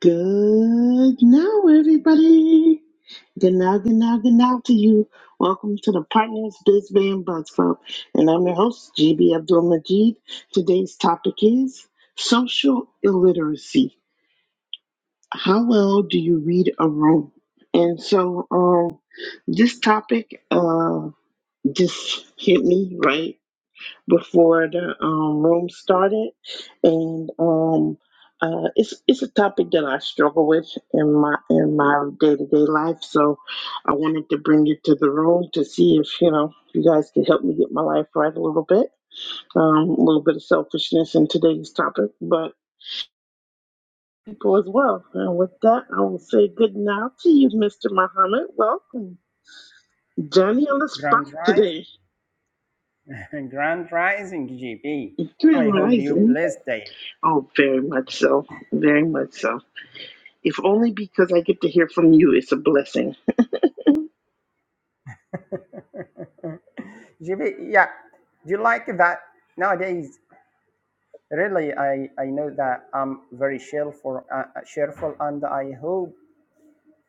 Good now, everybody. Good now, good now, good now to you. Welcome to the Partners Biz Band Buzz Club. And I'm your host, GB Abdul Majid. Today's topic is social illiteracy. How well do you read a room? And so, um, this topic uh, just hit me right before the um, room started, and um, uh, it's it's a topic that I struggle with in my in my day to day life. So I wanted to bring it to the room to see if you know you guys could help me get my life right a little bit. Um, a little bit of selfishness in today's topic, but people as well. And with that, I will say good night to you, Mr. Muhammad. Welcome, Johnny on the spot Grand today. Rising, Grand Rising, GB. Grand I hope you rising. blessed day. Oh, very much so. Very much so. If only because I get to hear from you, it's a blessing. GB, yeah, do you like that nowadays? Really, I, I know that I'm very cheerful, uh, uh, cheerful, and I hope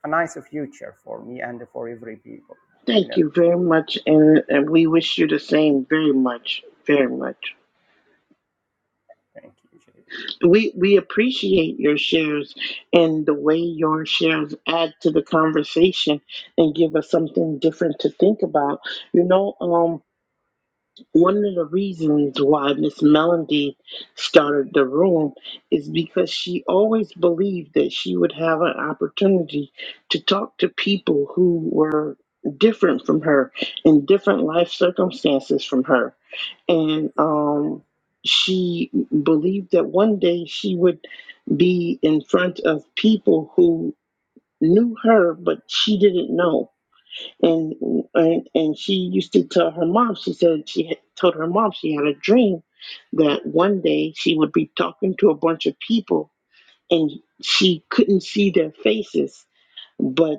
a nice future for me and for every people. You Thank know, you very much, and, and we wish you the same very much, very much. thank you, JB. We we appreciate your shares and the way your shares add to the conversation and give us something different to think about. You know, um, one of the reasons why Miss Melody started the room is because she always believed that she would have an opportunity to talk to people who were different from her in different life circumstances from her. And um, she believed that one day she would be in front of people who knew her, but she didn't know and and and she used to tell her mom she said she had, told her mom she had a dream that one day she would be talking to a bunch of people and she couldn't see their faces but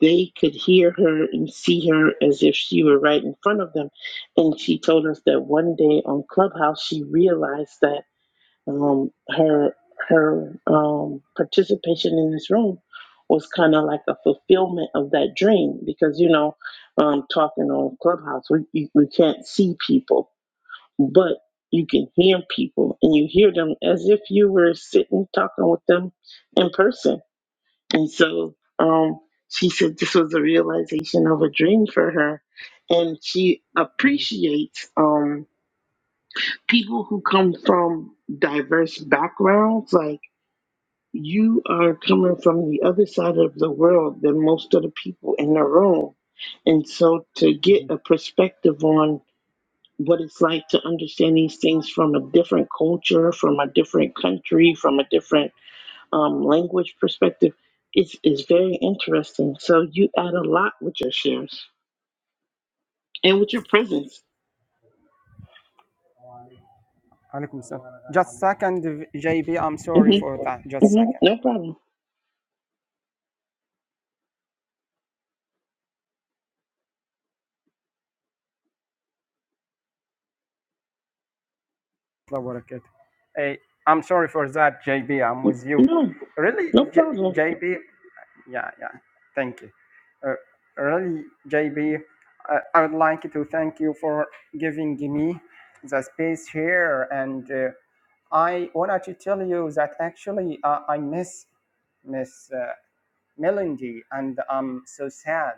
they could hear her and see her as if she were right in front of them and she told us that one day on clubhouse she realized that um, her her um, participation in this room was kind of like a fulfillment of that dream because you know um, talking on clubhouse we, you, we can't see people but you can hear people and you hear them as if you were sitting talking with them in person and so um, she said this was a realization of a dream for her and she Mhm, appreciates um, people who come from diverse backgrounds like you are coming from the other side of the world than most of the people in the room. And so to get mhm. a perspective on what it's like to understand these things from a different culture, from a different country, from a different um, language perspective is, is very interesting. So you add a lot with your shares and with your presence. Alaikum salam. Just second, JB. I'm sorry hmm for that. Just hmm second. No problem. Allah Eh, I'm sorry for that, JB. I'm with you. No, Really, no J- problem. JB. Yeah, yeah. Thank you. Uh, really, JB, uh, I would like to thank you for giving me the space here. And uh, I wanted to tell you that actually uh, I miss Miss uh, Melody, and I'm so sad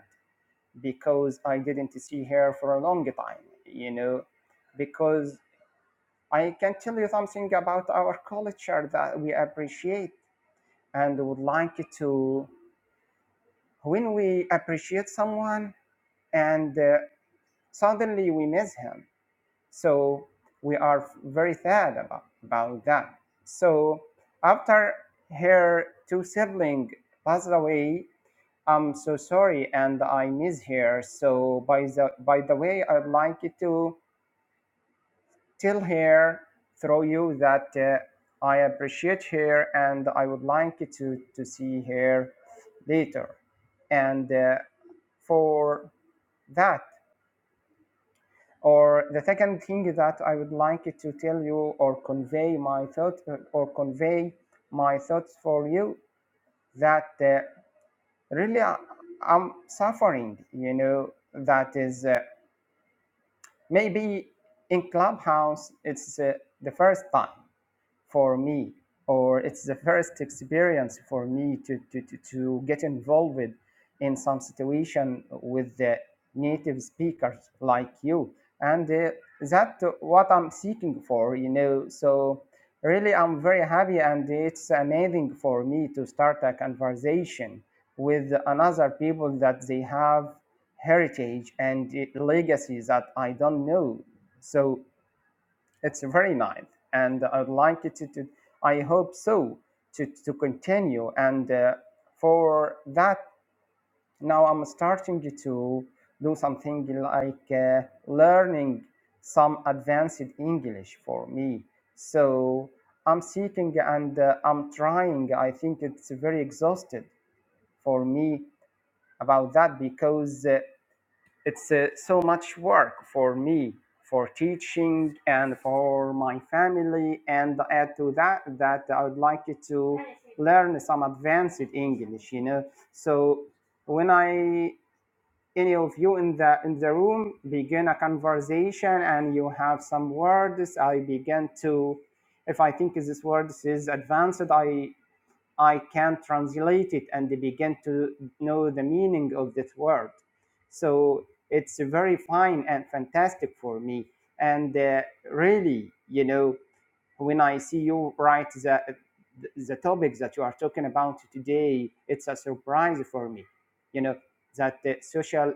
because I didn't see her for a long time. You know, because I can tell you something about our culture that we appreciate and would like to when we appreciate someone and uh, suddenly we miss him so we are very sad about, about that so after her two siblings passed away i'm so sorry and i miss her so by the by the way i'd like to tell her through you that uh, i appreciate her and i would like to to see her later and uh, for that or the second thing that i would like to tell you or convey my thoughts or convey my thoughts for you that uh, really I, i'm suffering you know that is uh, maybe in clubhouse it's uh, the first time for me or it's the first experience for me to, to, to, to get involved in some situation with the native speakers like you and uh, that what i'm seeking for you know so really i'm very happy and it's amazing for me to start a conversation with another people that they have heritage and uh, legacies that i don't know so it's very nice, and I'd like it to. to I hope so to to continue. And uh, for that, now I'm starting to do something like uh, learning some advanced English for me. So I'm seeking and uh, I'm trying. I think it's very exhausted for me about that because. Uh, it's uh, so much work for me, for teaching and for my family. And add to that, that I would like to learn some advanced English, you know. So when I any of you in the in the room begin a conversation and you have some words, I begin to if I think this word is advanced, I I can translate it and they begin to know the meaning of that word. So it's very fine and fantastic for me. And uh, really, you know, when I see you write the the topic that you are talking about today, it's a surprise for me. You know that the social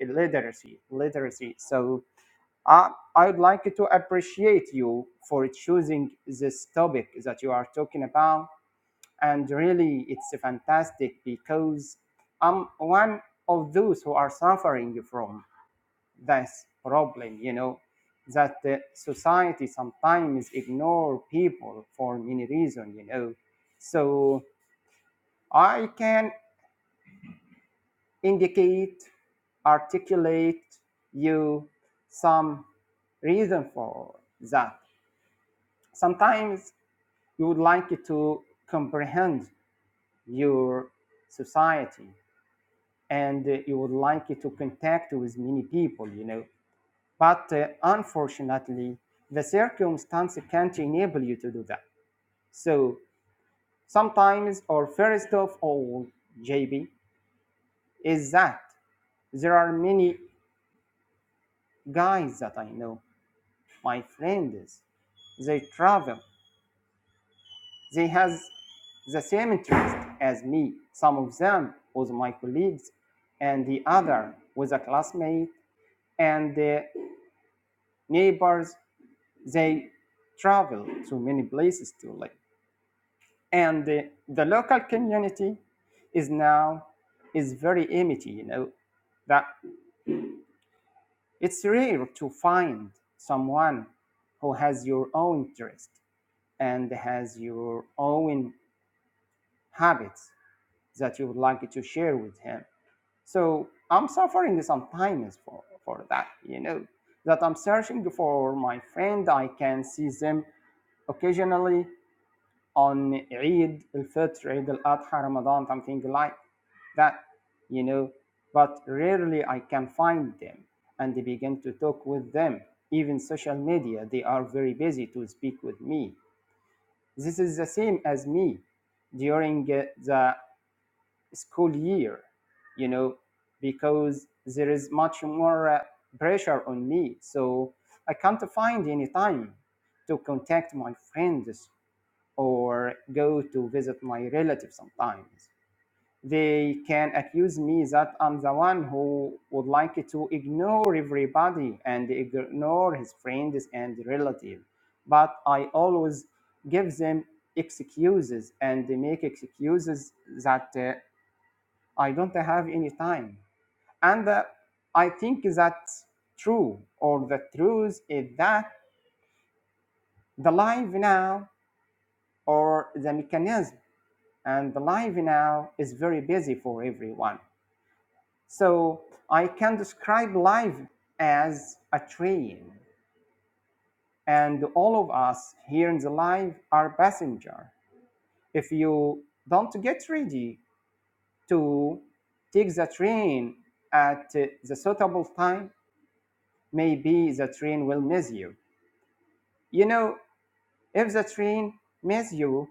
literacy, literacy. So I I would like to appreciate you for choosing this topic that you are talking about and really it's fantastic because i'm one of those who are suffering from this problem you know that the society sometimes ignore people for many reasons you know so i can indicate articulate you some reason for that sometimes you would like to comprehend your society and uh, you would like to contact with many people, you know. But uh, unfortunately, the circumstance can't enable you to do that. So sometimes, or first of all, JB, is that there are many guys that I know, my friends, they travel, they has the same interest as me. Some of them was my colleagues, and the other was a classmate and the neighbors They travel to many places to live. And the, the local community is now is very empty, you know, that it's rare to find someone who has your own interest and has your own habits that you would like to share with him. So I'm suffering sometimes for, for that, you know, that I'm searching for my friend. I can see them occasionally, on Eid al-Fitr, Eid al-Adha, Ramadan, something like that, you know. But rarely I can find them and they begin to talk with them. Even social media, they are very busy to speak with me. This is the same as me during uh, the school year, you know, because there is much more uh, pressure on me. So I can't find any time to contact my friends or go to visit my relatives sometimes. They can accuse me that I'm the one who would like to ignore everybody and ignore his friends and relatives. But I always give them excuses and they make excuses that uh, I don't have any time. And uh, I think that's true, or the truth is that the life now or the mechanism and the live now is very busy for everyone. So I can describe live as a train, and all of us here in the live are passenger. If you don't get ready to take the train at uh, the suitable time, maybe the train will miss you. You know, if the train miss you,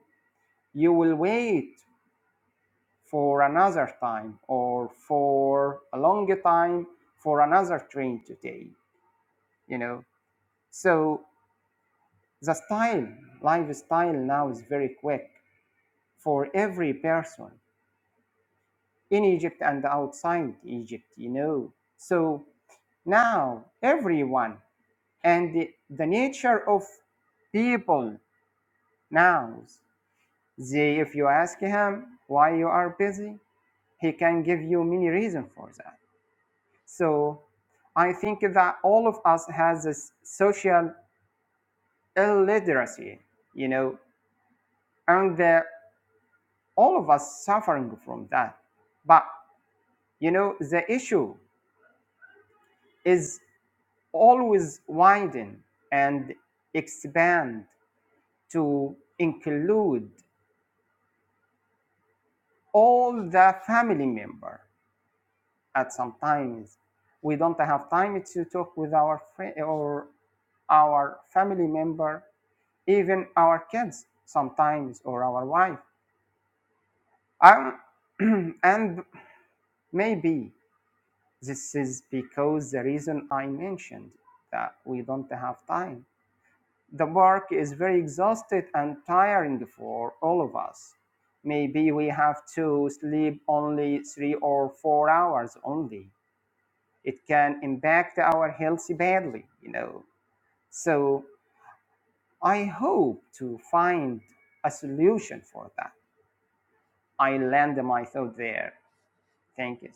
you will wait for another time or for a longer time for another train to take you know so the style lifestyle now is very quick for every person in egypt and outside egypt you know so now everyone and the, the nature of people now they if you ask him why you are busy he can give you many reasons for that So I think that all of us has this social illiteracy, you know, and the all of us suffering from that. But you know, the issue is always widen and expand to include all the family member at some times we don't have time to talk with our friend or our family member even our kids sometimes or our wife um, and maybe this is because the reason i mentioned that we don't have time the work is very exhausted and tiring for all of us maybe we have to sleep only three or four hours only it can impact our health badly you know so i hope to find a solution for that I land myself there. Thank you.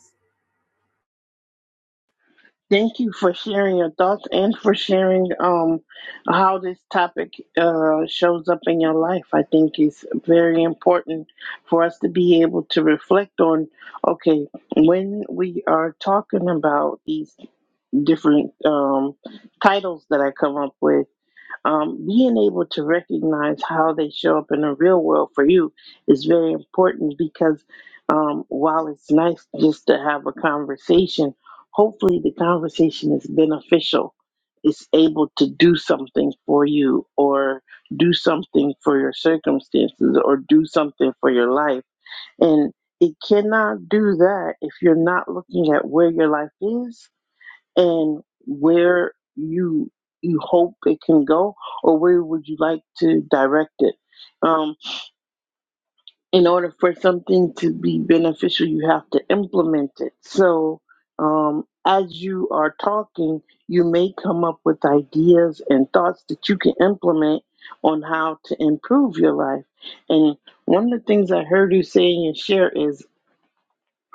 Thank you for sharing your thoughts and for sharing um, how this topic uh, shows up in your life. I think it's very important for us to be able to reflect on okay, when we are talking about these different um, titles that I come up with um, being able to recognize how they show up in the real world for you is very important because um, while it's nice just to have a conversation, hopefully the conversation is beneficial. It's able to do something for you, or do something for your circumstances, or do something for your life. And it cannot do that if you're not looking at where your life is and where you you hope it can go or where would you like to direct it um, in order for something to be beneficial you have to implement it so um, as you are talking you may come up with ideas and thoughts that you can implement on how to improve your life and one of the things i heard you say in your share is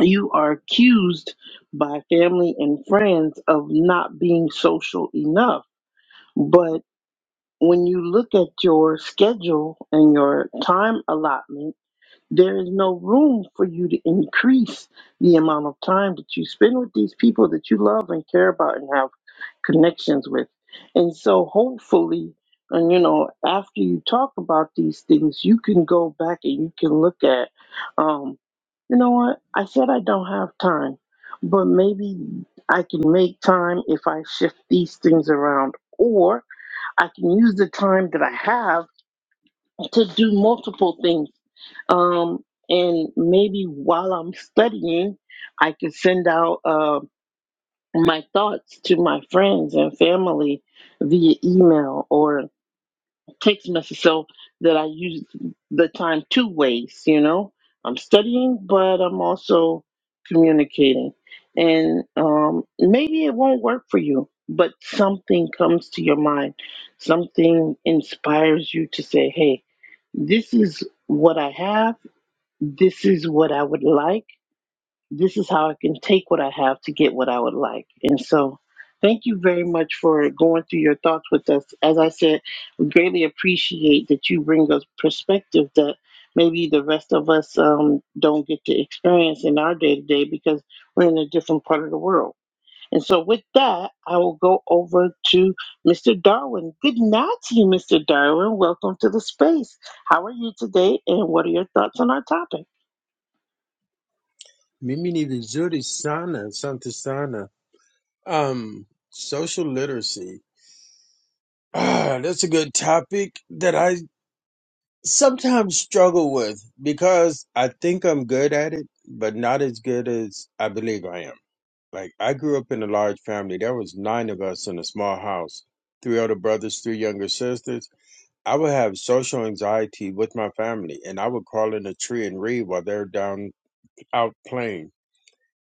you are accused by family and friends of not being social enough but when you look at your schedule and your time allotment, there is no room for you to increase the amount of time that you spend with these people that you love and care about and have connections with. And so hopefully, and you know, after you talk about these things, you can go back and you can look at, um, you know what, I said I don't have time, but maybe I can make time if I shift these things around. Or I can use the time that I have to do multiple things. Um, and maybe while I'm studying, I can send out uh, my thoughts to my friends and family via email, or text message so that I use the time two ways, you know. I'm studying, but I'm also communicating. And um, maybe it won't work for you, but something comes to your mind. Something inspires you to say, hey, this is what I have. This is what I would like this is how I can take what I have to get what I would like. And so, thank you very much for going through your thoughts with us. As I said, we greatly appreciate that you bring us perspective that maybe the rest of us um, don't get to experience in our day to day because we're in a different part of the world. And so, with that, I will go over to Mr. Darwin. Good night to you, Mr. Darwin. Welcome to the space. How are you today, and what are your thoughts on our topic? Mimi ni vizuri sana, asante sana. Um, social literacy. Ah, that's a good topic that I sometimes struggle with because I think I'm good at it, but not as good as I believe I am. Like I grew up in a large family. There was nine of us in a small house, three older brothers, three younger sisters. I would have social anxiety with my family and I would crawl in a tree and read while they're down out playing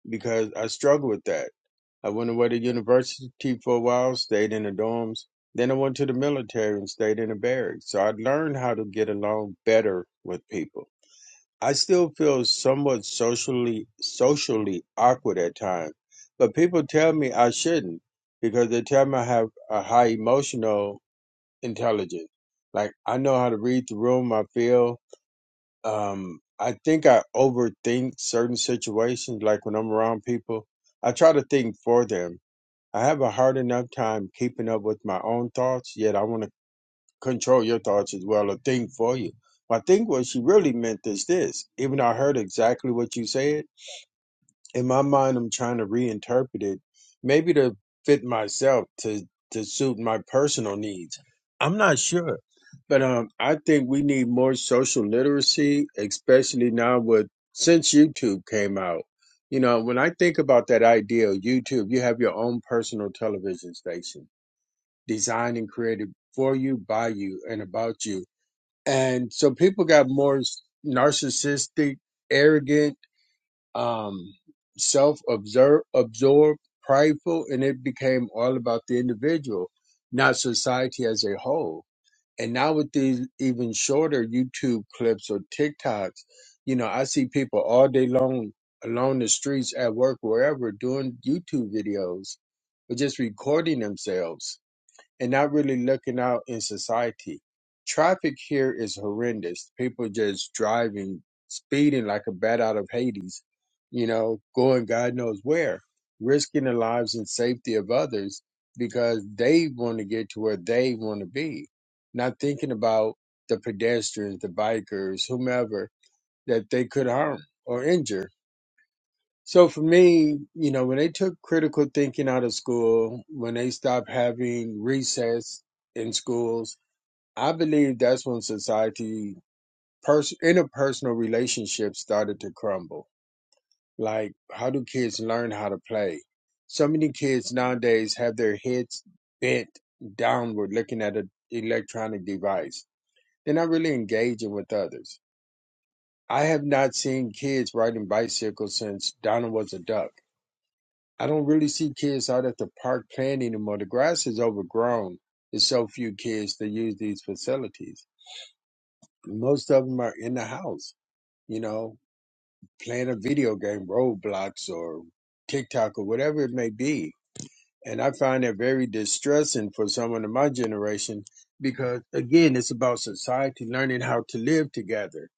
because I struggled with that. I went away to university for a while, stayed in the dorms. Then I went to the military and stayed in the barracks. So I learned how to get along better with people. I still feel somewhat socially socially awkward at times, but people tell me I shouldn't because they tell me I have a high emotional intelligence. Like I know how to read the room I feel um I think I overthink certain situations like when I'm around people. I try to think for them. I have a hard enough time keeping up with my own thoughts, yet I want to control your thoughts as well or think for you. I think what she really meant is this, even though I heard exactly what you said in my mind i'm trying to reinterpret it maybe to fit myself to to suit my personal needs i'm not sure but um i think we need more social literacy especially now with since youtube came out you know when i think about that idea of youtube you have your own personal television station designed and created for you by you and about you and so people got more narcissistic arrogant um, self observe absorbed, prideful, and it became all about the individual, not society as a whole. And now with these even shorter YouTube clips or TikToks, you know, I see people all day long along the streets at work, wherever, doing YouTube videos, or just recording themselves and not really looking out in society. Traffic here is horrendous. People just driving, speeding like a bat out of Hades, you know, going God knows where, risking the lives and safety of others because they want to get to where they want to be, not thinking about the pedestrians, the bikers, whomever that they could harm or injure so for me, you know, when they took critical thinking out of school, when they stopped having recess in schools, I believe that's when society, pers- interpersonal relationships started to crumble. Like, how do kids learn how to play? So many kids nowadays have their heads bent downward looking at an electronic device. They're not really engaging with others. I have not seen kids riding bicycles since Donald was a duck. I don't really see kids out at the park playing anymore. The grass is overgrown. There's so few kids that use these facilities. Most of them are in the house, you know, playing a video game, Roblox or TikTok or whatever it may be. And I find that very distressing for someone of my generation because, again, it's about society learning how to live together.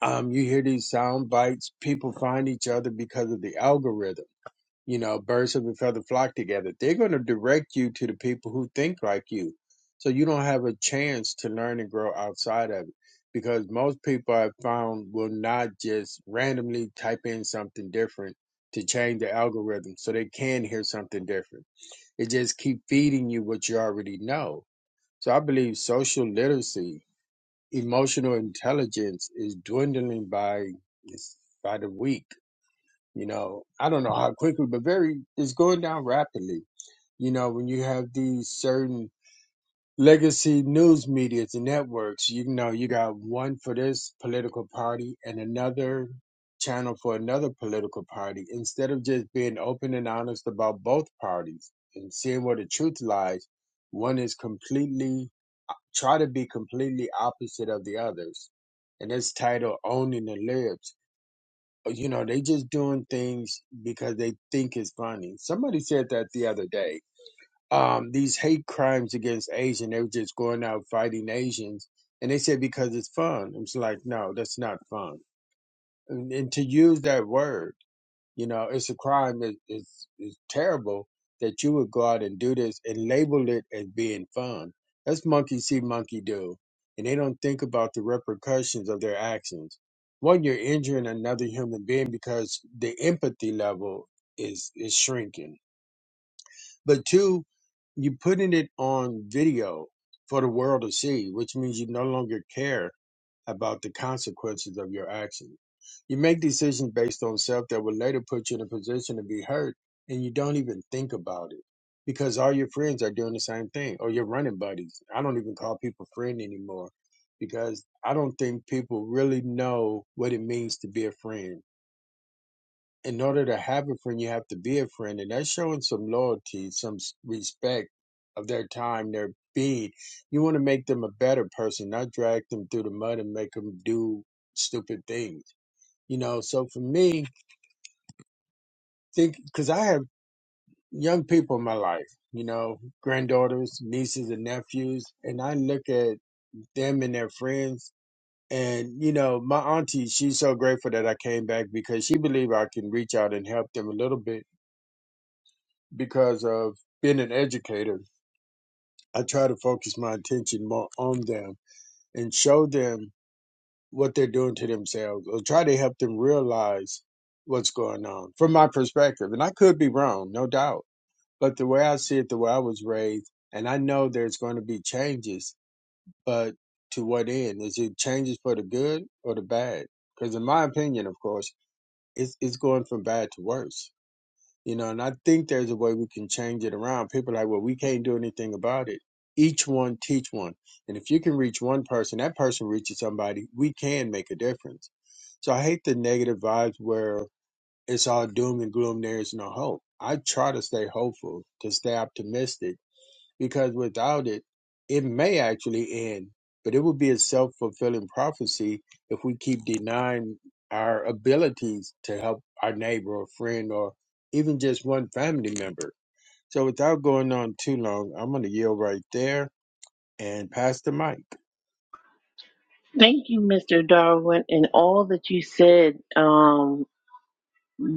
Um, you hear these sound bites, people find each other because of the algorithm you know, birds of a feather flock together. They're going to direct you to the people who think like you. So you don't have a chance to learn and grow outside of it because most people I've found will not just randomly type in something different to change the algorithm so they can hear something different. It just keep feeding you what you already know. So I believe social literacy, emotional intelligence is dwindling by by the week you know i don't know how quickly but very it's going down rapidly you know when you have these certain legacy news medias and networks you know you got one for this political party and another channel for another political party instead of just being open and honest about both parties and seeing where the truth lies one is completely uh, try to be completely opposite of the others and it's titled owning the libs you know they just doing things because they think it's funny somebody said that the other day um these hate crimes against asian they were just going out fighting asians and they said because it's fun i'm like no that's not fun and, and to use that word you know, it's a crime. It, it's, it's terrible that you would go out and do this and label it as being fun. That's monkey see, monkey do. And they don't think about the repercussions of their actions. One, you're injuring another human being because the empathy level is, is shrinking. But two, you're putting it on video for the world to see, which means you no longer care about the consequences of your actions. You make decisions based on self that will later put you in a position to be hurt, and you don't even think about it because all your friends are doing the same thing or your running buddies. I don't even call people friend anymore because I don't think people really know what it means to be a friend in order to have a friend, you have to be a friend, and that's showing some loyalty, some s- respect of their time, their being. You want to make them a better person, not drag them through the mud and make them do stupid things. You know, so for me, think because I have young people in my life, you know, granddaughters, nieces, and nephews, and I look at them and their friends. And you know, my auntie, she's so grateful that I came back because she believed I can reach out and help them a little bit because of being an educator, I try to focus my attention more on them and show them what they're doing to themselves or try to help them realize what's going on from my perspective. And I could be wrong, no doubt. But the way I see it, the way I was raised, and I know there's going to be changes, but to what end? Is it changes for the good or the bad? Because in my opinion, of course, it's, it's going from bad to worse you know, and I think there's a way we can change it around. People are like, well, we can't do anything about it. Each one teach one. And if you can reach one person, that person reaches somebody, we can make a difference. So I hate the negative vibes where it's all doom and gloom, there is no hope. I try to stay hopeful, to stay optimistic because without it, it may actually end. But it would be a self fulfilling prophecy if we keep denying our abilities to help our neighbor or friend or even just one family member. So without going on too long, I'm going to yield right there and pass the mic. Thank you, Mr. Darwin, and all that you said um,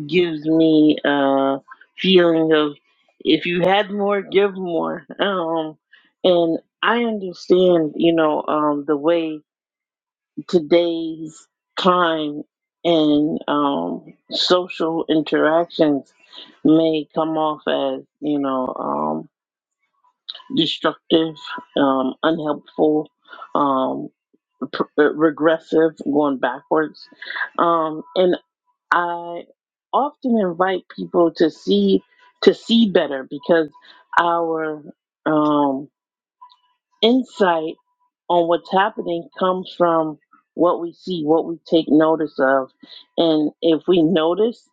gives me a feeling of if you had more, give more. Um, and I understand, you know, um, the way today's time and um, social interactions may come off as, you know, um, destructive, um, unhelpful. um, pr- uh, regressive, going backwards. Um, and I often invite people to see to see better because our um, insight on what's happening comes from what we see, what we take notice of. And if we notice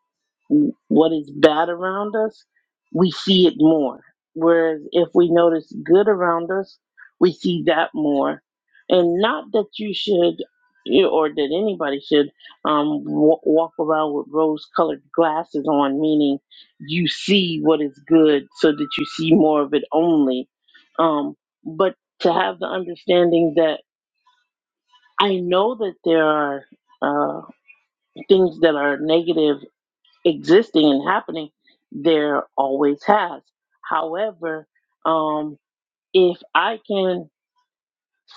what is bad around us, we see it more. Whereas if we notice good around us, we see that more. And not that you should you- or that anybody should um, w- walk around with rose colored glasses on, meaning you see what is good so that you see more of it only. Um, but to have the understanding that I know that there are uh, things that are negative existing and happening. There always has. However, um, if I can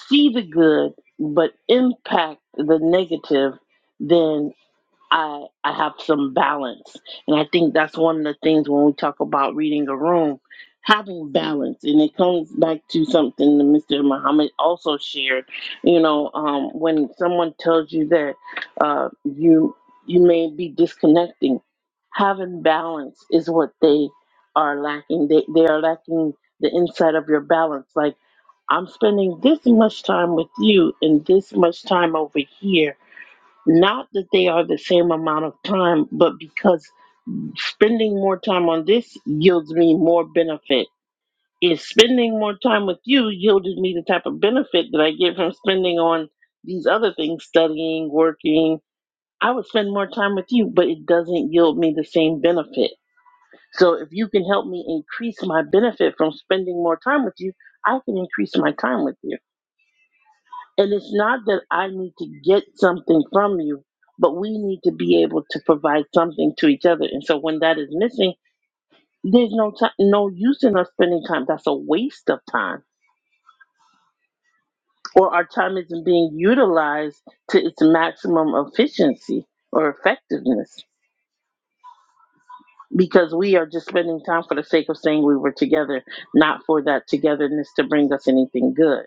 see the good but impact the negative, then. I I have some balance. And I think that's one of the things when we talk about reading a room, having balance. And it comes back to something that Mr. Muhammad also shared. You know, um, when someone tells you that uh, you you may be disconnecting, having balance is what they are lacking. They they are lacking the inside of your balance. Like I'm spending this much time with you and this much time over here not that they are the same amount of time, but because spending more time on this yields me more benefit. If spending more time with you yielded me the type of benefit that I get from spending on these other things, studying, working, I would spend more time with you, but it doesn't yield me the same benefit. So if you can help me increase my benefit from spending more time with you, I can increase my time with you. And it's not that I need to get something from you, but we need to be able to provide something to each other. And so when that is missing, there's no time, no use in us spending time. That's a waste of time. Or our time isn't being utilized to its maximum efficiency or effectiveness because we are just spending time for the sake of saying we were together, not for that togetherness to bring us anything good.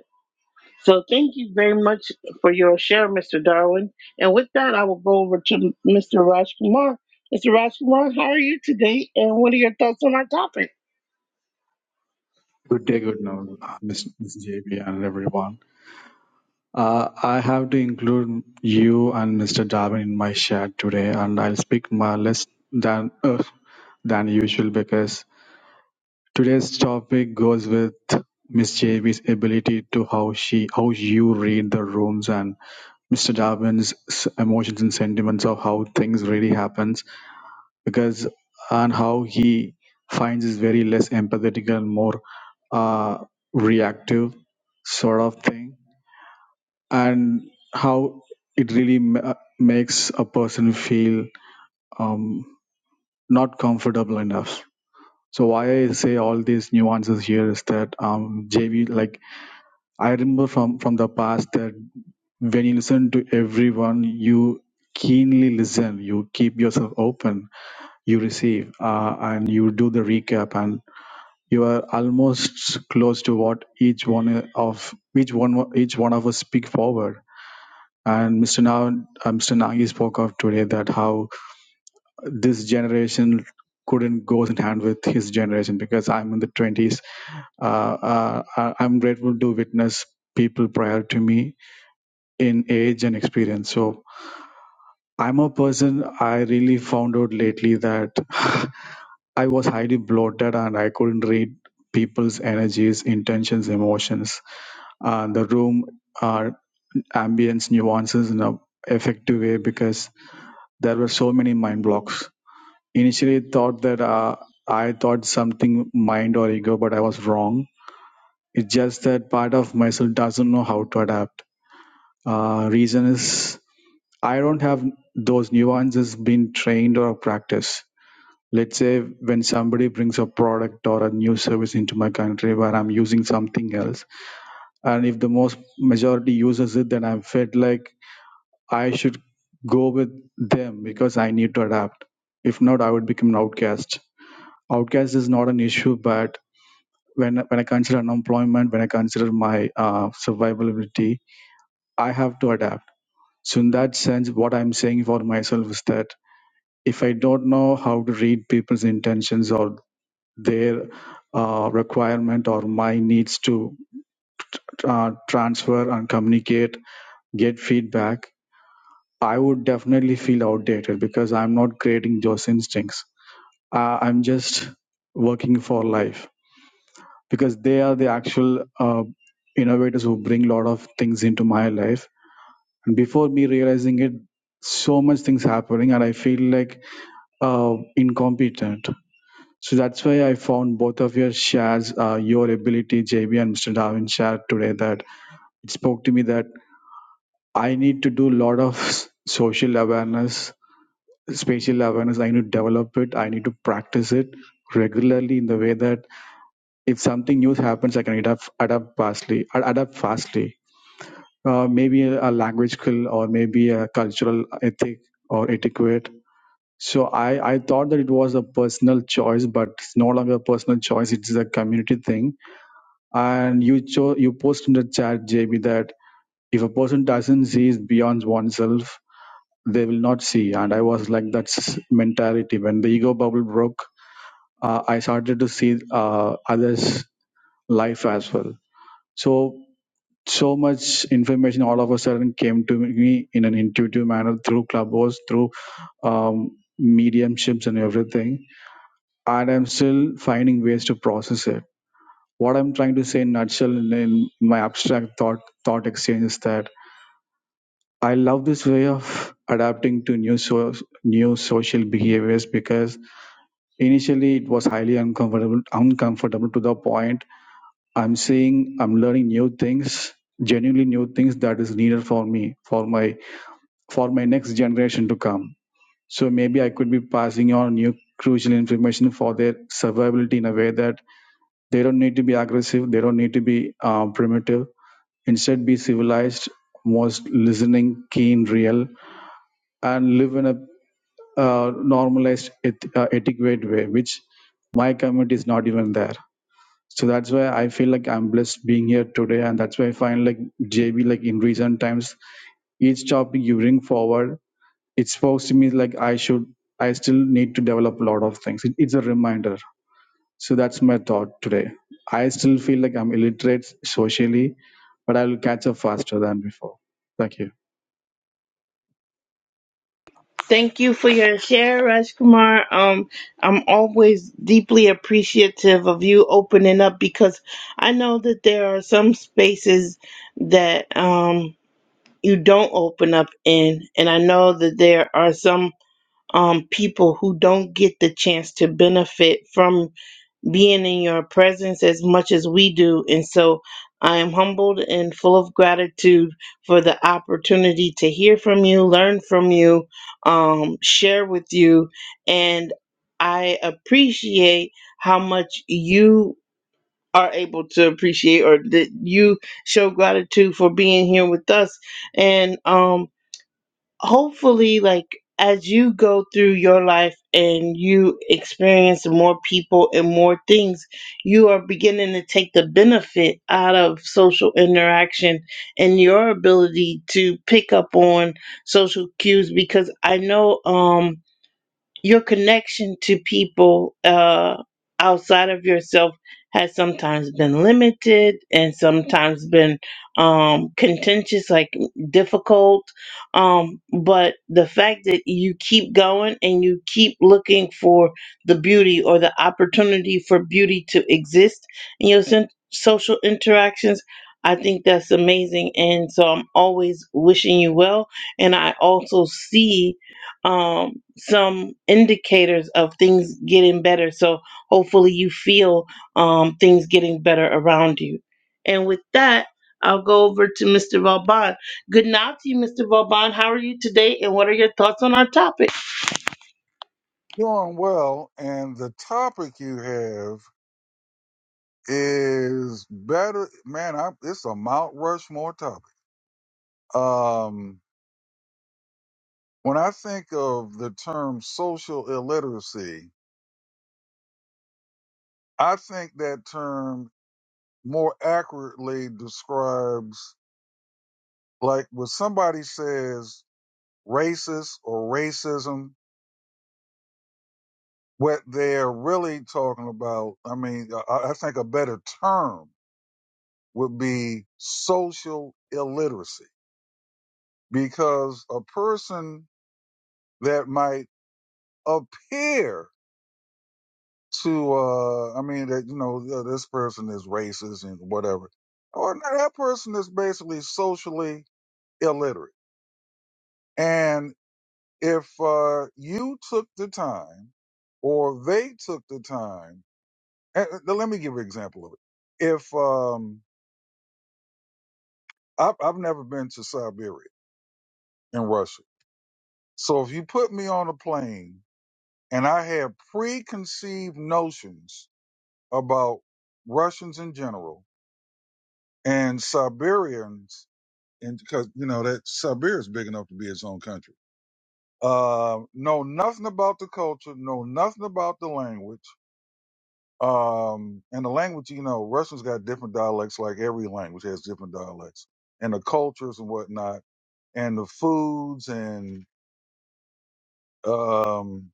So thank you very much for your share, Mr. Darwin. And with that, I will go over to Mr. Rajkumar. Mr. Rajkumar, how are you today? And what are your thoughts on our topic? Good day, good now, Miss JB and everyone. Uh, I have to include you and Mr. Darwin in my chat today, and I'll speak more less than uh, than usual because today's topic goes with Miss J B's ability to how she how you read the rooms and Mr. Darwin's s- emotions and sentiments of how things really happens because and how he finds is very less empathetic and more uh, reactive sort of thing and how it really ma- makes a person feel um, not comfortable enough so why i say all these nuances here is that um, jv like i remember from from the past that when you listen to everyone you keenly listen you keep yourself open you receive uh, and you do the recap and. you are almost close to what each one of each one each one of us speak forward. And Mr. Now, uh, Mr. Nagi spoke of today that how this generation couldn't go hand in hand with his generation because I'm in the 20s. Uh, uh, I- I'm grateful to witness people prior to me in age and experience. So I'm a person I really found out lately that I was highly bloated and I couldn't read people's energies, intentions, emotions uh, the room uh, ambience nuances in a effective way because there were so many mind blocks initially thought that uh, i thought something mind or ego but i was wrong it's just that part of myself doesn't know how to adapt uh, reason is i don't have those nuances being trained or practiced let's say when somebody brings a product or a new service into my country where i'm using something else and if the most majority uses it then i felt like I should go with them because I need to adapt. If not, I would become an outcast. Outcast is not an issue, but when when I consider unemployment, when I consider my uh, survivability, I have to adapt. So in that sense, what I'm saying for myself is that if I don't know how to read people's intentions or their uh, requirement or my needs to uh, transfer and communicate, get feedback, I would definitely feel outdated because I'm not creating those instincts. Uh, I'm just working for life because they are the actual uh, innovators who bring a lot of things into my life. And before me realizing it, so much things happening, and I feel like uh, incompetent. So that's why I found both of your shares, uh, your ability, JB and Mr. Darwin shared today that it spoke to me that I need to do a lot of s- social awareness spatial awareness i need to develop it i need to practice it regularly in the way that if something new happens i can adapt adapt fastly adapt fastly uh, maybe a, a language skill or maybe a cultural ethic or etiquette so I, I thought that it was a personal choice but it's no longer a personal choice it's a community thing and you cho- you post in the chat jb that if a person doesn't see is beyond oneself they will not see and i was like that's mentality when the ego bubble broke uh, I started to see uh, others' life as well. So so much information all of a sudden came to me in an intuitive manner through clubhouse, through um, mediumships and everything. And I'm still finding ways to process it. What I'm trying to say in nutshell in, in my abstract thought thought exchange is that I love this way of adapting to new so, new social behaviors because initially it was highly uncomfortable uncomfortable to the point I'm seeing I'm learning new things, genuinely new things that is needed for me, for my for my next generation to come. So maybe I could be passing on new crucial information for their survivability in a way that they don't need to be aggressive, they don't need to be uh, primitive. Instead, be civilized, most listening, keen, real, and live in a uh, normalized, eth- uh, etiquette way, which my community is not even there. so that's why i feel like i'm blessed being here today and that's why i find like jb like in recent times each topic you bring forward it's forced me like i should i still need to develop a lot of things it, it's a reminder so that's my thought today i still feel like i'm illiterate socially but i'll catch up faster than before thank you Thank you for your share, Rajkumar. Um, I'm always deeply appreciative of you opening up because I know that there are some spaces that um you don't open up in, and I know that there are some um people who don't get the chance to benefit from being in your presence as much as we do. And so I am humbled and full of gratitude for the opportunity to hear from you, learn from you, um, share with you. And I appreciate how much you are able to appreciate or that you show gratitude for being here with us. And um, hopefully like as you go through your life and you experience more people and more things you are beginning to take the benefit out of social interaction and your ability to pick up on social cues because i know um your connection to people uh, outside of yourself has sometimes been limited and sometimes been um, contentious, like difficult. Um, but the fact that you keep going and you keep looking for the beauty or the opportunity for beauty to exist in your sen- social interactions. I think that's amazing. And so I'm always wishing you well. And I also see um, some indicators of things getting better. So hopefully you feel um, things getting better around you. And with that, I'll go over to Mr. Vauban. Good night to you, Mr. Vauban. How are you today? And what are your thoughts on our topic? Doing well, and the topic you have is better. Man, I, it's a Mount Rushmore topic. Um, when I think of the term social illiteracy, I think that term more accurately describes, like, when somebody says racist or racism, what they're really talking about. I mean, I, I think a better term would be social illiteracy because a person that might appear to, uh, I mean, that, you know, this person is racist and whatever, or no, that person is basically socially illiterate. And if, uh, you took the time or they took the time, and, and let me give you an example of it. If, um, I've, I've never been to Siberia in Russia. So if you put me on a plane and I had preconceived notions about Russians in general and Siberians, and because you know that Siberia is big enough to be its own country. Uh, know nothing about the culture, know nothing about the language. Um, and the language, you know, Russians got different dialects, like every language has different dialects, and the cultures and whatnot, and the foods and um,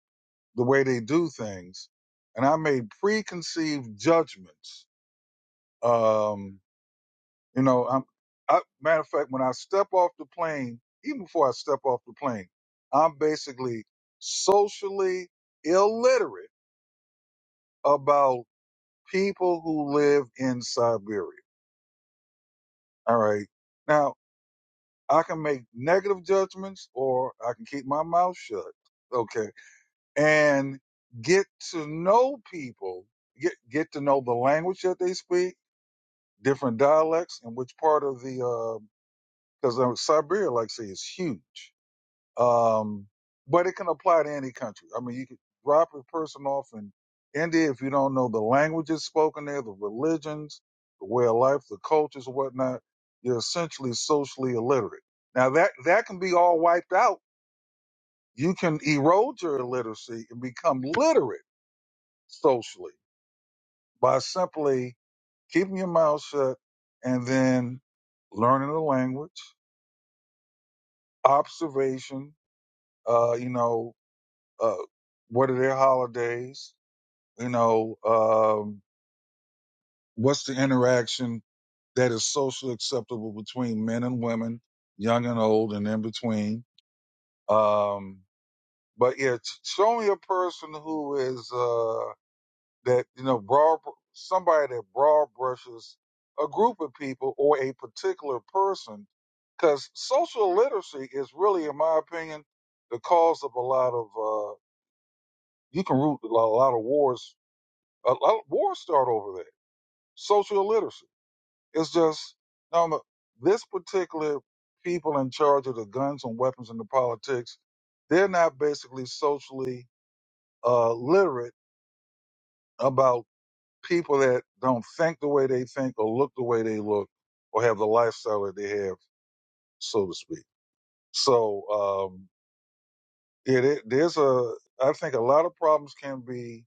the way they do things. And I made preconceived judgments um, You know, I'm, I, matter of fact, when I step off the plane, even before I step off the plane, I'm basically socially illiterate about people who live in Siberia. All right. Now, I can make negative judgments or I can keep my mouth shut. Okay. And get to know people, get, get to know the language that they speak, different dialects, and which part of the, because uh, Siberia, like I say, is huge Um, but it can apply to any country. I mean, you could drop a person off in India if you don't know the languages spoken there, the religions, the way of life, the cultures, whatnot. You're essentially socially illiterate. Now that that can be all wiped out. You can erode your illiteracy and become literate socially by simply keeping your mouth shut and then learning the language, observation. Uh, you know, uh, what are their holidays? You know, um, what's the interaction that is socially acceptable between men and women, young and old, and in between? Um, but yeah, show me a person who is uh, that you know broad, somebody that broad brushes a group of people or a particular person, because social literacy is really, in my opinion, the cause of a lot of uh, you can root a lot, a lot of wars. A lot of wars start over there. Social literacy. It's just no, no. This particular people in charge of the guns and weapons and the politics, they're not basically socially uh, literate about people that don't think the way they think or look the way they look or have the lifestyle that they have, so to speak. So um, it, it there's a I think a lot of problems can be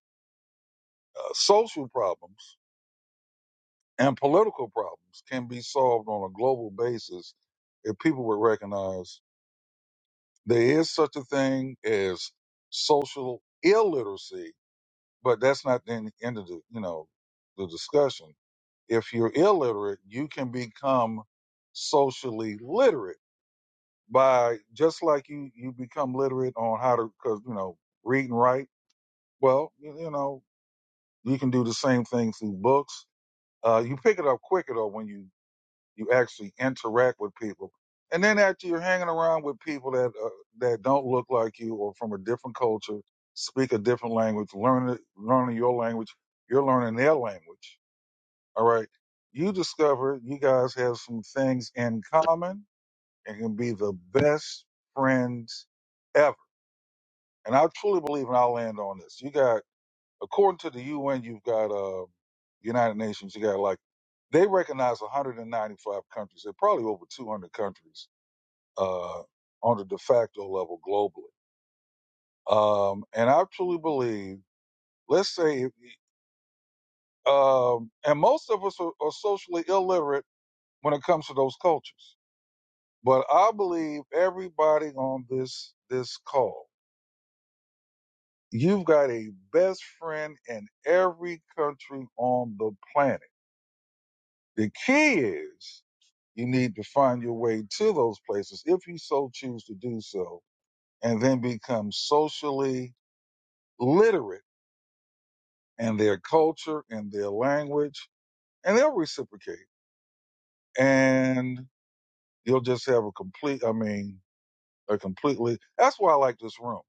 uh, social problems and political problems can be solved on a global basis if people would recognize There is such a thing as social illiteracy, but that's not the end end of the you know the discussion. If you're illiterate, you can become socially literate by just like you you become literate on how to because you know read and write. Well, you, you know you can do the same thing through books. Uh, you pick it up quicker though when you you actually interact with people. And then after you're hanging around with people that uh, that don't look like you or from a different culture, speak a different language, learn learning your language, you're learning their language. All right. You discover you guys have some things in common and can be the best friends ever. And I truly believe, and I'll land on this. You got according to the UN, you've got uh, United Nations. You got like they recognize 195 countries. They're probably over 200 countries uh, on the de facto level globally. Um, and I truly believe, let's say, um, and most of us are, are socially illiterate when it comes to those cultures. But I believe everybody on this this call, you've got a best friend in every country on the planet. The key is You need to find your way to those places if you so choose to do so, and then become socially literate in their culture and their language, and they'll reciprocate. And you'll just have a complete, I mean, a completely, that's why I like this room,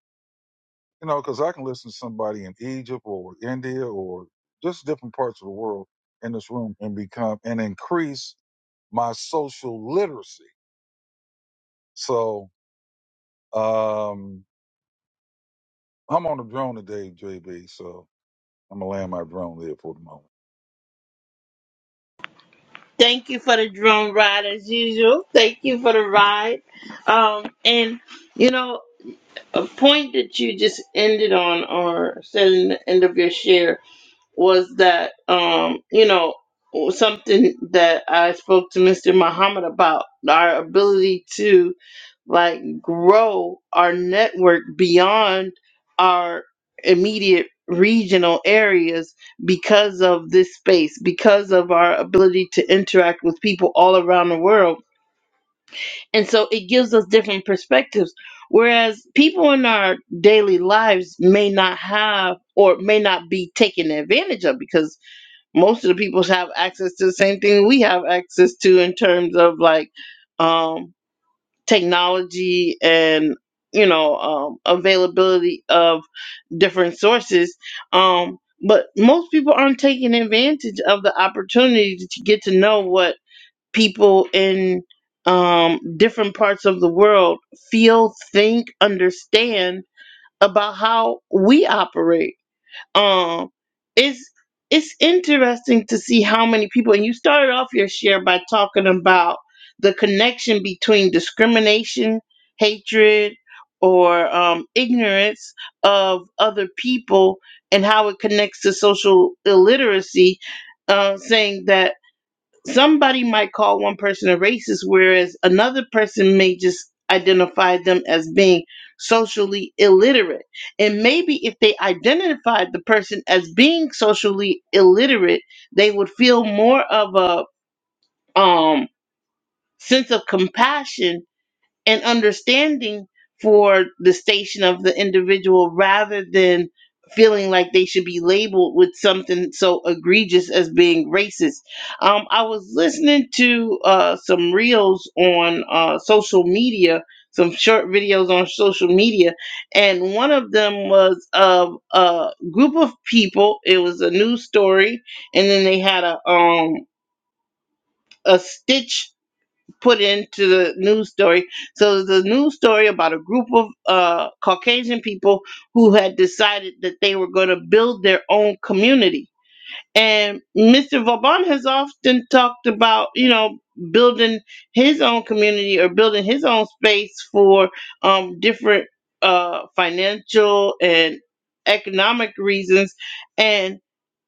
you know, because I can listen to somebody in Egypt or India or just different parts of the world in this room and become and increase my social literacy. So, um, I'm on the drone today, JB, so I'm gonna land my drone there for the moment. Thank you for the drum ride as usual. Thank you for the ride. Um, and, you know, a point that you just ended on or said in the end of your share was that um, you know something that I spoke to Mr. Muhammad about our ability to like grow our network beyond our immediate regional areas because of this space because of our ability to interact with people all around the world and so it gives us different perspectives whereas people in our daily lives may not have or may not be taken advantage of because most of the people have access to the same thing we have access to in terms of like um, technology and you know um, availability of different sources um, but most people aren't taking advantage of the opportunity to get to know what people in um, different parts of the world feel think understand about how we operate um it's it's interesting to see how many people and you started off your share by talking about the connection between discrimination hatred or um, ignorance of other people and how it connects to social illiteracy uh, saying that somebody might call one person a racist, whereas another person may just identify them as being socially illiterate. And maybe if they identified the person as being socially illiterate, they would feel more of a um, sense of compassion and understanding for the station of the individual rather than feeling like they should be labeled with something so egregious as being racist. Um, I was listening to uh, some reels on uh, social media, some short videos on social media, and one of them was of a group of people. It was a news story, and then they had a um, a stitch put into the news story. So the news story about a group of uh, Caucasian people who had decided that they were going to build their own community. And Mr. Vauban has often talked about, you know, building his own community or building his own space for um, different uh, financial and economic reasons. And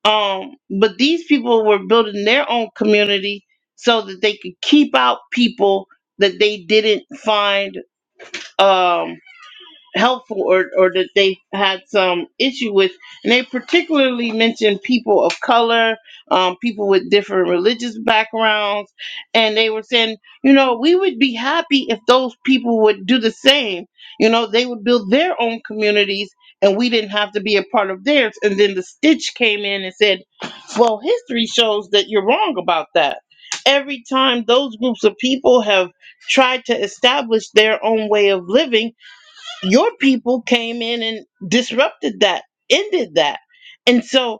um, but these people were building their own community so that they could keep out people that they didn't find. Um, helpful or, or that they had some issue with. And they particularly mentioned people of color, um, people with different religious backgrounds. And they were saying, you know, we would be happy if those people would do the same. You know, they would build their own communities and we didn't have to be a part of theirs. And then the stitch came in and said, well, history shows that you're wrong about that. Every time those groups of people have tried to establish their own way of living, your people came in and disrupted that, ended that. And so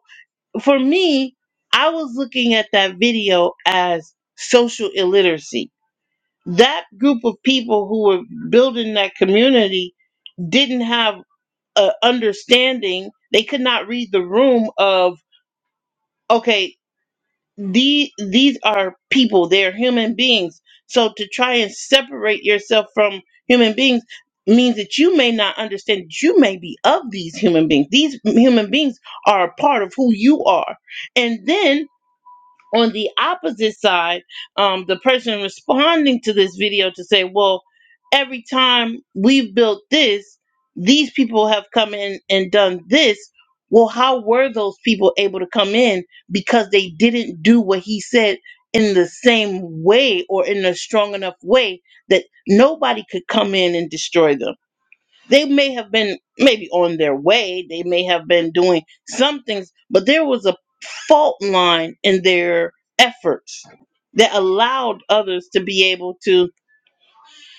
for me, I was looking at that video as social illiteracy. That group of people who were building that community didn't have a understanding. They could not read the room of, okay, the these are people they're human beings so to try and separate yourself from human beings means that you may not understand that you may be of these human beings these human beings are a part of who you are and then on the opposite side, um, the person responding to this video to say, well, every time we've built this, these people have come in and done this. Well, how were those people able to come in because they didn't do what he said in the same way or in a strong enough way that nobody could come in and destroy them? They may have been maybe on their way, they may have been doing some things, but there was a fault line in their efforts that allowed others to be able to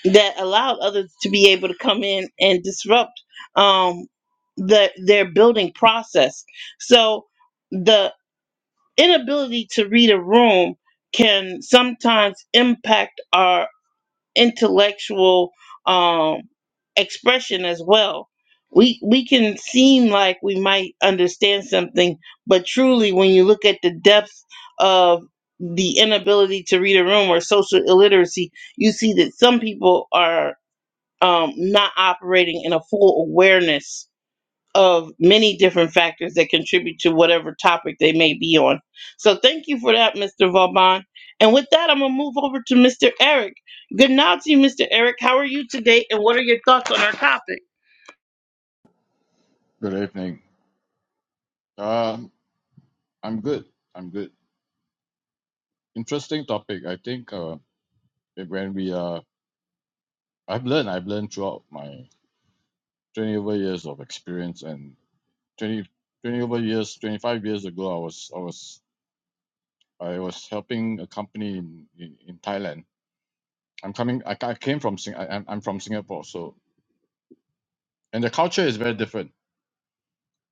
that allowed others to be able to come in and disrupt um the their building process. So the inability to read a room can sometimes impact our intellectual um, expression as well. We we can seem like we might understand something, but truly, when you look at the depth of the inability to read a room or social illiteracy, you see that some people are um, not operating in a full awareness of many different factors that contribute to whatever topic they may be on. So thank you for that, Mr. Vauban. And with that, I'm going to move over to Mr. Eric. Good night to you, Mr. Eric. How are you today, and what are your thoughts on our topic? Good evening. Um, I'm good. I'm good. Interesting topic. I think uh, that when we are, I've learned, I've learned throughout my 20 over years of experience and 20 20 over years, 25 years ago, I was, I was, I was helping a company in, in, in Thailand. I'm coming, I, ca- I came from, Sing- I, I'm I'm from Singapore. So, and the culture is very different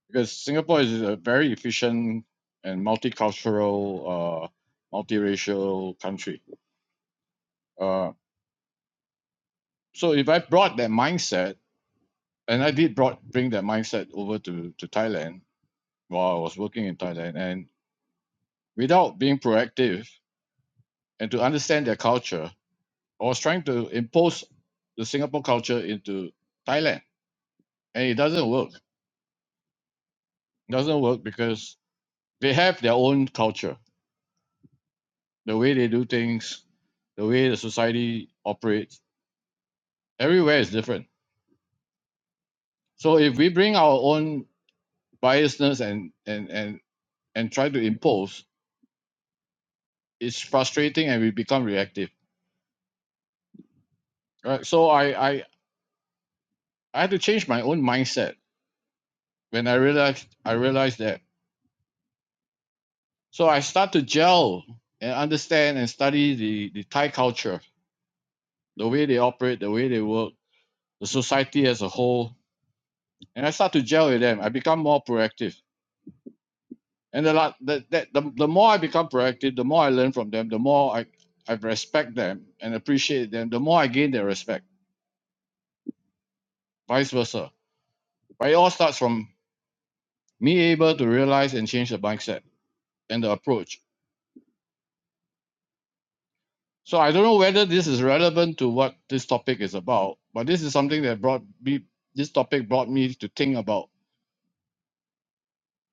because Singapore is a very efficient and multicultural, uh, multiracial country Uh, so if I brought that mindset, and I did brought bring that mindset over to to Thailand while I was working in Thailand, and without being proactive and to understand their culture, I was trying to impose the Singapore culture into Thailand, and it doesn't work. It doesn't work because they have their own culture, the way they do things, the way the society operates. Everywhere is different. So if we bring our own biasness and and and and try to impose it's frustrating and we become reactive right so I, I i had to change my own mindset when i realized i realized that so i start to gel and understand and study the the thai culture the way they operate the way they work the society as a whole and i start to gel with them i become more proactive and the la- the, the, the, the more i become proactive the more i learn from them the more i i respect them and appreciate them the more i gain their respect vice versa but it all starts from me able to realize and change the mindset and the approach. So I don't know whether this is relevant to what this topic is about, but this is something that brought me this topic brought me to think about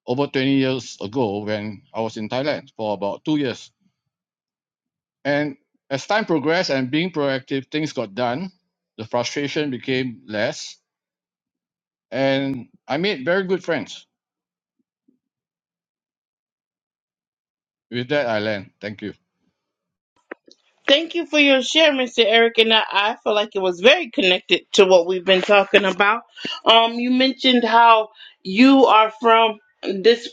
over 20 years ago when I was in Thailand for about 2 years. And as time progressed and being proactive, things got done. The frustration became less and I made very good friends. With that I land. Thank you. Thank you for your share, Mr. Eric, and I, I feel like it was very connected to what we've been talking about. Um, you mentioned how you are from this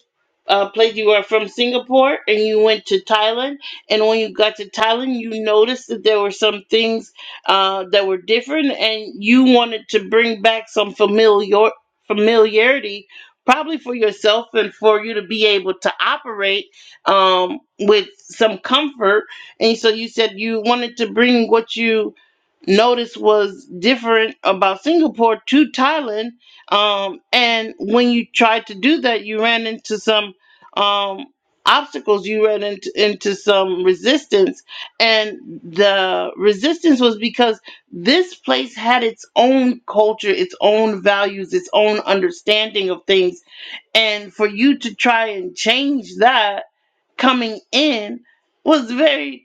uh, place. You are from Singapore, and you went to Thailand. And when you got to Thailand, you noticed that there were some things uh, that were different, and you wanted to bring back some familiar familiarity, probably for yourself and for you to be able to operate um, with some comfort and so you said you wanted to bring what you noticed was different about Singapore to Thailand. Um, and when you tried to do that, you ran into some um, obstacles, you ran into, into some resistance. And the resistance was because this place had its own culture, its own values, its own understanding of things. And for you to try and change that coming in was very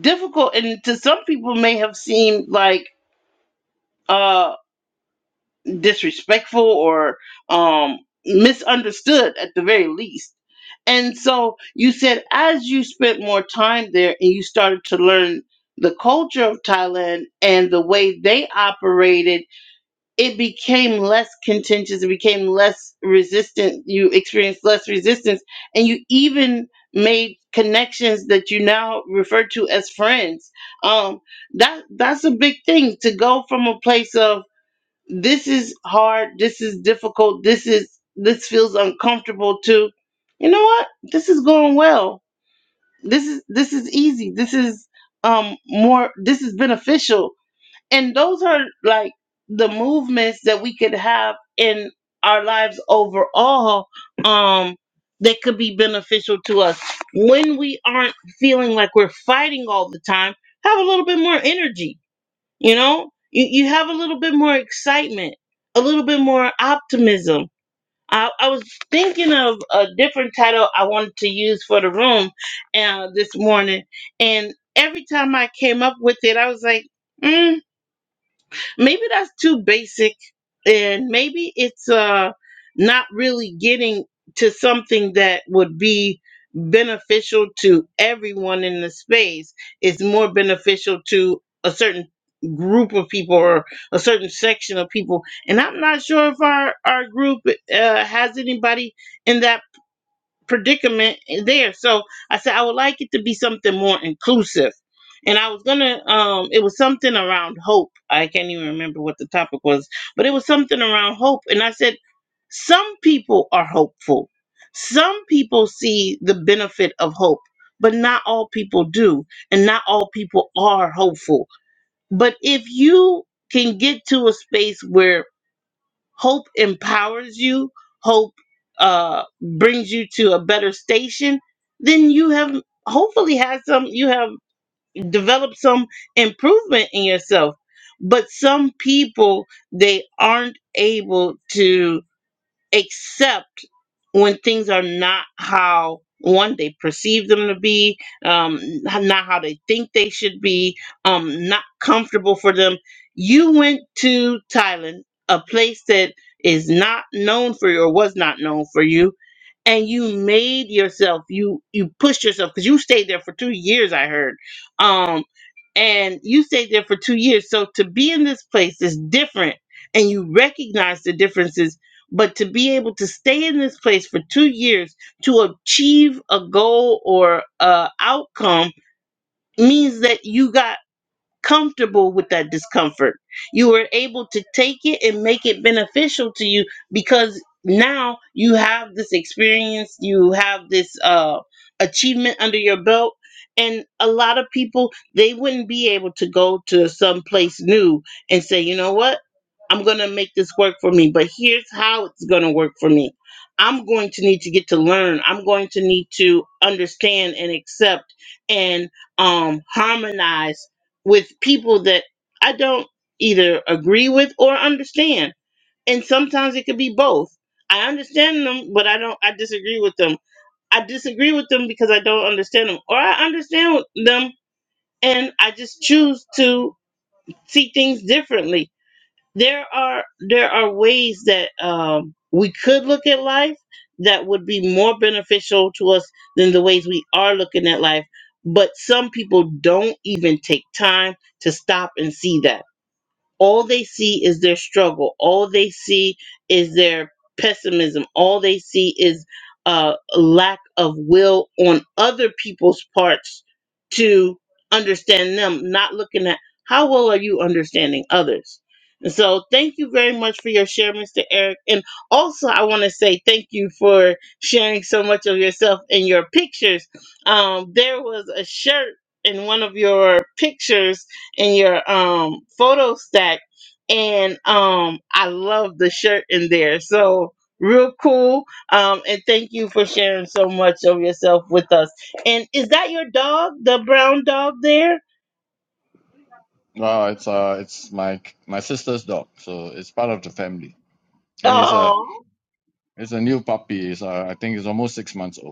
difficult and to some people may have seemed like uh disrespectful or um misunderstood at the very least and so you said as you spent more time there and you started to learn the culture of thailand and the way they operated it became less contentious it became less resistant you experienced less resistance and you even made connections that you now refer to as friends um that that's a big thing to go from a place of this is hard this is difficult this is this feels uncomfortable to you know what this is going well this is this is easy this is um more this is beneficial and those are like the movements that we could have in our lives overall um that could be beneficial to us when we aren't feeling like we're fighting all the time have a little bit more energy you know you, you have a little bit more excitement a little bit more optimism I, I was thinking of a different title I wanted to use for the room uh, this morning, and every time I came up with it, I was like, mm, maybe that's too basic and maybe it's uh not really getting to something that would be beneficial to everyone in the space it's more beneficial to a certain group of people or a certain section of people and i'm not sure if our our group uh, has anybody in that predicament there. So I said I would like it to be something more inclusive. And I was gonna um it was something around hope. I can't even remember what the topic was, but it was something around hope. And I said, some people are hopeful. Some people see the benefit of hope, but not all people do, and not all people are hopeful. But if you can get to a space where Hope empowers you, hope uh, brings you to a better station, then you have hopefully had some, you have developed some improvement in yourself. But some people, they aren't able to except when things are not how one they perceive them to be um not how they think they should be um not comfortable for them you went to thailand a place that is not known for you or was not known for you and you made yourself you you pushed yourself because you stayed there for two years i heard um and you stayed there for two years so to be in this place is different and you recognize the differences but to be able to stay in this place for two years to achieve a goal or a outcome means that you got comfortable with that discomfort. You were able to take it and make it beneficial to you because now you have this experience, you have this uh, achievement under your belt. And a lot of people, they wouldn't be able to go to some place new and say, you know what? I'm going to make this work for me, but here's how it's going to work for me. I'm going to need to get to learn. I'm going to need to understand and accept and um, harmonize with people that I don't either agree with or understand. And sometimes it could be both. I understand them, but I don't I disagree with them. I disagree with them because I don't understand them or I understand them and I just choose to see things differently. There are there are ways that um we could look at life that would be more beneficial to us than the ways we are looking at life, but some people don't even take time to stop and see that all they see is their struggle. All they see is their pessimism. All they see is uh, a uh, lack of will on other people's parts to understand them, not looking at how well are you understanding others. And so, thank you very much for your share, Mr. Eric. And also, I want to say thank you for sharing so much of yourself in your pictures. Um, there was a shirt in one of your pictures in your um photo stack and um I love the shirt in there. So real cool. Um and thank you for sharing so much of yourself with us. And is that your dog, the brown dog there? Well, it's uh, it's my my sister's dog, so it's part of the family, and it's a Oh. it's a new puppy. It's uh, I think it's almost six months old.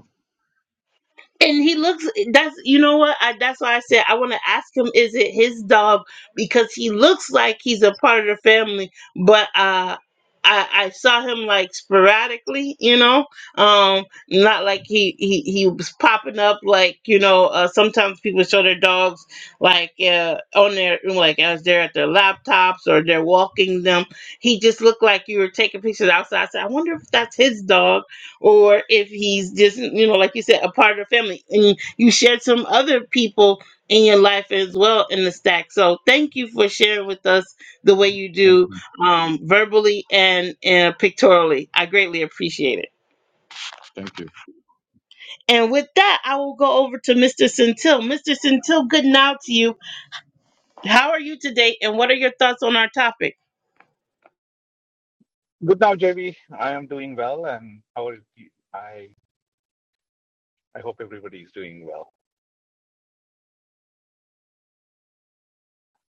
and he looks that's you know what I, that's why i said i want to ask him is it his dog because he looks like he's a part of the family but uh I, I saw him like sporadically, you know, um, not like he, he, he was popping up like, you know, uh, sometimes people show their dogs like uh, on their, like as they're at their laptops or they're walking them. He just looked like you were taking pictures outside. I said, I wonder if that's his dog or if he's just you know like you said a part of the family and you shared some other people in your life as well in the stack so thank you for sharing with us the way you Thank do you. um, verbally and, and pictorially i greatly appreciate it Thank you. and with that i will go over to mr centil mr centil good now to you how are you today and what are your thoughts on our topic Good now, JV. I am doing well, and how are you? I I hope everybody is doing well.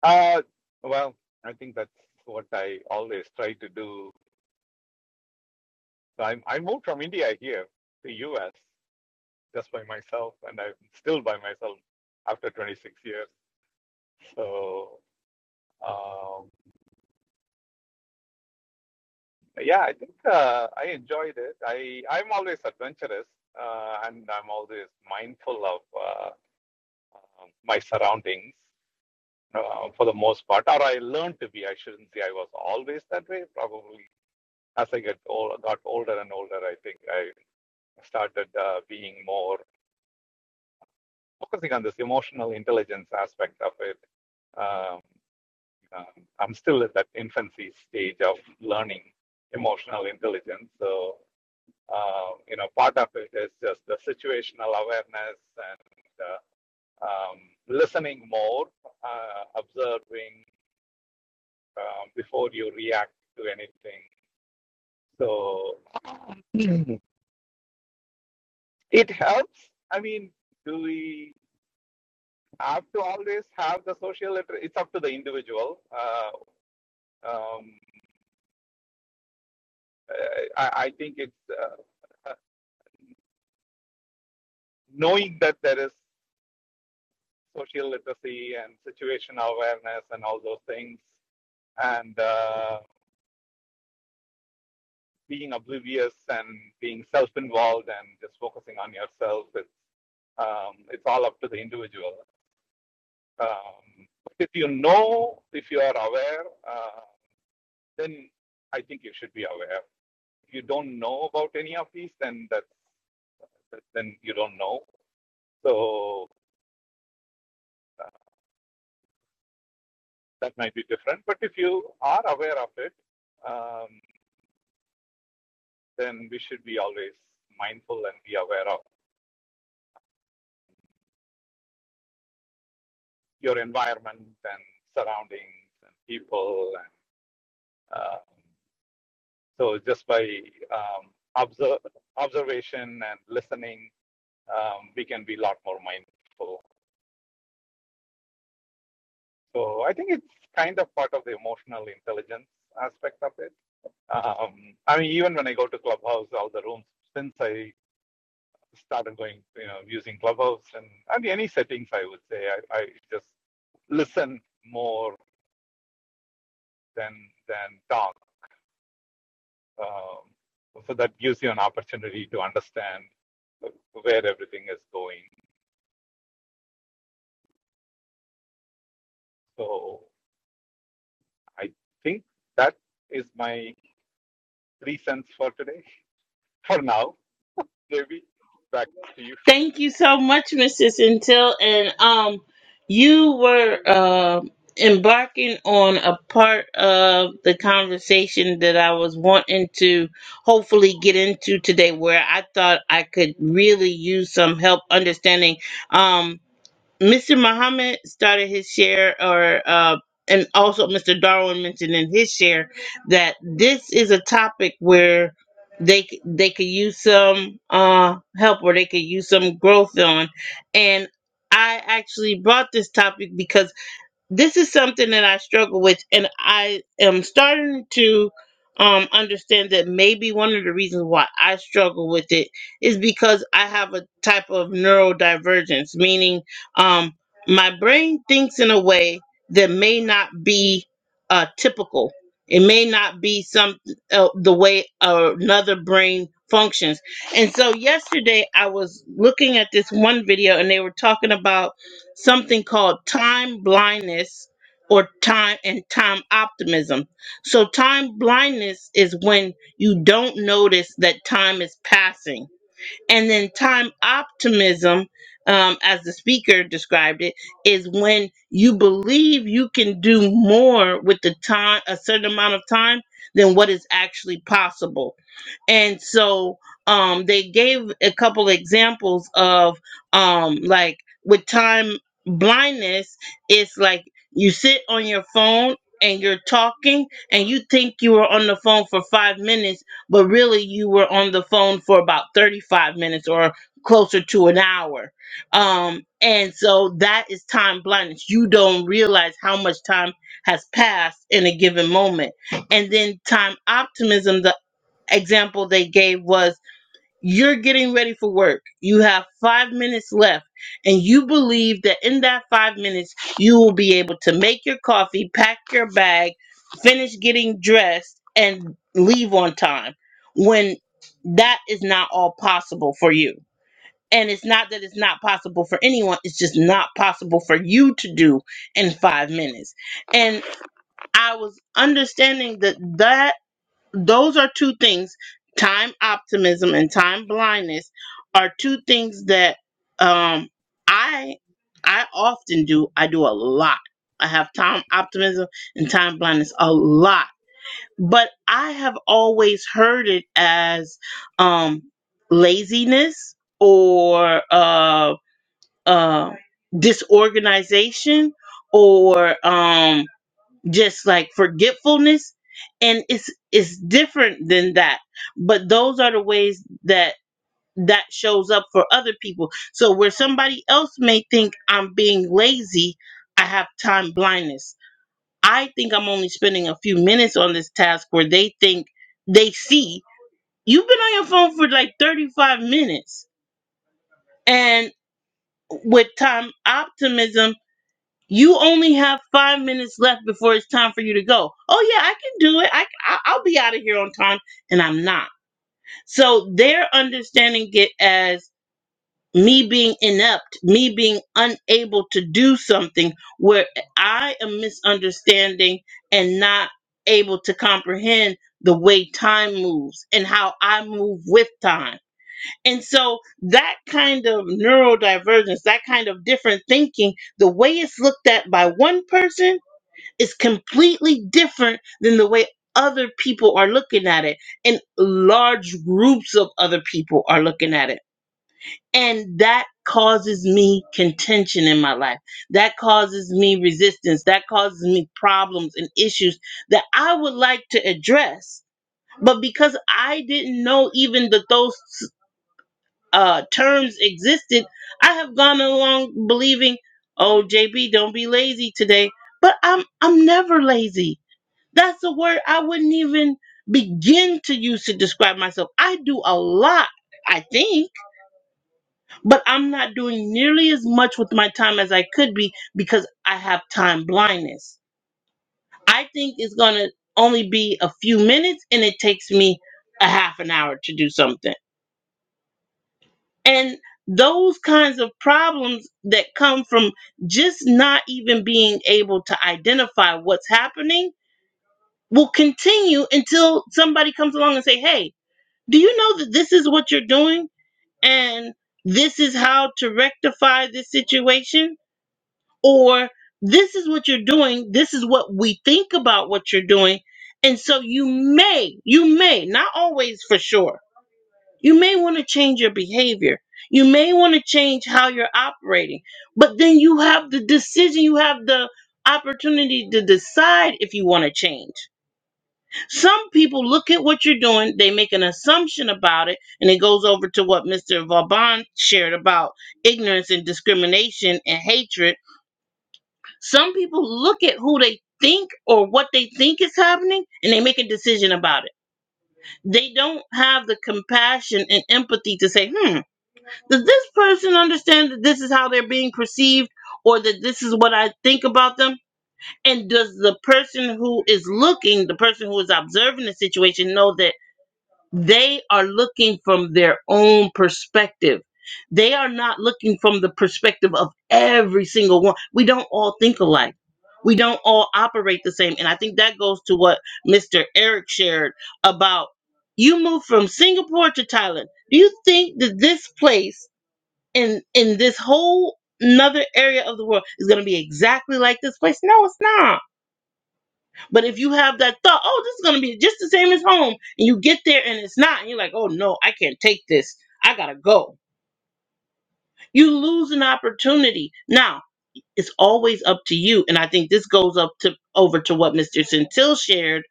Uh, well, I think that's what I always try to do. So I'm I moved from India here to US just by myself, and I'm still by myself after 26 years. So um, yeah, I think uh, I enjoyed it. I I'm always adventurous, uh, and I'm always mindful of uh, um, my surroundings. uh, for the most part, or I learned to be. I shouldn't say I was always that way. Probably as I get old, got older and older, I think I started uh, being more focusing on this emotional intelligence aspect of it. Um, um, I'm still at that infancy stage of learning emotional intelligence. So, uh, you know, part of it is just the situational awareness and uh, um, listening more, uh, observing, um, before you react to anything. So it helps. I mean, do we have to always have the social? Inter- it's up to the individual. Uh, um, I, I think it's uh, uh, knowing that there is social literacy and situational awareness and all those things, and uh, being oblivious and being self-involved and just focusing on yourself. It's um, it's all up to the individual. Um, but if you know, if you are aware, uh, then I think you should be aware. If you don't know about any of these, then that's then you don't know. So uh, that might be different. But if you are aware of it, um, then we should be always mindful and be aware of your environment and surroundings and people. And uh, so just by um, observe, observation and listening um, we can be a lot more mindful. So I think it's kind of part of the emotional intelligence aspect of it. Um, I mean, even when I go to Clubhouse, all the rooms since I started going, you know, using Clubhouse and I mean, any settings, I would say I, I just listen more than than talk. Um, so that gives you an opportunity to understand where everything is going. So I think that is my three cents for today, for now. Devi, back to you. Thank you so much, Mrs. Until. And um, you were uh, embarking on a part of the conversation that I was wanting to hopefully get into today, where I thought I could really use some help understanding. Um, Mr. Muhammad started his share, or uh, and also Mr. Darwin mentioned in his share that this is a topic where they c- they could use some uh, help or they could use some growth on, and I actually brought this topic because this is something that I struggle with, and I am starting to um, understand that maybe one of the reasons why I struggle with it is because I have a type of neurodivergence, meaning um, my brain thinks in a way that may not be uh, typical. It may not be some uh, the way another brain functions. And so yesterday I was looking at this one video, and they were talking about something called time blindness or time and time optimism. So time blindness is when you don't notice that time is passing. And then time optimism, um, as the speaker described it, is when you believe you can do more with the time, a certain amount of time, than what is actually possible and so um they gave a couple examples of um like with time blindness it's like you sit on your phone and you're talking and you think you were on the phone for 5 minutes but really you were on the phone for about 35 minutes or closer to an hour um and so that is time blindness you don't realize how much time has passed in a given moment and then time optimism the example they gave was you're getting ready for work. You have five minutes left, and you believe that in that five minutes, you will be able to make your coffee, pack your bag, finish getting dressed, and leave on time when that is not all possible for you. And it's not that it's not possible for anyone, it's just not possible for you to do in five minutes. And I was understanding that that those are two things time optimism and time blindness are two things that um i i often do i do a lot i have time optimism and time blindness a lot but i have always heard it as um laziness or uh uh disorganization or um just like forgetfulness and it's it's different than that but those are the ways that that shows up for other people so where somebody else may think i'm being lazy i have time blindness i think i'm only spending a few minutes on this task where they think they see you've been on your phone for like 35 minutes and with time optimism You only have five minutes left before it's time for you to go. Oh yeah, I can do it. I, I I'll be out of here on time, and I'm not. So they're understanding it as me being inept, me being unable to do something where I am misunderstanding and not able to comprehend the way time moves and how I move with time. And so that kind of neurodivergence, that kind of different thinking, the way it's looked at by one person is completely different than the way other people are looking at it and large groups of other people are looking at it and that causes me contention in my life that causes me resistance that causes me problems and issues that i would like to address but because i didn't know even that those uh, terms existed i have gone along believing oh jb don't be lazy today but i'm i'm never lazy that's a word I wouldn't even begin to use to describe myself. I do a lot, I think, but I'm not doing nearly as much with my time as I could be because I have time blindness. I think it's going to only be a few minutes and it takes me a half an hour to do something. And those kinds of problems that come from just not even being able to identify what's happening will continue until somebody comes along and say, "Hey, Do you know that this is what you're doing and this is how to rectify this situation? Or this is what you're doing, this is what we think about what you're doing. And so you may, you may, not always for sure, you may want to change your behavior. You may want to change how you're operating. But then you have the decision, you have the opportunity to decide if you want to change some people look at what you're doing, they make an assumption about it, and it goes over to what Mr. Vauban shared about ignorance and discrimination and hatred. Some people look at who they think or what they think is happening and they make a decision about it. They don't have the compassion and empathy to say, hmm, does this person understand that this is how they're being perceived or that this is what I think about them? And does the person who is looking, the person who is observing the situation, know that? They are looking from their own perspective. They are not looking from the perspective of every single one. We don't all think alike. We don't all operate the same. And I think that goes to what Mr. Eric shared about you moved from Singapore to Thailand. Do you think that this place in in this whole another area of the world is going to be exactly like this place? No, it's not but if you have that thought, oh, this is gonna be just the same as home, and you get there and it's not, and you're like, oh no, I can't take this. I gotta go. You lose an opportunity. Now, it's always up to you. And I think this goes up to over to what Mr. Centil shared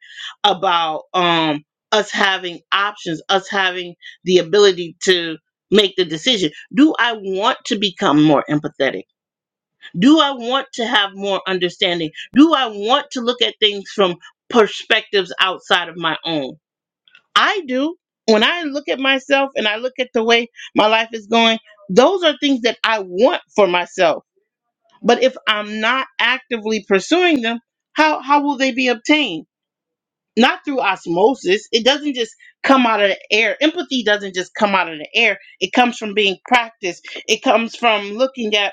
about um us having options, us having the ability to make the decision. Do I want to become more empathetic? Do I want to have more understanding? Do I want to look at things from perspectives outside of my own? I do. When I look at myself and I look at the way my life is going, those are things that I want for myself. But if I'm not actively pursuing them, how, how will they be obtained? Not through osmosis. It doesn't just come out of the air. Empathy doesn't just come out of the air. It comes from being practiced. It comes from looking at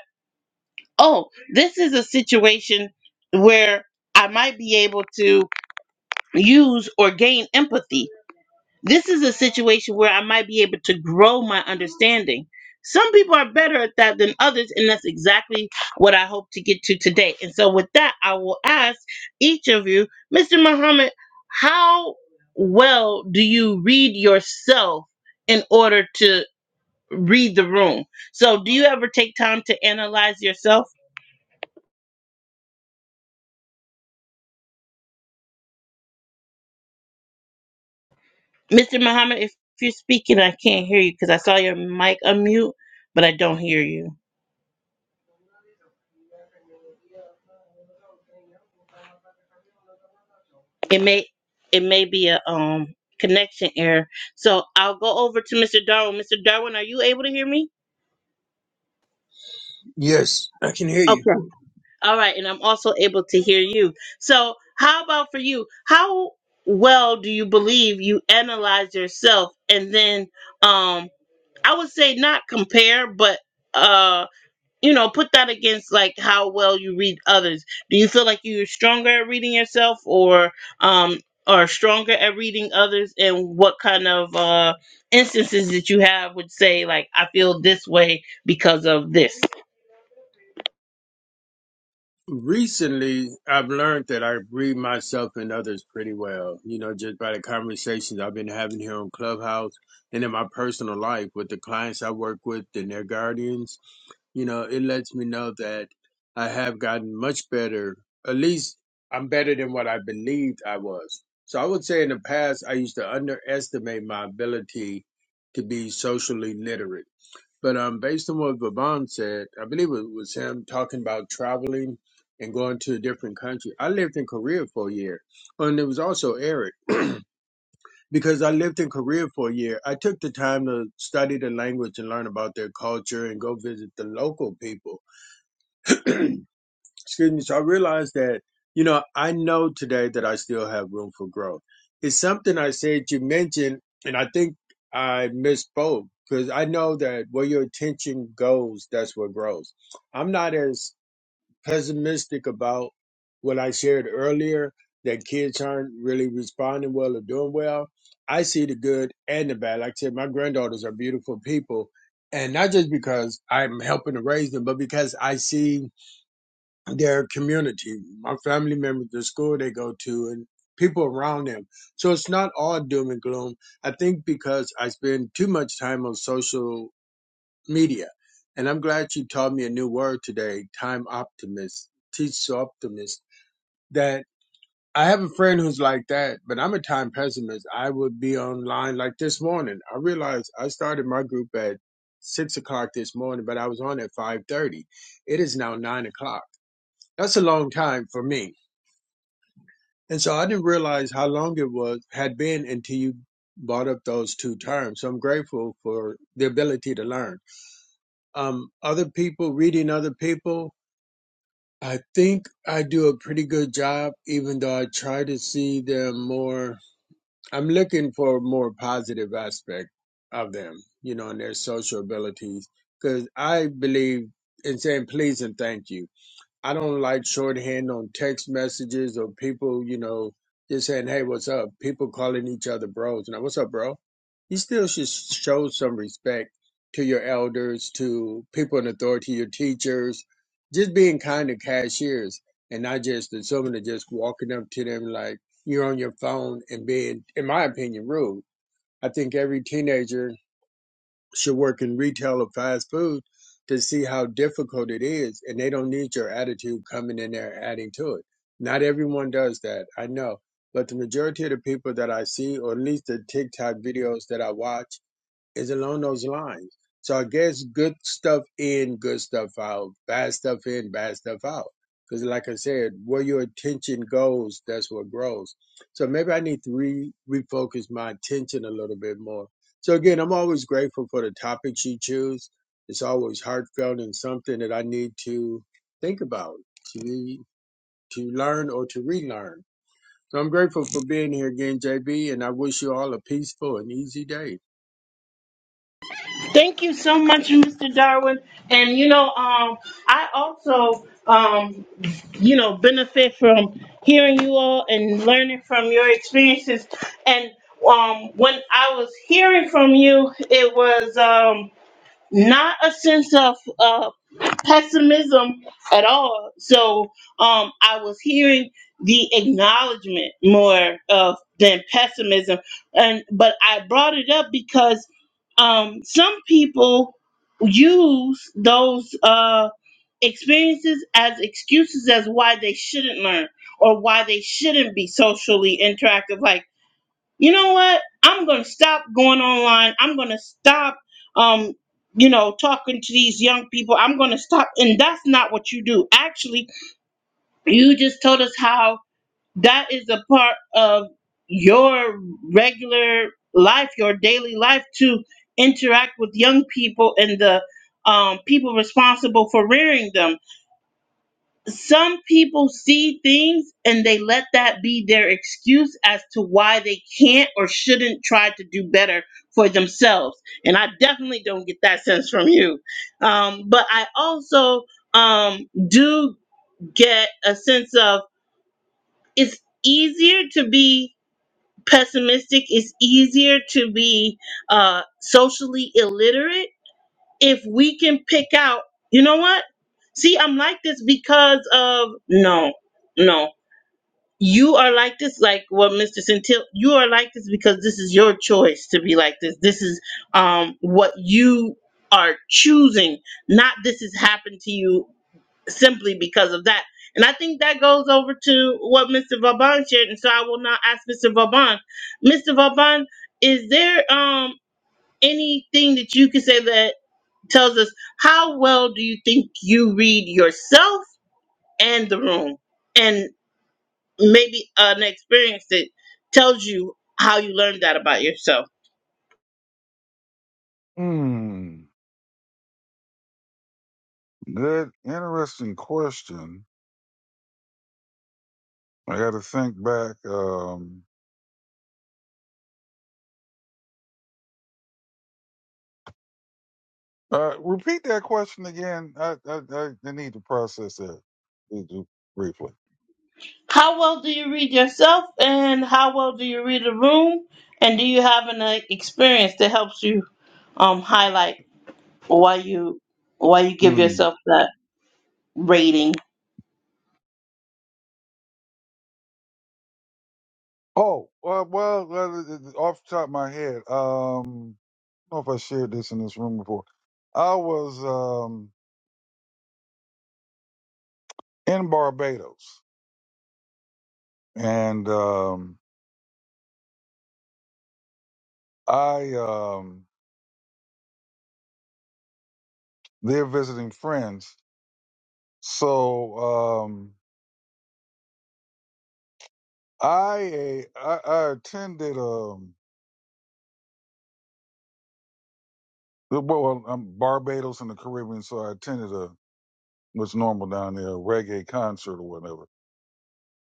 oh, this is a situation where I might be able to use or gain empathy. This is a situation where I might be able to grow my understanding. Some people are better at that than others, and that's exactly what I hope to get to today. And so, with that, I will ask each of you, Mr. Muhammad, how well do you read yourself in order to read the room? So, do you ever take time to analyze yourself? Mr. Muhammad, if you're speaking, I can't hear you because I saw your mic unmute, but I don't hear you. It may it may be a um connection error. So I'll go over to Mr. Darwin. Mr. Darwin, are you able to hear me? Yes, I can hear you. Okay. All right, and I'm also able to hear you. So how about for you? How well do you believe you analyze yourself and then um I would say not compare, but uh. you know, put that against like how well you read others. Do you feel like you're stronger at reading yourself or um are stronger at reading others and what kind of uh instances that you have would say like I feel this way because of this? Recently, I've learned that I read myself and others pretty well, you know, just by the conversations I've been having here on Clubhouse and in my personal life with the clients I work with and their guardians. You know, it lets me know that I have gotten much better. At least I'm better than what I believed I was. So I would say in the past, I used to underestimate my ability to be socially literate but um, based on what Vaban said, I believe it was him talking about traveling and going to a different country. I lived in Korea for a year, and it was also Eric because I lived in Korea for a year. I took the time to study the language and learn about their culture and go visit the local people. excuse me so i realized that you know i know today that i still have room for growth it's something i said you mentioned and i think i misspoke because i know that where your attention goes that's what grows i'm not as pessimistic about what i shared earlier that kids aren't really responding well or doing well i see the good and the bad like i said my granddaughters are beautiful people and not just because i'm helping to raise them but because i see their community, my family members, the school they go to, and people around them. So it's not all doom and gloom. I think because I spend too much time on social media, and I'm glad you taught me a new word today: time optimist, teach optimist. That I have a friend who's like that, but I'm a time pessimist. I would be online like this morning. I realized I started my group at six o'clock this morning, but I was on at five thirty. It is now nine o'clock. That's a long time for me And so I didn't realize how long it was had been until you brought up those two terms. So I'm grateful for the ability to learn. Um, other people reading other people, I think I do a pretty good job, even though I try to see them more. I'm looking for a more positive aspect of them, you know, and their social abilities, because I believe in saying please and thank you. I don't like shorthand on text messages or people, you know, just saying, "Hey, what's up?" People calling each other bros. Now, what's up, bro? You still should show some respect to your elders, to people in authority, your teachers. Just being kind to cashiers and not just assuming that just walking up to them like you're on your phone and being, in my opinion, rude. I think every teenager should work in retail or fast food to see how difficult it is and they don't need your attitude coming in there adding to it not everyone does that i know but the majority of the people that i see or at least the tiktok videos that i watch is along those lines. So I guess good stuff in, good stuff out, bad stuff in, bad stuff out. Because like I said, where your attention goes, that's what grows. So maybe I need to re- refocus my attention a little bit more. So again, I'm always grateful for the topics you choose. It's always heartfelt and something that I need to think about, to to learn or to relearn. So I'm grateful for being here again, JB, and I wish you all a peaceful and easy day. Thank you so much, Mr. Darwin. And you know, um, I also, um, you know, benefit from hearing you all and learning from your experiences. And um, when I was hearing from you, it was um, not a sense of uh, pessimism at all. So um, I was hearing the acknowledgement more of than pessimism, and but I brought it up because um, some people use those uh, experiences as excuses as why they shouldn't learn or why they shouldn't be socially interactive. Like you know what? I'm going to stop going online. I'm going to stop, um, you know, talking to these young people. I'm going to stop. And that's not what you do. Actually, you just told us how that is a part of your regular life, your daily life to interact with young people and the um, people responsible for rearing them some people see things and they let that be their excuse as to why they can't or shouldn't try to do better for themselves. And I definitely don't get that sense from you. Um, but I also um, do get a sense of it's easier to be pessimistic, it's easier to be uh, socially illiterate if we can pick out, you know what? See, I'm like this because of no. No, you are like this like what mr centil you are like this because this is your choice to be like this this is um what you are choosing not this has happened to you simply because of that and i think that goes over to what mr vauban shared and so i will now ask mr vauban mr vauban is there um anything that you can say that tells us how well do you think you read yourself and the room and? maybe an experience that tells you how you learned that about yourself. Hmm. Good, interesting question. I got to think back. Um, uh, repeat that question again. I, I I I need to process that Need to briefly. How well do you read yourself, and how well do you read a room? And do you have an uh, experience that helps you um, highlight why you why you give Hmm. yourself that rating? Oh, well, well, well, it- it- off the top of my head, um, I don't know if I shared this in this room before. I was um in Barbados, and um, I um. They're visiting friends. So um, I, I I attended um well I'm Barbados in the Caribbean, so I attended a what's normal down there a reggae concert or whatever.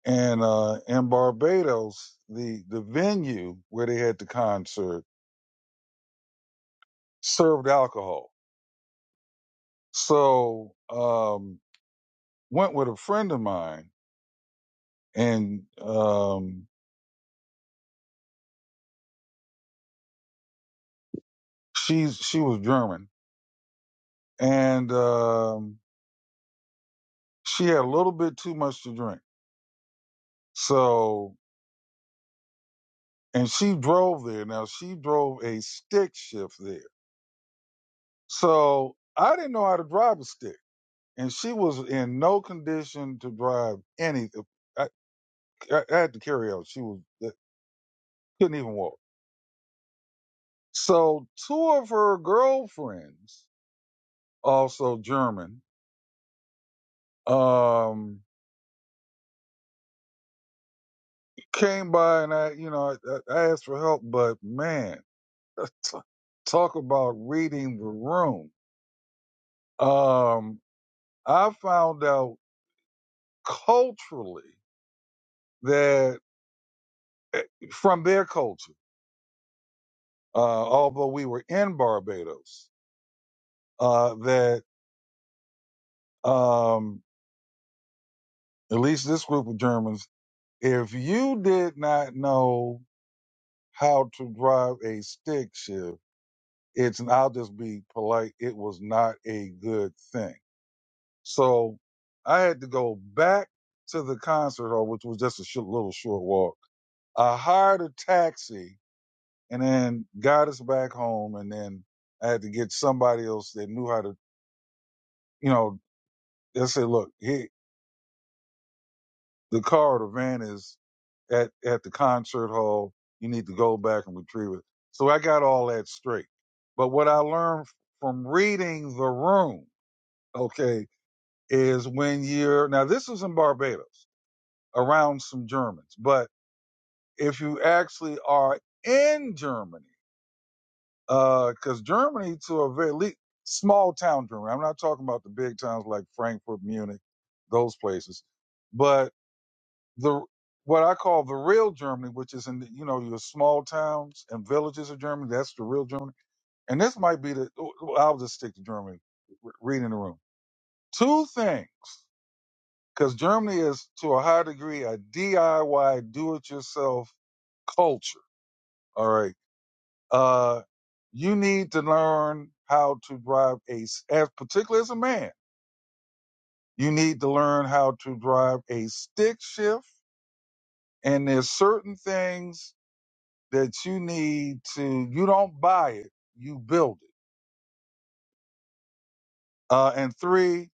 And uh, in Barbados, the the venue where they had the concert served alcohol. So um, went with a friend of mine, and um, she's she was German, and um, she had a little bit too much to drink So, and she drove there. Now she drove a stick shift there. So I didn't know how to drive a stick, and she was in no condition to drive anything. I, I, I had to carry her. She was uh, couldn't even walk. So two of her girlfriends, also German, um, came by, and I, you know, I, I asked for help, but man, talk about reading the room. Um, I found out. culturally that eh, from their culture, uh, although we were in Barbados, uh, that um, at least this group of Germans, if you did not know how to drive a stick shift, it's, and I'll just be polite, it was not a good thing. So I had to go back to the concert hall, which was just a sh- little short walk. I hired a taxi and then got us back home. And then I had to get somebody else that knew how to, you know, they said, look, he, the car or the van is at, at the concert hall. You need to go back and retrieve it. So I got all that straight. But what I learned from reading the room, okay, is when you're, now this was in Barbados around some Germans, but if you actually are in Germany, because Germany, to a very le- small town Germany, I'm not talking about the big towns like Frankfurt, Munich, those places, but the what I call the real Germany, which is in the, you know your small towns and villages of Germany, that's the real Germany. And this might be the oh, oh, I'll just stick to Germany. r- Reading the room, two things, because Germany is to a high degree a DIY, do-it-yourself culture. All right Uh, you need to learn how to drive a, as particularly as a man, you need to learn how to drive a stick shift. And there's certain things that you need to, you don't buy it, you build it. Uh, and three,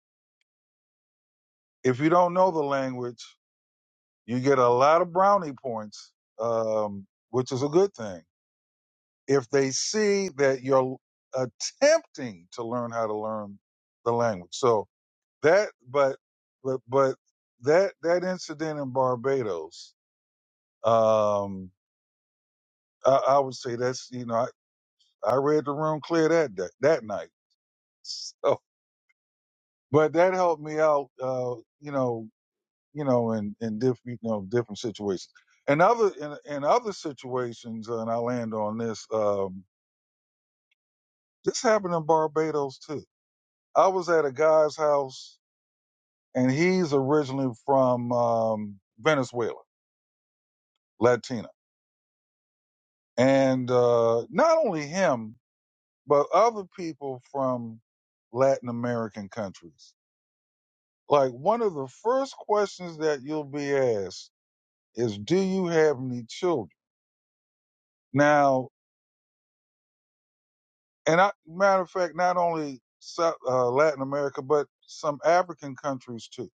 if you don't know the language, you get a lot of brownie points, um, which is a good thing. If they see that you're attempting to learn how to learn the language. So, that but but but that that incident in Barbados, um, I, I would say that's you know I, I read the room clear that day, that night. So, but that helped me out, uh, you know, you know, in in different you know different situations. And other in, in other situations, and I land on this. Um, this happened in Barbados too. I was at a guy's house, and he's originally from um, Venezuela, Latino and uh, not only him, but other people from Latin American countries. Like one of the first questions that you'll be asked is, "Do you have any children?" Now, and I, matter of fact, not only South, uh, Latin America, but some African countries too.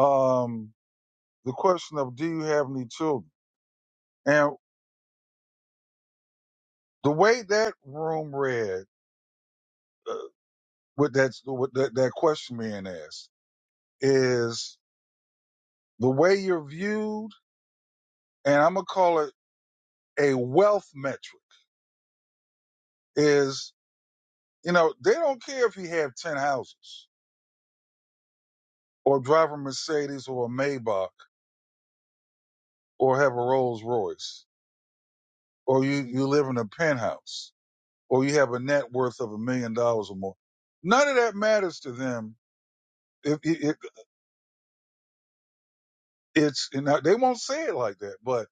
Um, the question of, "Do you have any children?" And the way that room read, uh, with that with that, that question being asked, is the way you're viewed and I'm gonna call it a wealth metric, is you know, they don't care if you have ten houses or drive a Mercedes or a Maybach or have a Rolls Royce or you, you live in a penthouse or you have a net worth of a million dollars or more. None of that matters to them. It, it, it, it's and they won't say it like that, but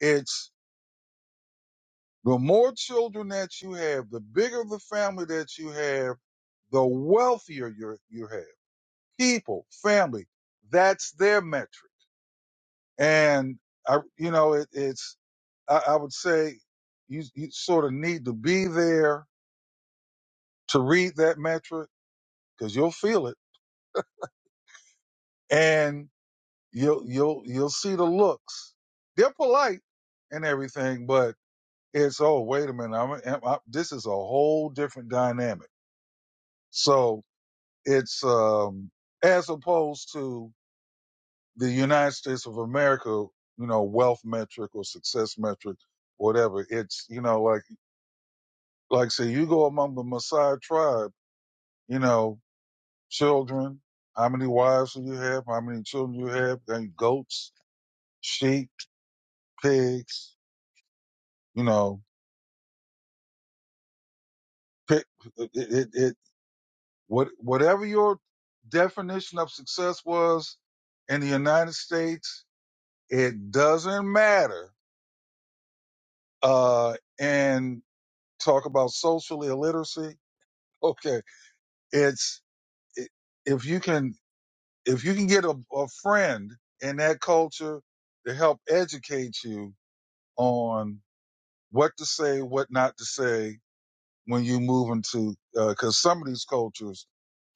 it's the more children that you have, the bigger the family that you have, the wealthier you you have. people, family. That's their metric. And I, you know, it, it's, I, I would say you, you sort of need to be there to read that metric because you'll feel it and you'll, you'll, you'll see the looks. They're polite and everything, but it's, oh, wait a minute. I'm, am I, this is a whole different dynamic. So it's, um, as opposed to the United States of America, you know, wealth metric or success metric, whatever. It's, you know, like, like say you go among the Maasai tribe, you know, children, how many wives do you have? How many children you have? And goats, sheep, pigs, you know, pick, it, it, it, what, whatever your definition of success was in the United States, it doesn't matter. Uh, and talk about social illiteracy Okay. It's i- if you can if you can get a, a friend in that culture to help educate you on what to say, what not to say when you move into because some of these cultures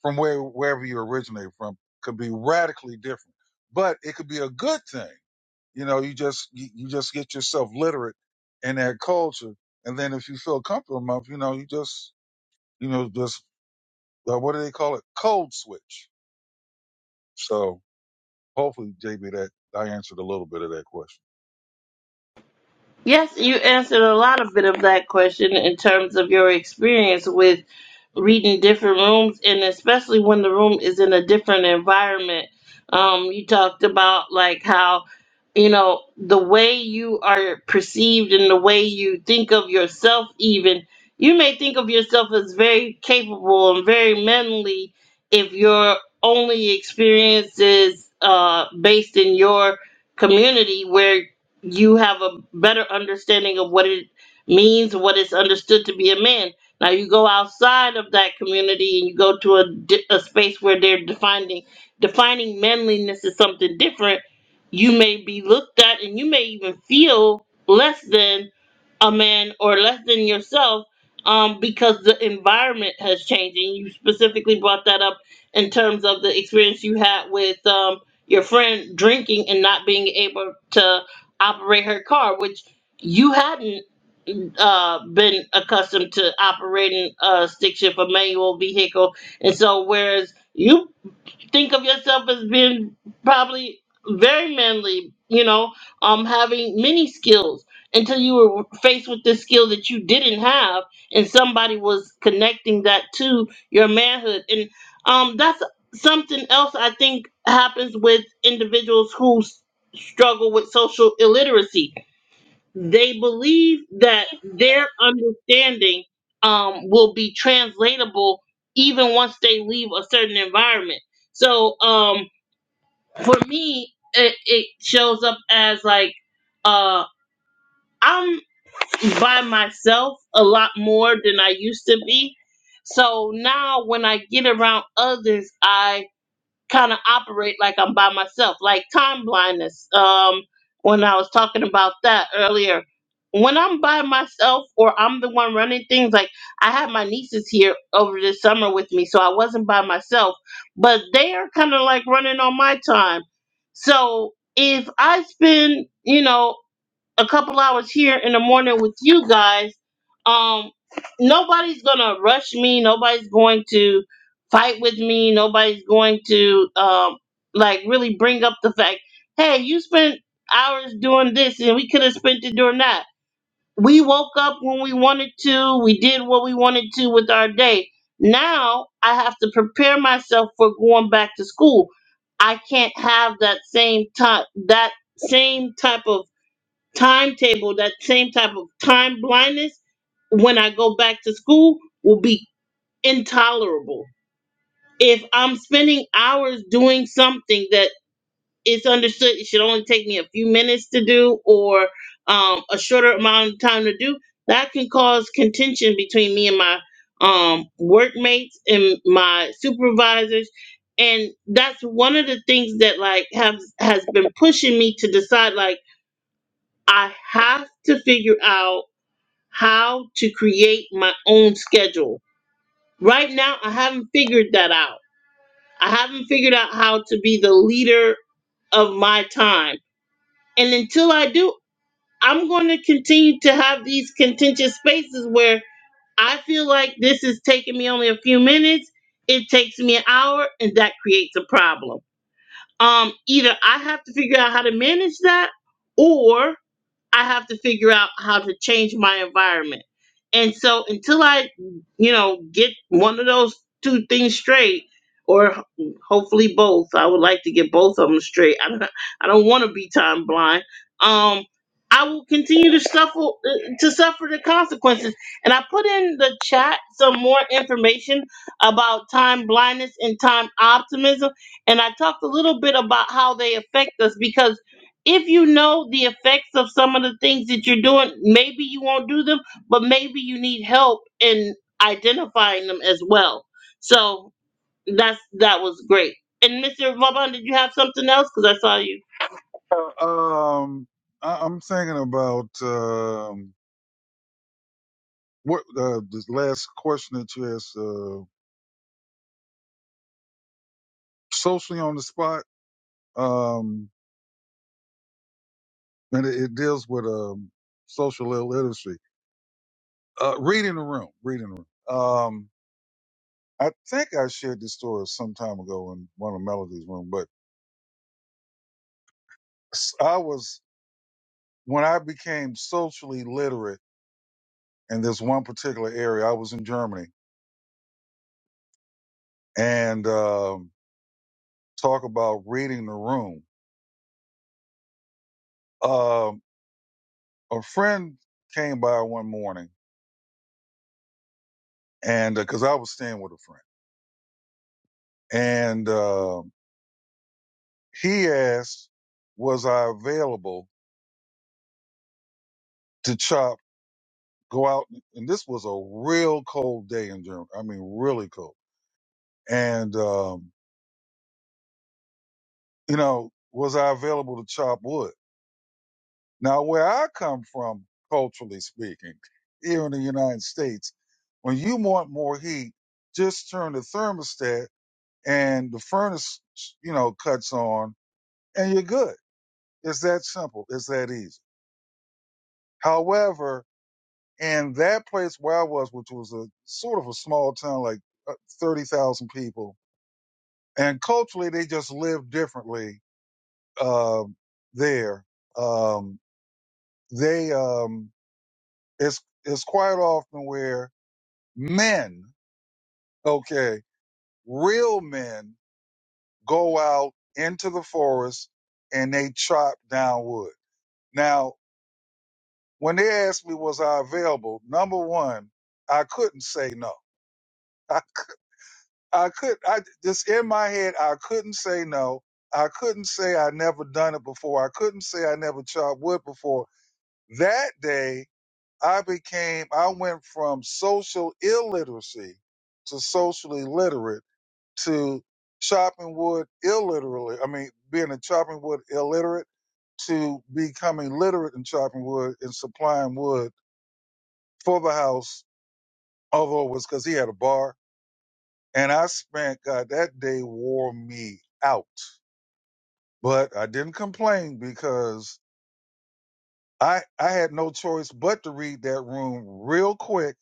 from where wherever you originate from could be radically different, but it could be a good thing. You know, you just you, you just get yourself literate in that culture, and then if you feel comfortable enough, you know, you just you know just uh, what do they call it? Code switch So hopefully, JB, that I answered a little bit of that question. Yes, you answered a lot of bit of that question in terms of your experience with reading different rooms, and especially when the room is in a different environment. Um, you talked about like how you know the way you are perceived and the way you think of yourself. Even you may think of yourself as very capable and very manly if your only experience is uh, based in your community where you have a better understanding of what it means and what it's understood to be a man. Now you go outside of that community and you go to a, di- a space where they're defining defining manliness as something different. You may be looked at and you may even feel less than a man or less than yourself um, because the environment has changed. And you specifically brought that up in terms of the experience you had with um, your friend drinking and not being able to operate her car, which you hadn't uh, been accustomed to operating a stick shift, a manual vehicle. And so, whereas you think of yourself as being probably very manly, you know, um, having many skills until you were faced with this skill that you didn't have, and somebody was connecting that to your manhood, and um, that's something else I think happens with individuals who s- struggle with social illiteracy they believe that their understanding um, will be translatable even once they leave a certain environment. So um, for me, it, it shows up as like uh, I'm by myself a lot more than I used to be. So now when I get around others, I kind of operate like I'm by myself, like time blindness. Um, when I was talking about that earlier, when I'm by myself or I'm the one running things, like I had my nieces here over the summer with me, so I wasn't by myself, but they are kind of like running on my time. So if I spend, you know, a couple hours here in the morning with you guys, um, nobody's gonna rush me. Nobody's going to fight with me. Nobody's going to um, like really bring up the fact, hey, you spent hours doing this and we could have spent it doing that. We woke up when we wanted to. We did what we wanted to with our day. Now I have to prepare myself for going back to school. I can't have that same time that same type of timetable, that same type of time blindness when I go back to school will be intolerable. If I'm spending hours doing something that it's understood it should only take me a few minutes to do or um, a shorter amount of time to do, that can cause contention between me and my um, workmates and my supervisors. And that's one of the things that like have has been pushing me to decide like I have to figure out how to create my own schedule. Right now, I haven't figured that out. I haven't figured out how to be the leader of my time. And until I do, I'm going to continue to have these contentious spaces where I feel like this is taking me only a few minutes. It takes me an hour, and that creates a problem. Um, either I have to figure out how to manage that, or I have to figure out how to change my environment. And so until I, you know, get one of those two things straight, or ho- hopefully both, I would like to get both of them straight. I don't, I don't want to be time blind. Um, I will continue to suffer uh, to suffer the consequences. And I put in the chat some more information about time blindness and time optimism, and I talked a little bit about how they affect us because if you know the effects of some of the things that you're doing, maybe you won't do them, but maybe you need help in identifying them as well. So that's that was great. And Mr. Vaughn, did you have something else? Because I saw you. Uh, um, I, I'm thinking about um, what uh, this last question that you asked, uh, socially on the spot, um, and it, it deals with um, social illiteracy. Uh, reading the room, reading the room. Um, I think I shared this story some time ago in one of Melody's room, but s- I was when I became socially literate in this one particular area. I was in Germany and um, talk about reading the room. Um, a friend came by one morning, and because I was staying with a friend, and um he asked, "Was I available to chop? Go out?" And this was a real cold day in Germany. I mean, really cold. And um, you know, was I available to chop wood? Now, where I come from, culturally speaking, here in the United States, when you want more heat, just turn the thermostat and the furnace, you know, cuts on and you're good. It's that simple. It's that easy. However, in that place where I was, which was a sort of a small town, like uh, 30,000 people, and culturally they just live differently, um, there. Um, they, um, it's, it's quite often where men, okay, real men go out into the forest and they chop down wood. Now, when they asked me was I available, number one, I couldn't say no. I, c- I could, I just in my head, I couldn't say no. I couldn't say I never done it before. I couldn't say I never chopped wood before. That day, I became, I went from social illiteracy to socially literate to chopping wood illiterally. I mean, being a chopping wood illiterate to becoming literate in chopping wood and supplying wood for the house. Although it was because he had a bar, and I spent God that day wore me out, but I didn't complain because I I had no choice but to read that room real quick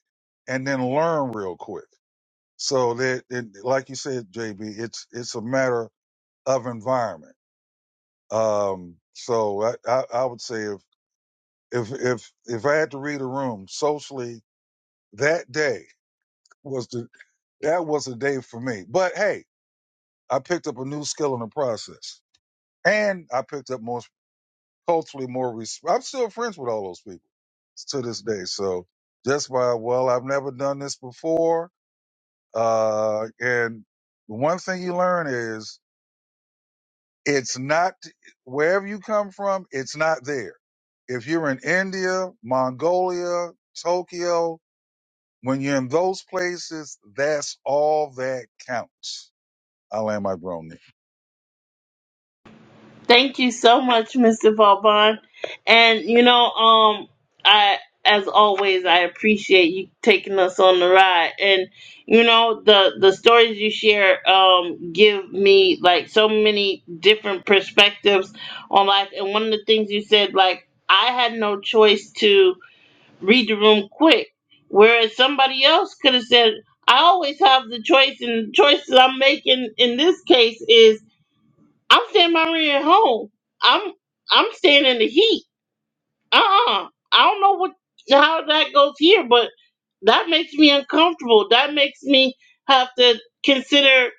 and then learn real quick. So that, it, like you said, JB, it's it's a matter of environment Um, so I, I, I would say if, if, if, if I had to read a room socially, that day was the, that was the day for me. But hey, I picked up a new skill in the process and I picked up more, hopefully more, res- I'm still friends with all those people to this day. So just by, well, I've never done this before. Uh, and the one thing you learn is it's not wherever you come from, it's not there If you're in India, Mongolia, Tokyo, when you're in those places, that's all that counts. I land my drone there. Thank you so much, Mr. Vauban. And you know, um, I as always I appreciate you taking us on the ride. And you know, the the stories you share um give me like so many different perspectives on life. And one of the things you said, like, I had no choice to read the room quick. Whereas somebody else could have said, I always have the choice and the choice that I'm making in this case is I'm staying my rent at home. I'm I'm staying in the heat. Uh uh I don't know what how that goes here, but that makes me uncomfortable. That makes me have to consider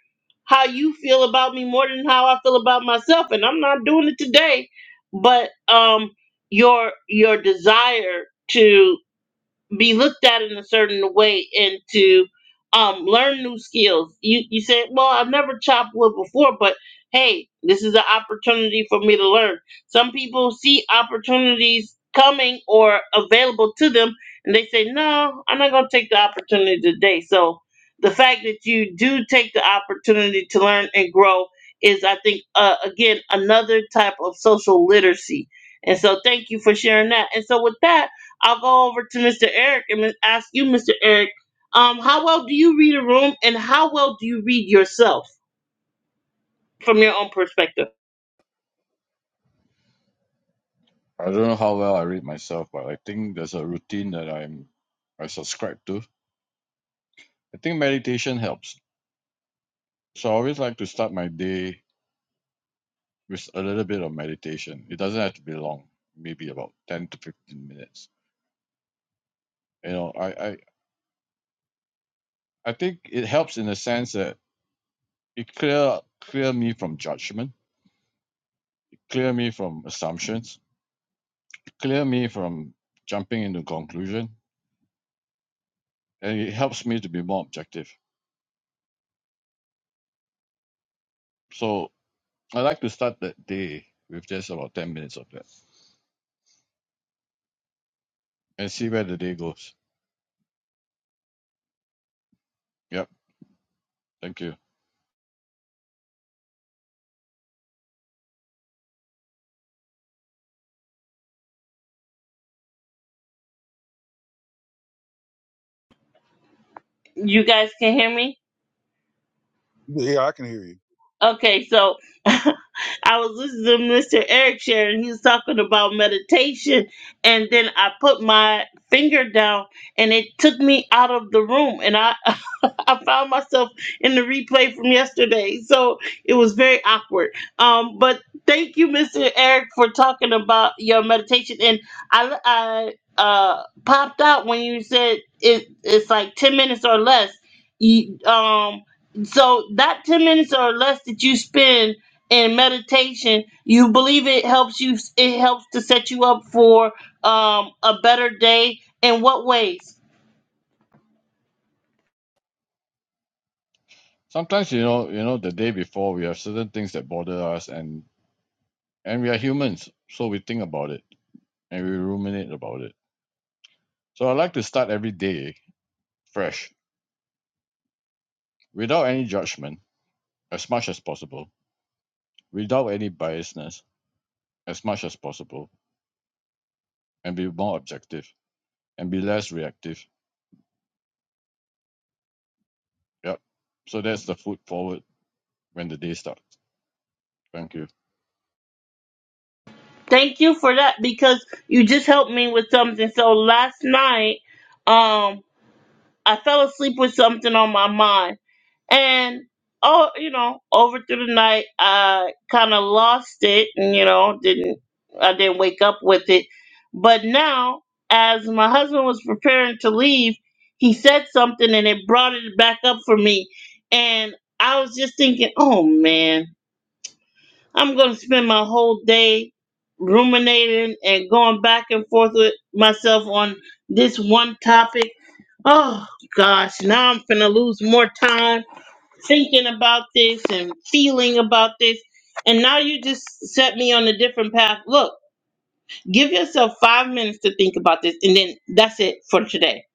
how you feel about me more than how I feel about myself. And I'm not doing it today. But um your your desire to be looked at in a certain way and to um, learn new skills. You you say, well, I've never chopped wood before, but hey, this is an opportunity for me to learn. Some people see opportunities coming or available to them, and they say, no, I'm not going to take the opportunity today. So the fact that you do take the opportunity to learn and grow is, I think, uh, again, another type of social literacy. And so, thank you for sharing that. And so, with that. I'll go over to Mr. Eric and ask you, Mr. Eric, um, how well do you read a room and how well do you read yourself from your own perspective? I don't know how well I read myself, but I think there's a routine that I'm I subscribe to. I think meditation helps. So I always like to start my day with a little bit of meditation. It doesn't have to be long, maybe about ten to fifteen minutes. You know, I I, I think it helps in the sense that it clear clear me from judgment, clear me from assumptions, clear me from jumping into conclusion, and it helps me to be more objective. So I like to start that day with just about ten minutes of that and see where the day goes. Yep. Thank you. You guys can hear me? Yeah, I can hear you. Okay, so I was listening to Mr. Eric share and he was talking about meditation and then I put my finger down and it took me out of the room and I I found myself in the replay from yesterday, so it was very awkward. Um, but thank you, Mr. Eric, for talking about your meditation. And I, I uh, popped out when you said it, it's like ten minutes or less. You, um, so that ten minutes or less that you spend in meditation, you believe it helps you. It helps to set you up for um, a better day. In what ways? Sometimes you know, you know, the day before we have certain things that bother us and and we are humans, so we think about it and we ruminate about it. So I like to start every day fresh, without any judgment, as much as possible, without any biasness, as much as possible, and be more objective and be less reactive. Yep. So that's the foot forward when the day starts. Thank you. Thank you for that because you just helped me with something. So last night, um, I fell asleep with something on my mind, and oh, you know, over through the night, I kind of lost it, and you know, didn't I didn't wake up with it. But now, as my husband was preparing to leave, he said something, and it brought it back up for me, and I was just thinking, oh man I'm going to spend my whole day ruminating and going back and forth with myself on this one topic. Oh gosh, now I'm going to lose more time thinking about this and feeling about this. And now you just set me on a different path. Look, give yourself 5 minutes to think about this and then that's it for today.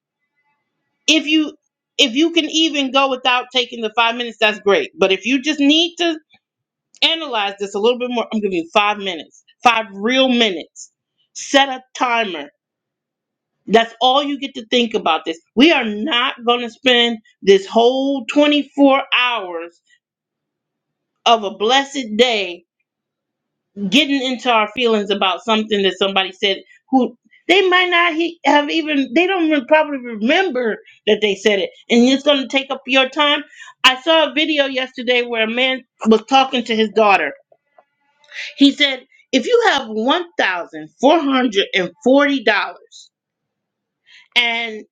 If you if you can even go without taking the 5 minutes, that's great. But if you just need to Analyze this a little bit more. I'm giving you five minutes, five real minutes. Set a timer. That's all you get to think about this. We are not going to spend this whole 24 hours of a blessed day getting into our feelings about something that somebody said who they might not he- have even, they don't even probably remember that they said it. And it's going to take up your time. I saw a video yesterday where a man was talking to his daughter He said, if you have $1,440 and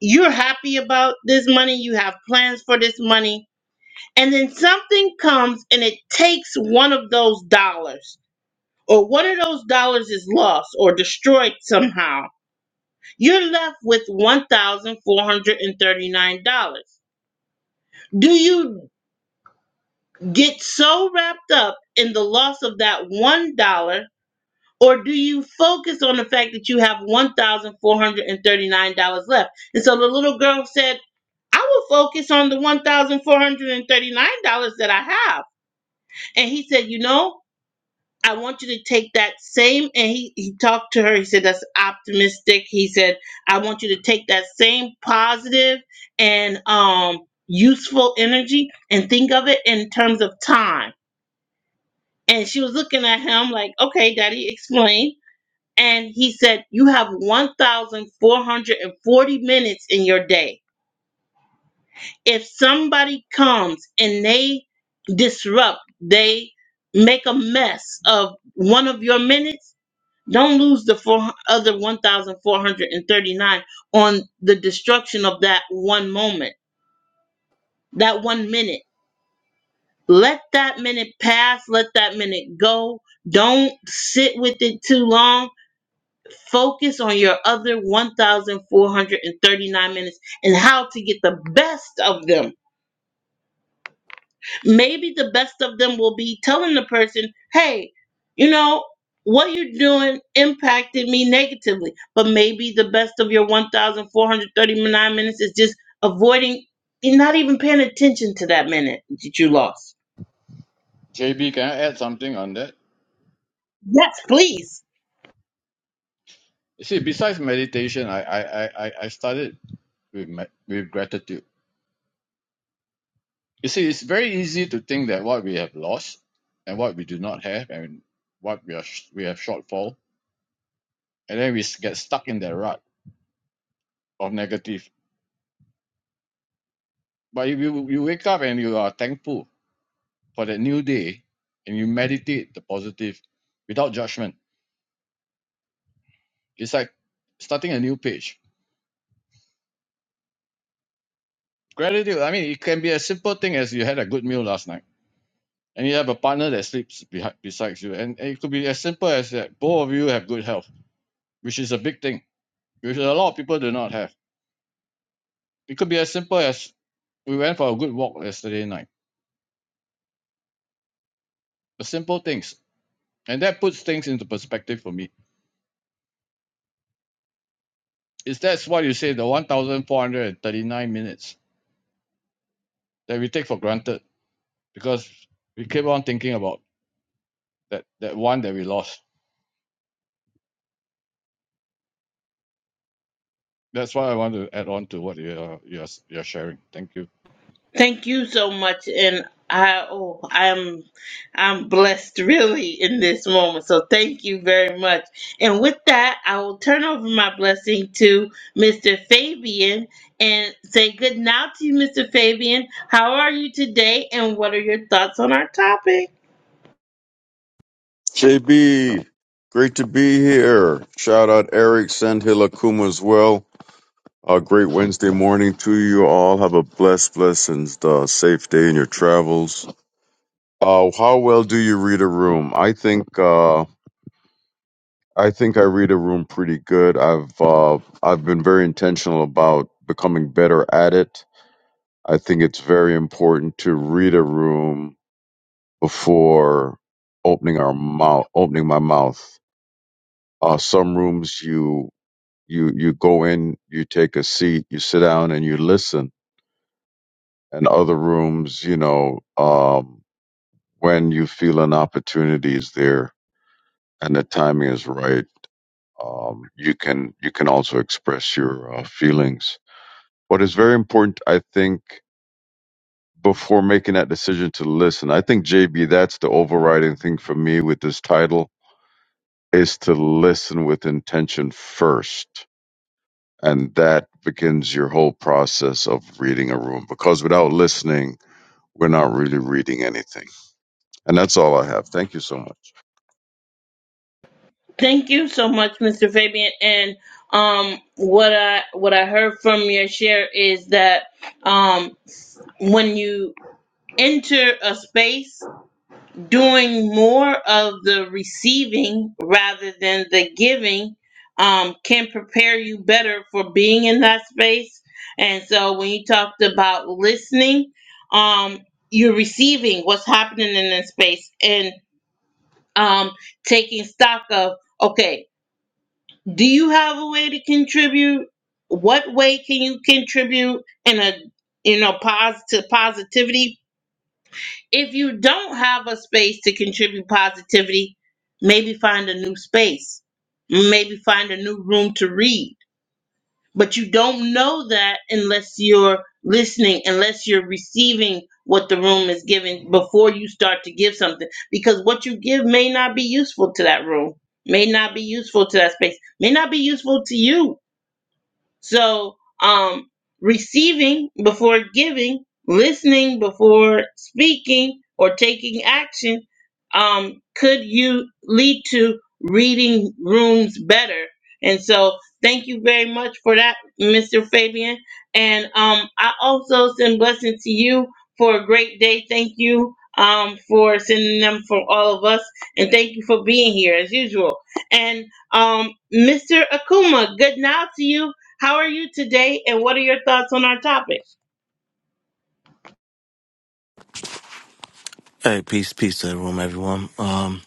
you're happy about this money, you have plans for this money, and then something comes and it takes one of those dollars, or one of those dollars is lost or destroyed somehow, you're left with $1,439. Do you get so wrapped up in the loss of that $1? Or do you focus on the fact that you have $1,439 left? And so the little girl said, I will focus on the $1,439 that I have. And he said, You know, I want you to take that same. And he, he talked to her. He said, That's optimistic. He said, I want you to take that same positive and um, useful energy and think of it in terms of time. And she was looking at him like, Okay, daddy, explain And he said, You have 1,440 minutes in your day. If somebody comes and they disrupt, they make a mess of one of your minutes, don't lose the four, other 1,439 on the destruction of that one moment, that one minute. Let that minute pass, let that minute go. Don't sit with it too long Focus on your other 1,439 minutes and how to get the best of them. Maybe the best of them will be telling the person, hey, you know, what you're doing impacted me negatively. But maybe the best of your 1,439 minutes is just avoiding, not even paying attention to that minute that you lost. JB, can I add something on that? Yes, please. You see, besides meditation, I I I I I started with my, with gratitude. You see, it's very easy to think that what we have lost and what we do not have and what we are we have shortfall, and then we get stuck in that rut of negative. But if you you wake up and you are thankful for that new day, and you meditate the positive without judgment, it's like starting a new page. Gratitude. I mean, it can be a simple thing as you had a good meal last night and you have a partner that sleeps behind besides you and, and it could be as simple as that both of you have good health which is a big thing which a lot of people do not have it could be as simple as we went for a good walk yesterday night the simple things and that puts things into perspective for me is that's why you say the 1439 minutes that we take for granted because we keep on thinking about that that one that we lost that's why i want to add on to what you are you're, you're sharing thank you Thank you so much, and I oh I'm I'm blessed really in this moment. So thank you very much. And with that, I will turn over my blessing to Mr. Fabian and say good night to you, Mr. Fabian. How are you today, and what are your thoughts on our topic? JB, great to be here. Shout out Eric Sandhill Akuma as well. A great Wednesday morning to you all. Have a blessed, blessed, and uh, safe day in your travels. Uh, how well do you read a room? I think uh, I think I read a room pretty good. I've uh, I've been very intentional about becoming better at it. I think it's very important to read a room before opening our mouth, opening my mouth uh, some rooms you you you go in, you take a seat, you sit down, and you listen. And other rooms, you know, um, when you feel an opportunity is there and the timing is right, um, you can you can also express your uh, feelings. What is very important, I think, before making that decision to listen, I think JB, that's the overriding thing for me with this title is to listen with intention first and that begins your whole process of reading a room because without listening we're not really reading anything and that's all i have thank you so much Thank you so much, Mr. Fabian. And um, what I what I heard from your share is that um, when you enter a space doing more of the receiving rather than the giving um, can prepare you better for being in that space. And so when you talked about listening, um, you're receiving what's happening in that space and um, taking stock of, okay, do you have a way to contribute? What way can you contribute in a you know positive positivity if you don't have a space to contribute positivity, maybe find a new space. Maybe find a new room to read. But you don't know that unless you're listening, unless you're receiving what the room is giving before you start to give something. Because what you give may not be useful to that room, may not be useful to that space, may not be useful to you so, um, receiving before giving, listening before speaking or taking action, um, could you lead to reading rooms better? And so, thank you very much for that, Mr. Fabian. And um, I also send blessings to you for a great day. Thank you um, for sending them for all of us, and thank you for being here as usual. And um, Mr. Akuma, good now to you. How are you today, and what are your thoughts on our topic? Hey, peace, peace to the room, everyone. Um,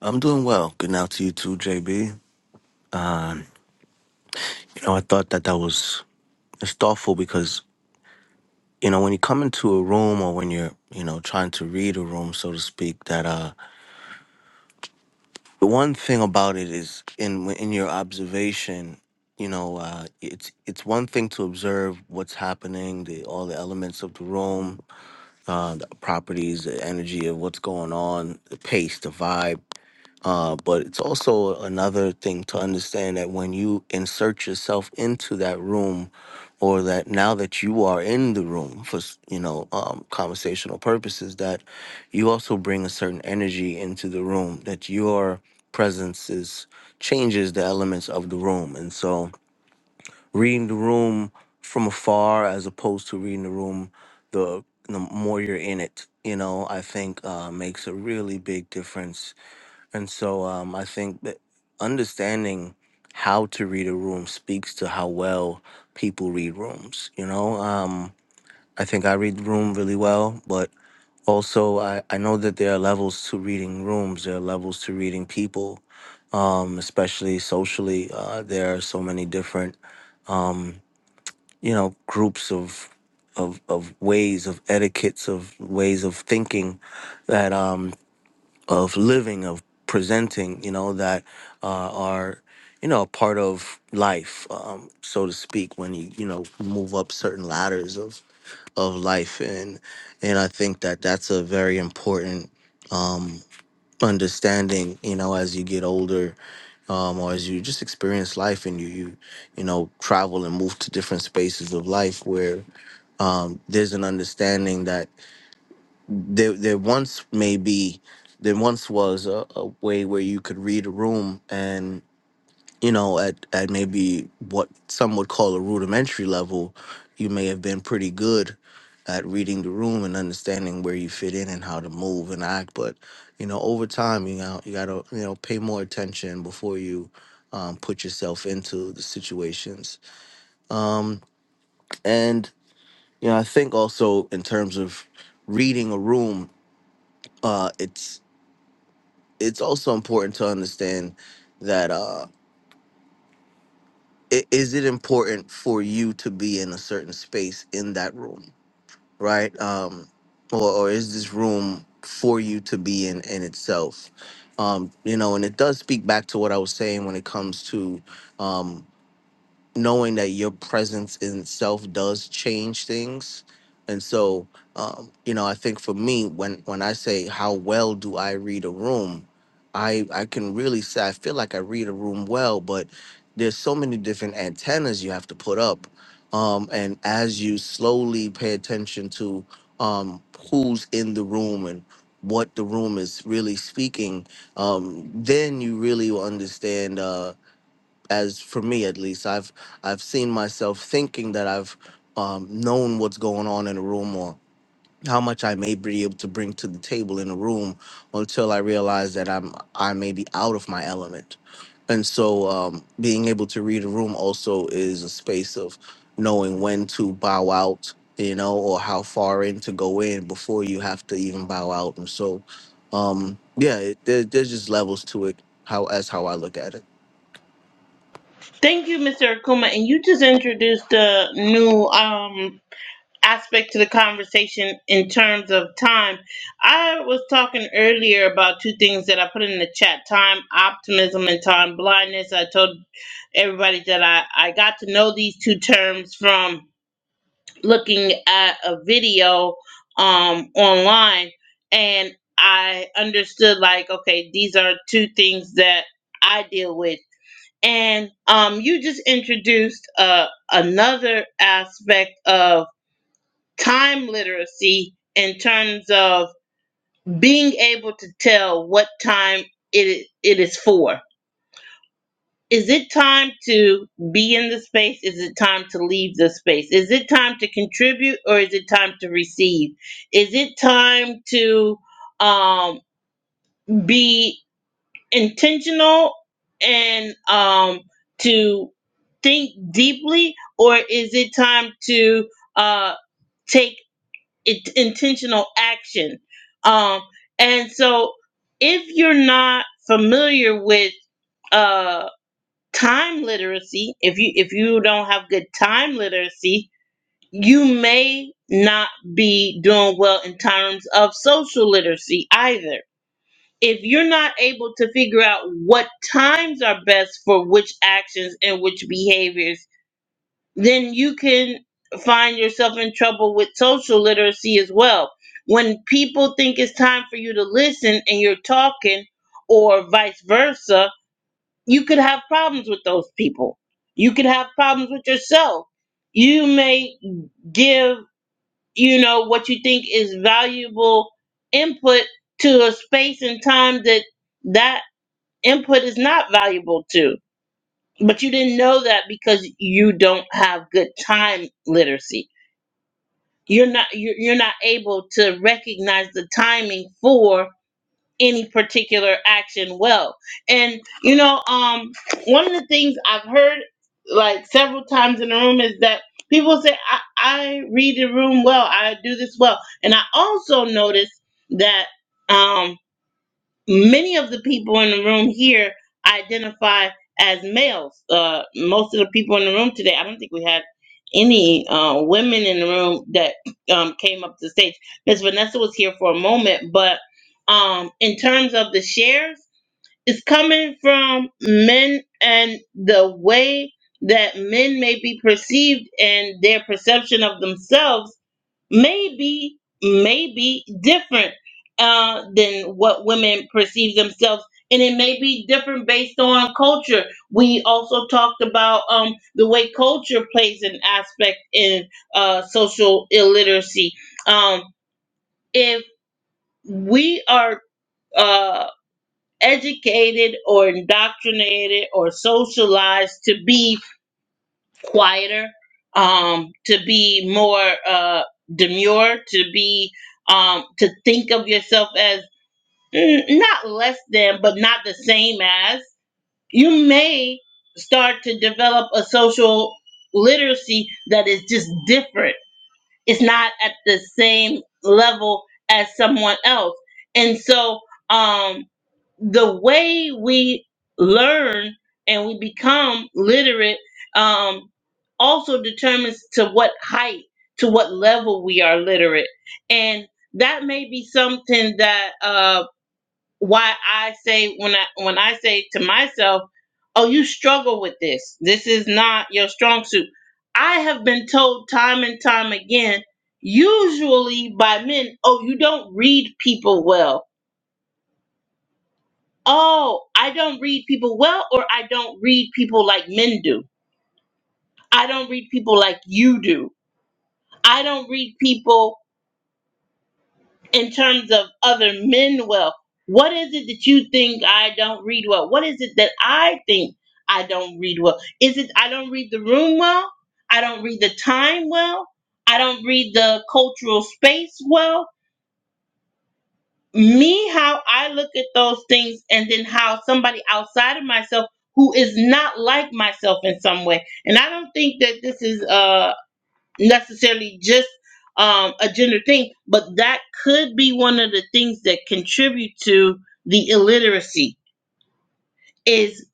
I'm doing well. Good now to you too, JB. You know, I thought that that was it's thoughtful because you know when you come into a room or when you're you know trying to read a room, so to speak, that uh, the one thing about it is in in your observation, you know, uh, it's it's one thing to observe what's happening, the all the elements of the room, uh, the properties, the energy of what's going on, the pace, the vibe Uh, but it's also another thing to understand that when you insert yourself into that room, or that now that you are in the room for s- you know um, conversational purposes, that you also bring a certain energy into the room. That your presence is changes the elements of the room, and so reading the room from afar as opposed to reading the room the the more you're in it, you know, I think uh, makes a really big difference and so um, I think that understanding how to read a room speaks to how well people read rooms. You know, um, I think I read the room really well, but also I, I know that there are levels to reading rooms, there are levels to reading people, um, especially socially. Uh, there are so many different, um, you know, groups of. Of, of ways of etiquettes of ways of thinking that um of living, of presenting, you know, that uh, are, you know, a part of life, um, so to speak, when you, you know, move up certain ladders of, of life. And, and I think that that's a very important um, understanding, you know, as you get older um, or as you just experience life and you, you, you know, travel and move to different spaces of life where um, there's an understanding that there there once may be there once was a, a way where you could read a room and you know at at maybe what some would call a rudimentary level you may have been pretty good at reading the room and understanding where you fit in and how to move and act but you know over time you know you gotta you know pay more attention before you um, put yourself into the situations um, and you know i think also in terms of reading a room uh, it's it's also important to understand that uh i- is it important for you to be in a certain space in that room right um or, or is this room for you to be in in itself um you know and it does speak back to what i was saying when it comes to um knowing that your presence in self does change things and so um, you know i think for me when when i say how well do i read a room i i can really say i feel like i read a room well but there's so many different antennas you have to put up um, and as you slowly pay attention to um, who's in the room and what the room is really speaking um, then you really will understand uh, as for me at least i've i've seen myself thinking that i've um, known what's going on in a room or how much i may be able to bring to the table in a room until i realize that i'm i may be out of my element and so um, being able to read a room also is a space of knowing when to bow out you know or how far in to go in before you have to even bow out and so um yeah it, there, there's just levels to it how as how i look at it Thank you, Mr. Akuma. And you just introduced a new um, aspect to the conversation in terms of time. I was talking earlier about two things that I put in the chat time optimism and time blindness. I told everybody that I, I got to know these two terms from looking at a video um online and I understood like okay these are two things that I deal with and um you just introduced uh another aspect of time literacy in terms of being able to tell what time it it is for Is it time to be in the space? Is it time to leave the space? Is it time to contribute or is it time to receive? Is it time to um, be intentional and um, to think deeply or is it time to uh, take it, intentional action? Um, and so if you're not familiar with, uh, time literacy if you if you don't have good time literacy you may not be doing well in terms of social literacy either if you're not able to figure out what times are best for which actions and which behaviors then you can find yourself in trouble with social literacy as well when people think it's time for you to listen and you're talking or vice versa you could have problems with those people. You could have problems with yourself. You may give, you know, what you think is valuable input to a space and time that that input is not valuable to. But you didn't know that because you don't have good time literacy. You're not you're, you're not able to recognize the timing for any particular action well. And you know, um, one of the things I've heard like several times in the room is that people say I, I read the room well, I do this well, and I also notice that. Um, many of the people in the room here identify as males. Uh, most of the people in the room today, I don't think we had any uh, women in the room that um, came up to the stage. Miss Vanessa was here for a moment, but um, in terms of the shares, it's coming from men and the way that men may be perceived and their perception of themselves may be may be different uh, than what women perceive themselves and it may be different based on culture we also talked about um, the way culture plays an aspect in uh, social illiteracy um, if we are uh, educated or indoctrinated or socialized to be quieter, um, to be more uh, demure, to be um, to think of yourself as mm, not less than, but not the same as. You may start to develop a social literacy that is just different. It's not at the same level as someone else, and so. Um, the way we learn and we become literate um, also determines to what height, to what level we are literate. And that may be something that uh, why I say when I when I say to myself, "Oh, you struggle with this. This is not your strong suit." I have been told time and time again, usually by men, "Oh, you don't read people well." oh, I don't read people well, or I don't read people like men do. I don't read people like you do. I don't read people in terms of other men well. What is it that you think I don't read well? What is it that I think I don't read well? Is it I don't read the room well? I don't read the time well? I don't read the cultural space well? me how I look at those things and then how somebody outside of myself who is not like myself in some way. And I don't think that this is uh necessarily just um a gender thing, but that could be one of the things that contribute to the illiteracy is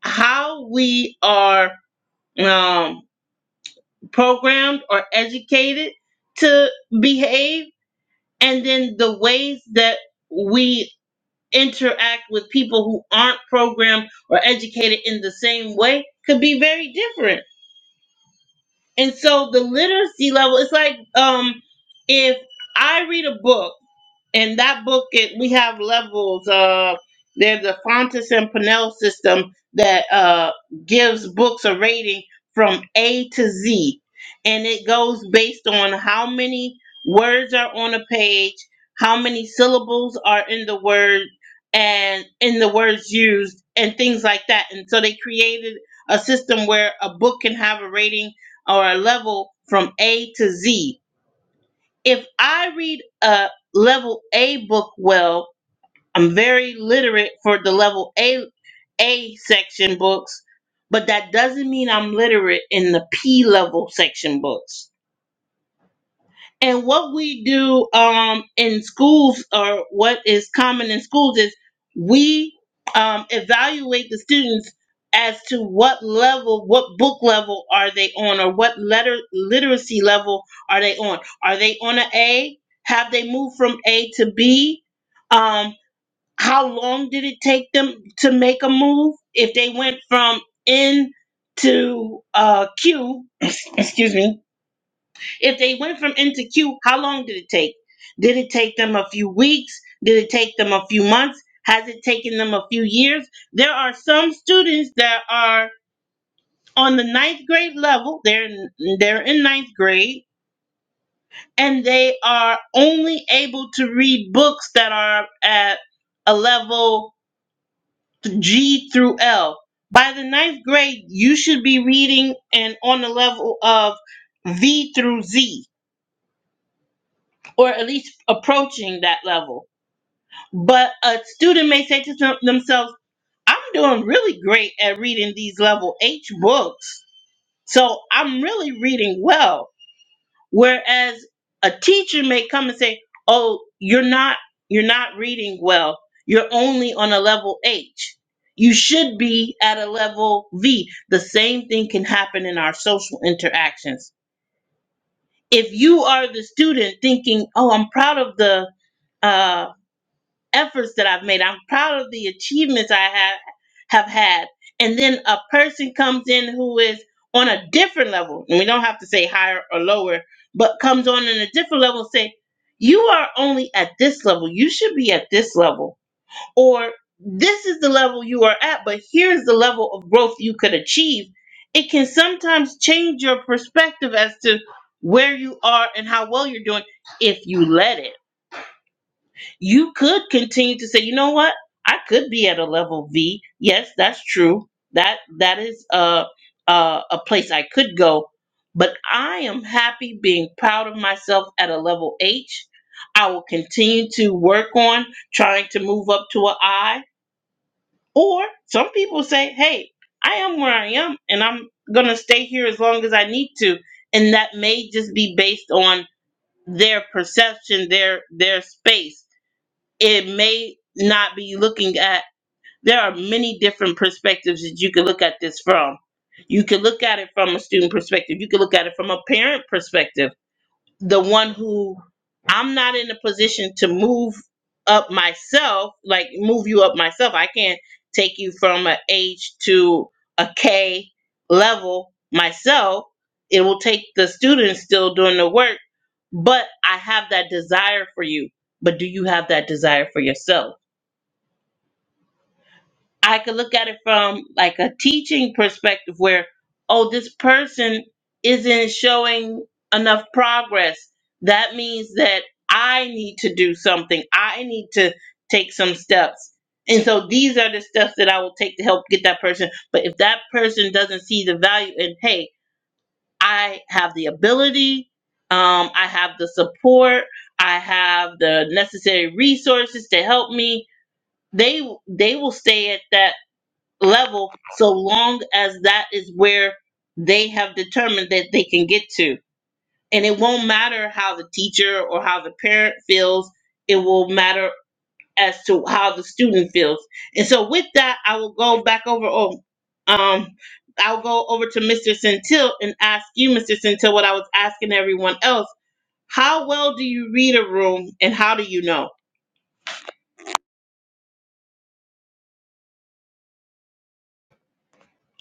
how we are um programmed or educated to behave and then the ways that we interact with people who aren't programmed or educated in the same way could be very different. And so the literacy level, it's like um, if I read a book in that book it, we have levels uh there's a fontes and Pinnell system that uh gives books a rating from a to z and it goes based on how many words are on a page how many syllables are in the word and in the words used and things like that and so they created a system where a book can have a rating or a level from a to z if I read a level A book well, I'm very literate for the level A A section books, but that doesn't mean I'm literate in the P level section books. And what we do um, in schools, or what is common in schools, is we um, evaluate the students as to what level, what book level are they on, or what letter literacy level are they on? Are they on an A? Have they moved from A to B? Um, how long did it take them to make a move? If they went from N to uh, Q, excuse me, if they went from N to Q, how long did it take? Did it take them a few weeks? Did it take them a few months? Has it taken them a few years? There are some students that are on the ninth grade level. They're they're in ninth grade, and they are only able to read books that are at a level G through L. By the ninth grade, you should be reading and on the level of V through Z, or at least approaching that level But a student may say to them- themselves, I'm doing really great at reading these level H books, so I'm really reading well. Whereas a teacher may come and say, Oh, you're not you're not reading well. You're only on a level H. You should be at a level V. The same thing can happen in our social interactions. If you are the student thinking, "Oh, I'm proud of the uh efforts that I've made. I'm proud of the achievements I have have had. And then a person comes in who is on a different level, and we don't have to say higher or lower, but comes on in a different level and say, "You are only at this level. You should be at this level." Or this is the level you are at, but here's the level of growth you could achieve. It can sometimes change your perspective as to where you are and how well you're doing if you let it you could continue to say, you know what? I could be at a level V. Yes, that's true. That that is a a, a place I could go, but I am happy being proud of myself at a level H. I will continue to work on trying to move up to a I. Or some people say, hey, I am where I am, and I'm gonna stay here as long as I need to, and that may just be based on their perception, their their space it may not be looking at there are many different perspectives that you can look at this from you can look at it from a student perspective you can look at it from a parent perspective the one who i'm not in a position to move up myself like move you up myself i can't take you from an H to a k level myself it will take the student still doing the work but i have that desire for you but do you have that desire for yourself I could look at it from like a teaching perspective where, oh, this person isn't showing enough progress. That means that I need to do something. I need to take some steps. And so these are the steps that I will take to help get that person. But if that person doesn't see the value in, hey, I have the ability, um, I have the support, I have the necessary resources to help me, they they will stay at that level so long as that is where they have determined that they can get to. And it won't matter how the teacher or how the parent feels, it will matter as to how the student feels. And so with that, I will go back over oh, um I'll go over to Mr. Centil and ask you, Mr. Centil, what I was asking everyone else. How well do you read a room and how do you know?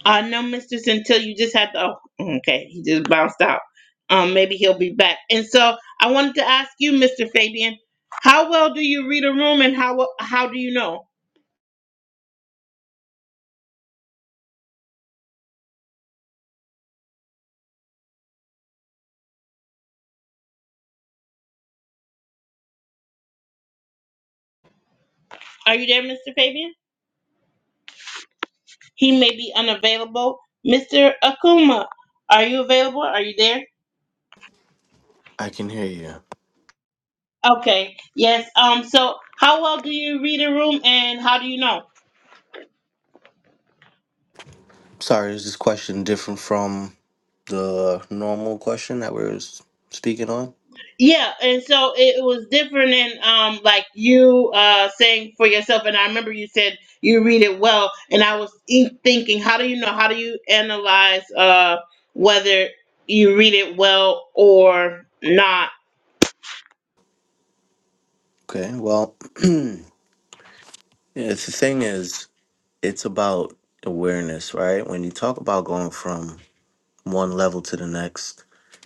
Uh, no, Mr. Until you just had to. Oh, mm, okay, he just bounced out. Um, maybe he'll be back. And so I wanted to ask you, Mr. Fabian, how well do you read a room, and how well- how do you know? Are you there, Mr. Fabian? He may be unavailable. Mr. Akuma, are you available? Are you there? i can hear you Okay. Yes. Um. So, how well do you read a room, and how do you know? Sorry, is this question different from the normal question that we we're s- speaking on? Yeah, and so it was different than um like you uh saying for yourself and I remember you said you read it well and I was e- thinking how do you know how do you analyze uh whether you read it well or not. Okay, well, yeah, it's the thing is, it's about awareness, right? When you talk about going from one level to the next,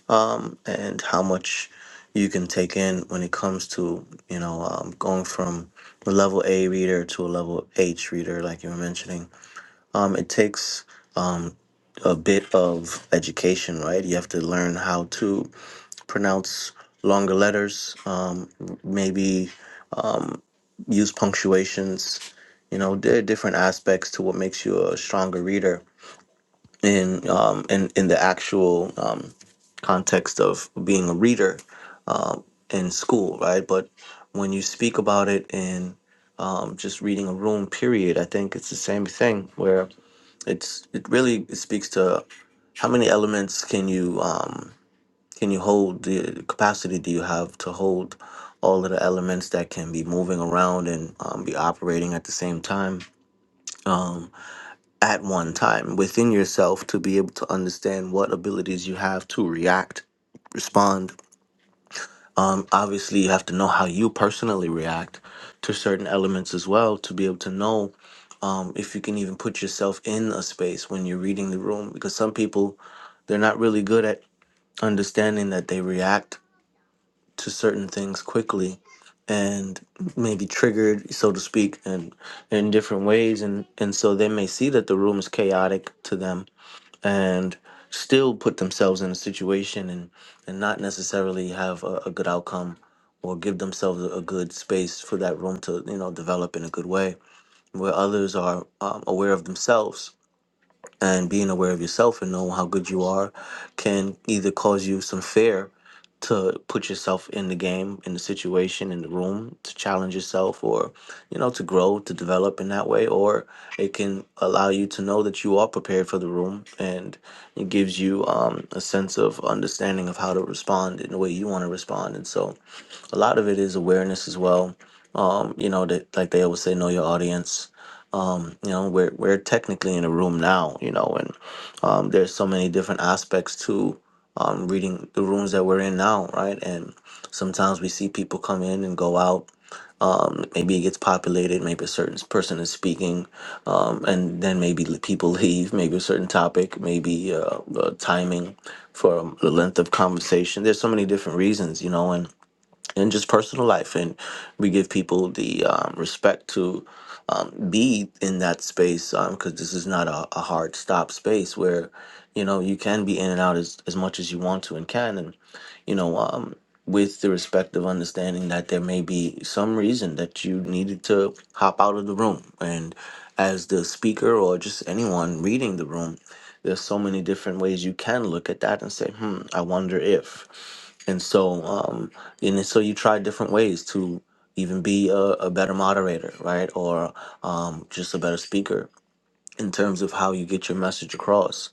um, and how much you can take in when it comes to, you know, um, going from a level A reader to a level H reader, like you were mentioning, um, it takes um, a bit of education, right? You have to learn how to pronounce longer letters, um, maybe um, use punctuations. You know, there are different aspects to what makes you a stronger reader in um, in in the actual um, context of being a reader um, in school, right? But when you speak about it in um, just reading a room, period, I think it's the same thing where it's it really speaks to how many elements can you. Um, can you hold the capacity do you have to hold all of the elements that can be moving around and um, be operating at the same time? Um, at one time within yourself to be able to understand what abilities you have to react respond. Um, obviously, you have to know how you personally react to certain elements as well to be able to know um, if you can even put yourself in a space when you're reading the room. Because some people, they're not really good at understanding that they react to certain things quickly and maybe triggered so to speak and in different ways and and so they may see that the room is chaotic to them and still put themselves in a situation and and not necessarily have a, a good outcome or give themselves a a good space for that room to you know develop in a good way where others are um, aware of themselves and being aware of yourself and knowing how good you are can either cause you some fear to put yourself in the game, in the situation, in the room, to challenge yourself or, you know, to grow, to develop in that way. Or it can allow you to know that you are prepared for the room and it gives you um, a sense of understanding of how to respond in the way you want to respond. And so a lot of it is awareness as well. Um, you know, that like they always say, know your audience um, you know we're we're technically in a room now you know and um, there's so many different aspects to um, reading the rooms that we're in now right and sometimes we see people come in and go out um, maybe it gets populated maybe a certain person is speaking um, and then maybe l- people leave maybe a certain topic maybe uh, uh, timing for um, the length of conversation there's so many different reasons you know and and just personal life. And we give people the um, respect to um, be in that space because this is not a, a hard stop space where, you know, you can be in and out as, as much as you want to and can. And, you know, um, with the respect of understanding that there may be some reason that you needed to hop out of the room. And as the speaker or just anyone reading the room, there's so many different ways you can look at that and say, hmm, I wonder if and so um and so you try different ways to even be a, a better moderator right or um just a better speaker in terms of how you get your message across.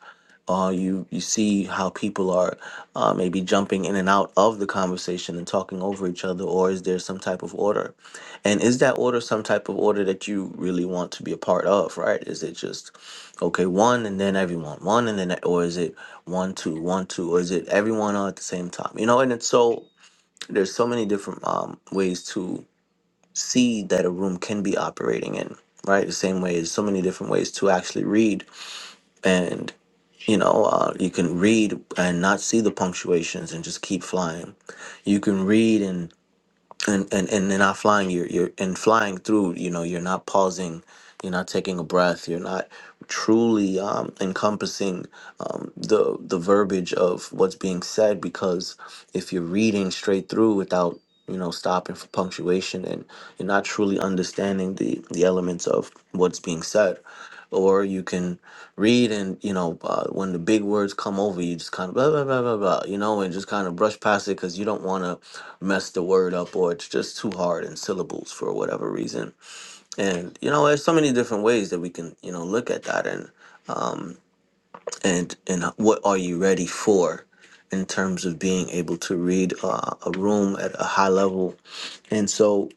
Uh, you you see how people are uh, maybe jumping in and out of the conversation and talking over each other, or is there some type of order? And is that order some type of order that you really want to be a part of? Right? Is it just okay one and then everyone one and then e- or is it one two one two or is it everyone all at the same time? You know, and it's so there's so many different um, ways to see that a room can be operating in. Right? The same way, there's so many different ways to actually read and you know uh, you can read and not see the punctuations and just keep flying you can read and and and and in not flying you're you're and flying through you know you're not pausing you're not taking a breath you're not truly um, encompassing um, the the verbiage of what's being said because if you're reading straight through without you know stopping for punctuation and you're not truly understanding the the elements of what's being said or you can read and you know uh, when the big words come over you just kind of blah blah blah blah blah you know and just kind of brush past it because you don't want to mess the word up or it's just too hard in syllables for whatever reason and you know there's so many different ways that we can you know look at that and um and and what are you ready for in terms of being able to read uh, a room at a high level and so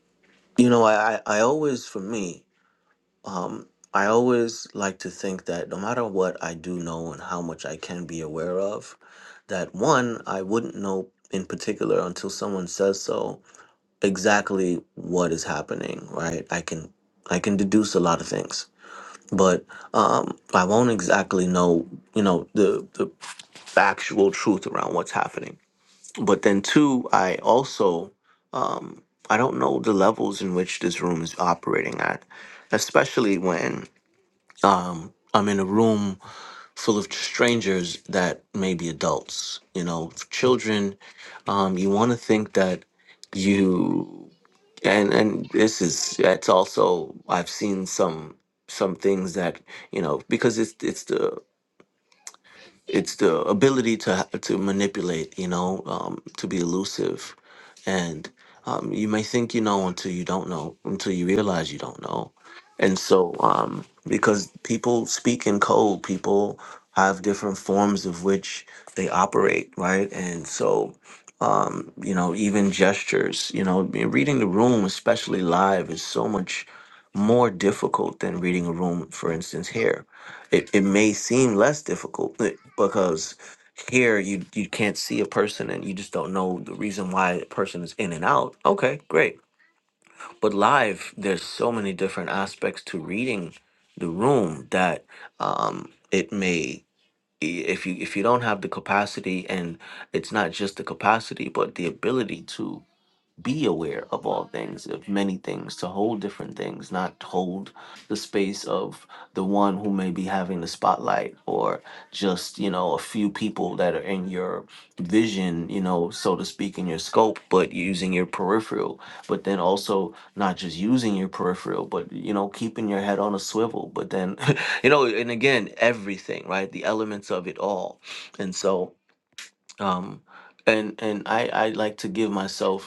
you know i i I always for me um i always like to think that no matter what i do know and how much i can be aware of that one i wouldn't know in particular until someone says so exactly what is happening, right? I can I can deduce a lot of things, but um, I won't exactly know, you know, the the factual truth around what's happening. But then two, I also um, I don't know the levels in which this room is operating at, especially when um, I'm in a room full of strangers that may be adults. You know, children. Um, you want to think that you and and this is that's also I've seen some some things that you know because it's it's the it's the ability to to manipulate, you know, um, to be elusive, and um, you may think you know until you don't know, until you realize you don't know, and so um, because people speak in code, people have different forms of which they operate, right, and so. Um, you know, even gestures, you know, be- reading the room, especially live, is so much more difficult than reading a room, for instance, here it, it may seem less difficult eh, because here you you can't see a person and you just don't know the reason why a person is in and out okay great but live there's so many different aspects to reading the room that um it may i- if you if you don't have the capacity and it's not just the capacity but the ability to be aware of all things, of many things, to hold different things, not to hold the space of the one who may be having the spotlight or just, you know, a few people that are in your vision, you know, so to speak, in your scope, but using your peripheral. But then also not just using your peripheral, but, you know, keeping your head on a swivel. But then, you know, and again, everything, right? The elements of it all. And so, um, and and I, I like to give myself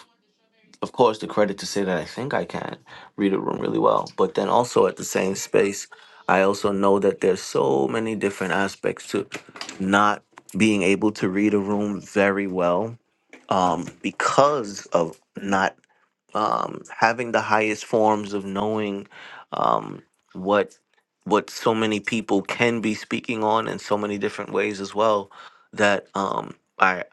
of course, the credit to say that I think I can read a room really well. But then also at the same space, I also know that there's so many different aspects to not being able to read a room very well um, because of not um, having the highest forms of knowing um, what what so many people can be speaking on in so many different ways as well that um, I,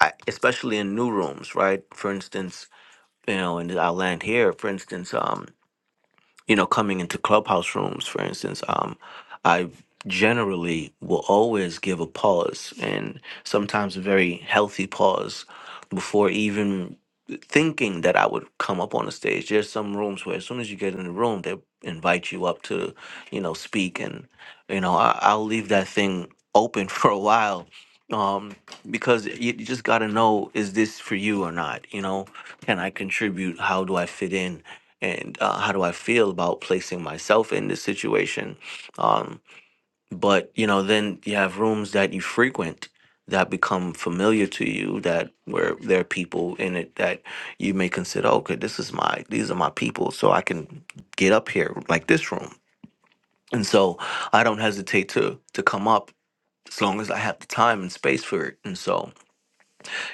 I especially in new rooms right for instance you know, and i land here, for instance, um, you know, coming into clubhouse rooms, for instance, um, I generally will always give a pause and sometimes a very healthy pause before even thinking that I would come up on the stage. There's some rooms where as soon as you get in the room, they invite you up to, you know, speak. And, you know, I, I'll leave that thing open for a while um, because you, you just got to know, is this for you or not? You know, can I contribute? How do I fit in? and uh, how do I feel about placing myself in this situation? Um, but you know, then you have rooms that you frequent that become familiar to you that where there are people in it that you may consider okay this is my these are my people so i can get up here like this room and so i don't hesitate to to come up as long as i have the time and space for it and so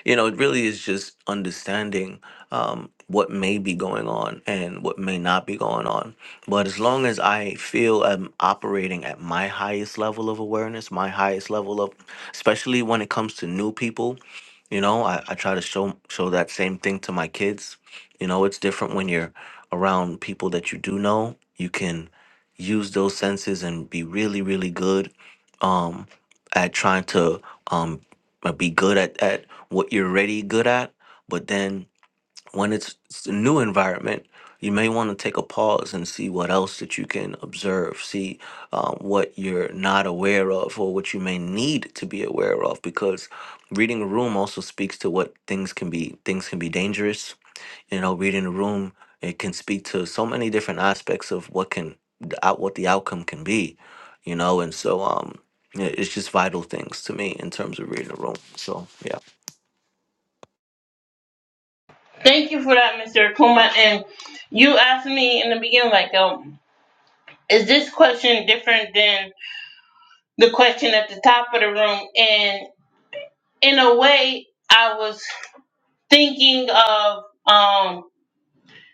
you know, it really is just understanding um, what may be going on and what may not be going on. But as long as I feel I'm operating at my highest level of awareness, my highest level of, especially when it comes to new people, you know, I, I try to show show that same thing to my kids. You know, it's different when you're around people that you do know. You can use those senses and be really, really good um, at trying to um, uh, be good at, at what you're already good at. But then when it's, it's a new environment, you may want to take a pause and see what else that you can observe, see um, what you're not aware of or what you may need to be aware of, because reading a room also speaks to what things can be. Things can be dangerous. You know, reading a room it can speak to so many different aspects of what can the out what the outcome can be. You know, and so um, yeah, it's just vital things to me in terms of reading a room. So yeah. Thank you for that Mr. Akuma and you asked me in the beginning like um is this question different than the question at the top of the room and in a way I was thinking of um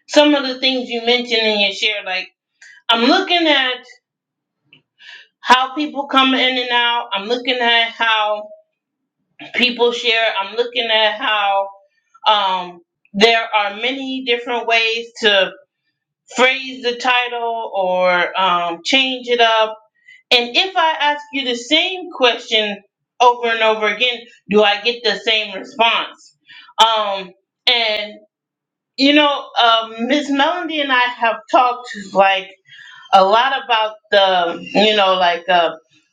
some of the things you mentioned in your share, like I'm looking at how people come in and out. I'm looking at how people share. I'm looking at how um, there are many different ways to phrase the title or um, change it up. And if I ask you the same question over and over again, do I get the same response? Um, and you know, um Miss Melody and I have talked like a lot about the you know like uh,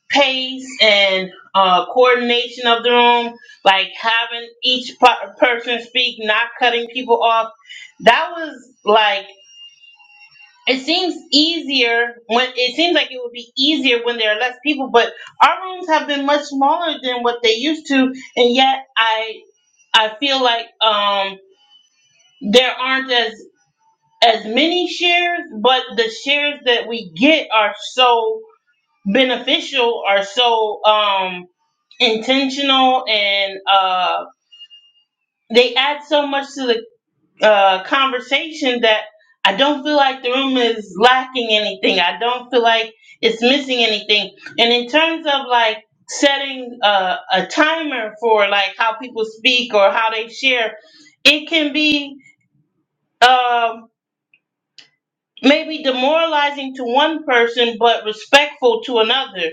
pace and uh, coordination of the room, like having each pa- person speak, not cutting people off. That was like it seems easier when it seems like it would be easier when there are less people, but our rooms have been much smaller than what they used to, and yet I I feel like um there aren't as as many shares, but the shares that we get are so beneficial are so um intentional and uh they add so much to the uh conversation that I don't feel like the room is lacking anything. I don't feel like it's missing anything. And in terms of like setting a, a timer for like how people speak or how they share, it can be um may be demoralizing to one person but respectful to another.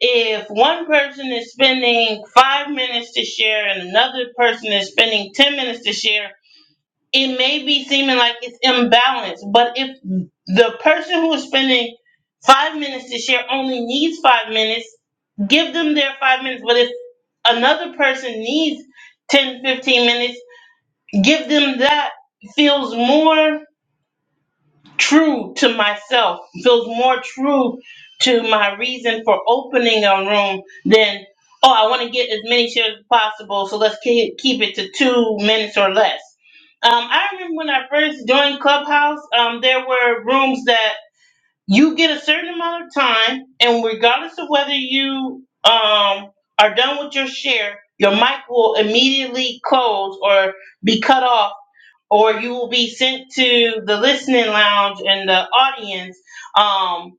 If one person is spending five minutes to share and another person is spending 10 minutes to share, it may be seeming like it's imbalanced. But if the person who is spending five minutes to share only needs five minutes, give them their five minutes. But if another person needs 10, 15 minutes, give them that. Feels more true to myself, feels more true to my reason for opening a room than, oh, I want to get as many shares as possible, so let's keep, keep it to two minutes or less. Um, I remember when I first joined Clubhouse, um, there were rooms that you get a certain amount of time, and regardless of whether you um, are done with your share, your mic will immediately close or be cut off or you will be sent to the listening lounge and the audience um,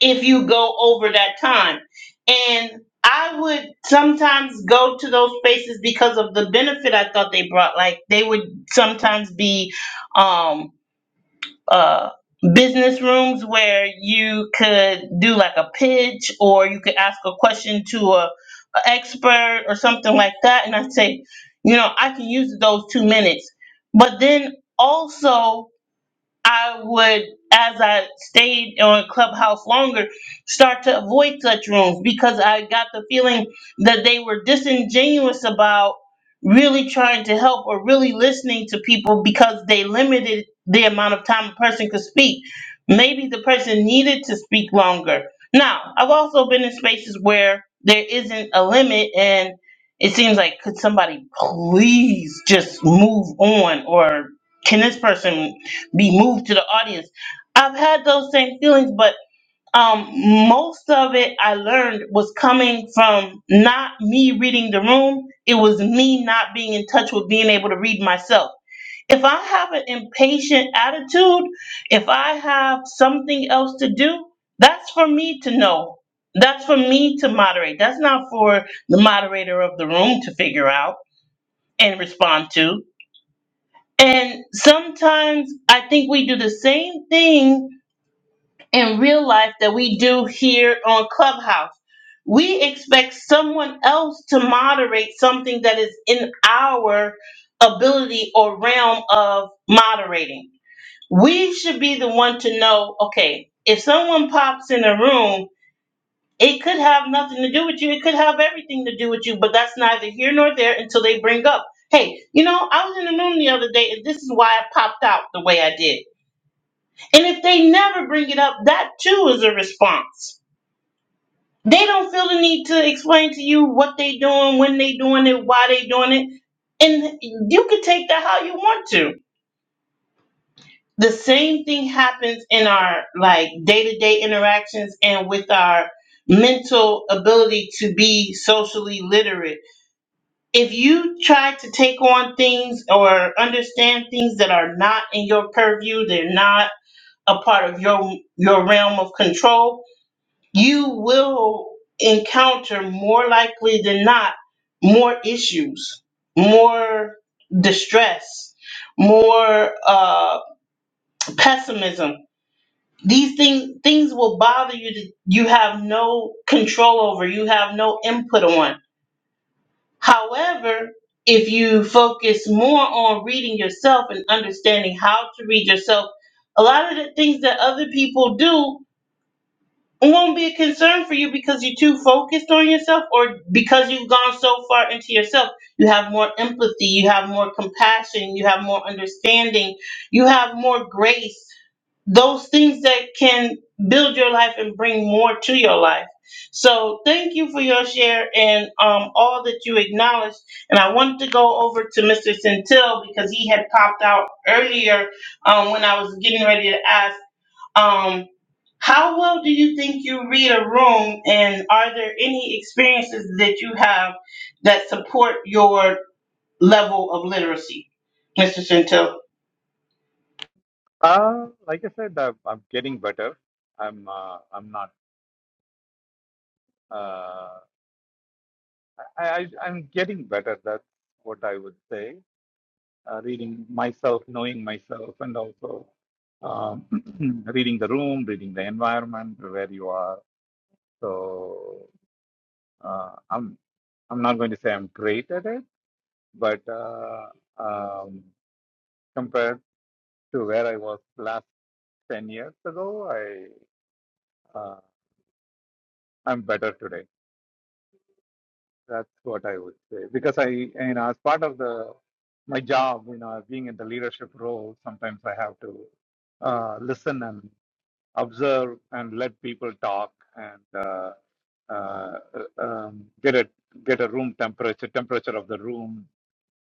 if you go over that time. And I would sometimes go to those spaces because of the benefit I thought they brought. Like they would sometimes be um, uh, business rooms where you could do like a pitch or you could ask a question to a expert or something like that and i say you know i can use those two minutes but then also I would, as I stayed on Clubhouse longer, start to avoid such rooms because I got the feeling that they were disingenuous about really trying to help or really listening to people because they limited the amount of time a person could speak. Maybe the person needed to speak longer. Now, I've also been in spaces where there isn't a limit and it seems like could somebody please just move on or can this person be moved to the audience. I've had those same feelings, but um, most of it I learned was coming from not me reading the room. It was me not being in touch with being able to read myself. If I have an impatient attitude, if I have something else to do, that's for me to know. That's for me to moderate. That's not for the moderator of the room to figure out and respond to. And sometimes I think we do the same thing in real life that we do here on Clubhouse. We expect someone else to moderate something that is in our ability or realm of moderating. We should be the one to know okay, if someone pops in a room, it could have nothing to do with you, it could have everything to do with you, but that's neither here nor there until they bring up. Hey, you know, I was in the room the other day and this is why I popped out the way I did. And if they never bring it up, that too is a response they don't feel the need to explain to you what they doing, when they doing it, why they doing it. And you can take that how you want to. The same thing happens in our like day-to-day interactions and with our mental ability to be socially literate. If you try to take on things or understand things that are not in your purview, they're not a part of your your realm of control, you will encounter more likely than not more issues, more distress, more uh, pessimism. These things things will bother you that you have no control over, you have no input on. However, if you focus more on reading yourself and understanding how to read yourself, a lot of the things that other people do It won't be a concern for you because you're too focused on yourself or because you've gone so far into yourself. You have more empathy, you have more compassion, you have more understanding, you have more grace. Those things that can build your life and bring more to your life. So, thank you for your share and um, all that you acknowledged. And I wanted to go over to Mr. Centil because he had popped out earlier um, when I was getting ready to ask. Um, how well do you think you read a room, and are there any experiences that you have that support your level of literacy, Mr. Centil? Uh, like I said, I'm, I'm getting better. I'm uh, I'm not. Uh, I, I I'm getting better. That's what I would say. Uh, reading myself, knowing myself, and also um, reading the room, reading the environment where you are. So uh, I'm I'm not going to say I'm great at it, but uh, um, compared to where I was last ten years ago, I uh, I'm better today. That's what I would say because I, you know, as part of the my job, you know, being in the leadership role, sometimes I have to uh, listen and observe and let people talk and uh, uh, uh, um, get a get a room temperature, temperature of the room,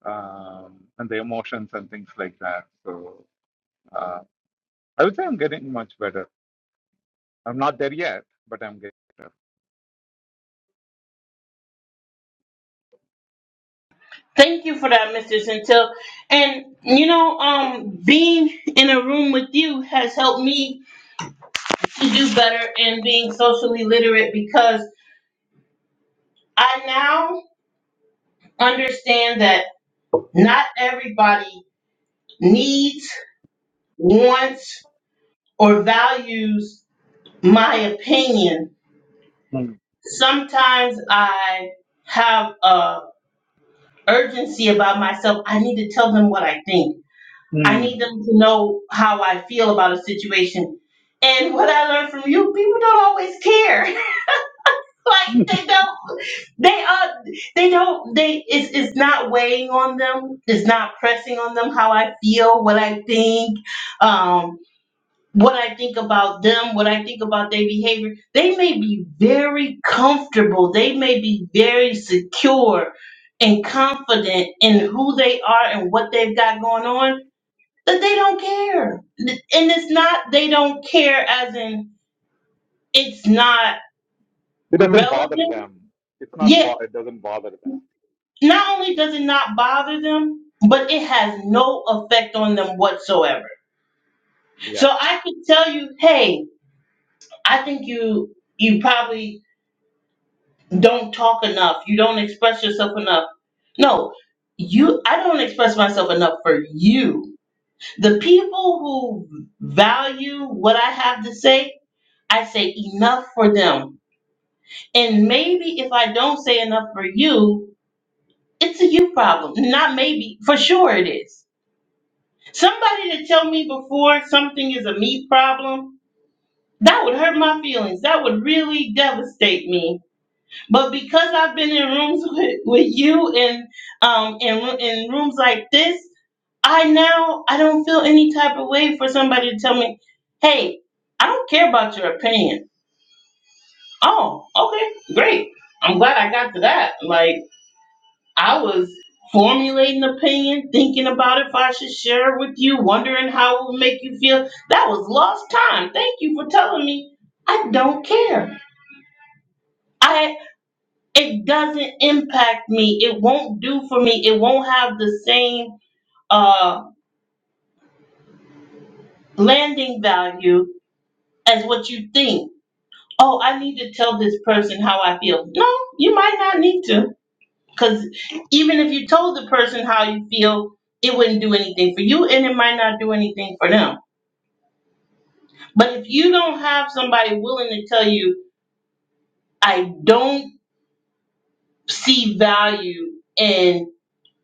um, and the emotions and things like that. So uh, I would say I'm getting much better. I'm not there yet, but I'm getting. Thank you for that, Mr. Centil. And you know, um, being in a room with you has helped me to do better in being socially literate because I now understand that not everybody needs, wants, or values my opinion. Mm. Sometimes I have a urgency about myself. I need to tell them what I think. I Mm. need them to know how I feel about a situation. And what I learned from you, people don't always care. like it they don't. They are. They don't. They. It's. It's not weighing on them. It's not pressing on them how I feel, what I think. Um what I think about them, what I think about their behavior. They may be very comfortable, they may be very secure and confident in who they are and what they've got going on, that they don't care. And it's not, they don't care as in it's not doesn't bother relevant. them. It's not. Yet, Bo- it doesn't bother them. not only does it not bother them, but it has no effect on them whatsoever. Yeah. So I could tell you, hey, I think you you probably don't talk enough. You don't express yourself enough. No, you, I don't express myself enough for you. The people who value what I have to say, I say enough for them. And maybe if I don't say enough for you, it's a you problem. Not maybe, for sure it is. Somebody to tell me before something is a me problem, that would hurt my feelings. That would really devastate me But because I've been in rooms with, with you and um in roo- in rooms like this, I now I don't feel any type of way for somebody to tell me, "Hey, I don't care about your opinion." Oh, okay, great. I'm glad I got to that. Like I was formulating opinion, thinking about if I should share it with you, wondering how it would make you feel. That was lost time. Thank you for telling me. I don't care. I. it doesn't impact me. It won't do for me. It won't have the same uh, landing value as what you think. Oh, I need to tell this person how I feel. No, you might not need to. Because even if you told the person how you feel, it wouldn't do anything for you and it might not do anything for them. But if you don't have somebody willing to tell you, I don't see value in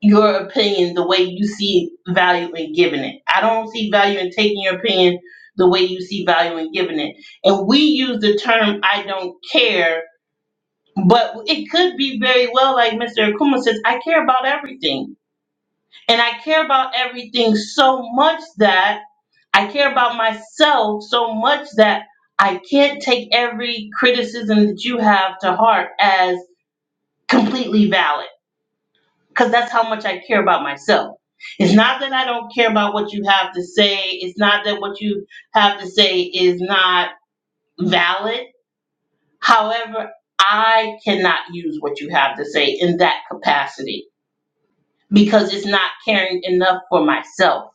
your opinion the way you see value in giving it. I don't see value in taking your opinion the way you see value in giving it. And we use the term I don't care, but it could be very well like Mr. Akuma says, I care about everything. And I care about everything so much that I care about myself so much that I can't take every criticism that you have to heart as completely valid. because that's how much I care about myself. It's not that I don't care about what you have to say. It's not that what you have to say is not valid. However, I cannot use what you have to say in that capacity because it's not caring enough for myself.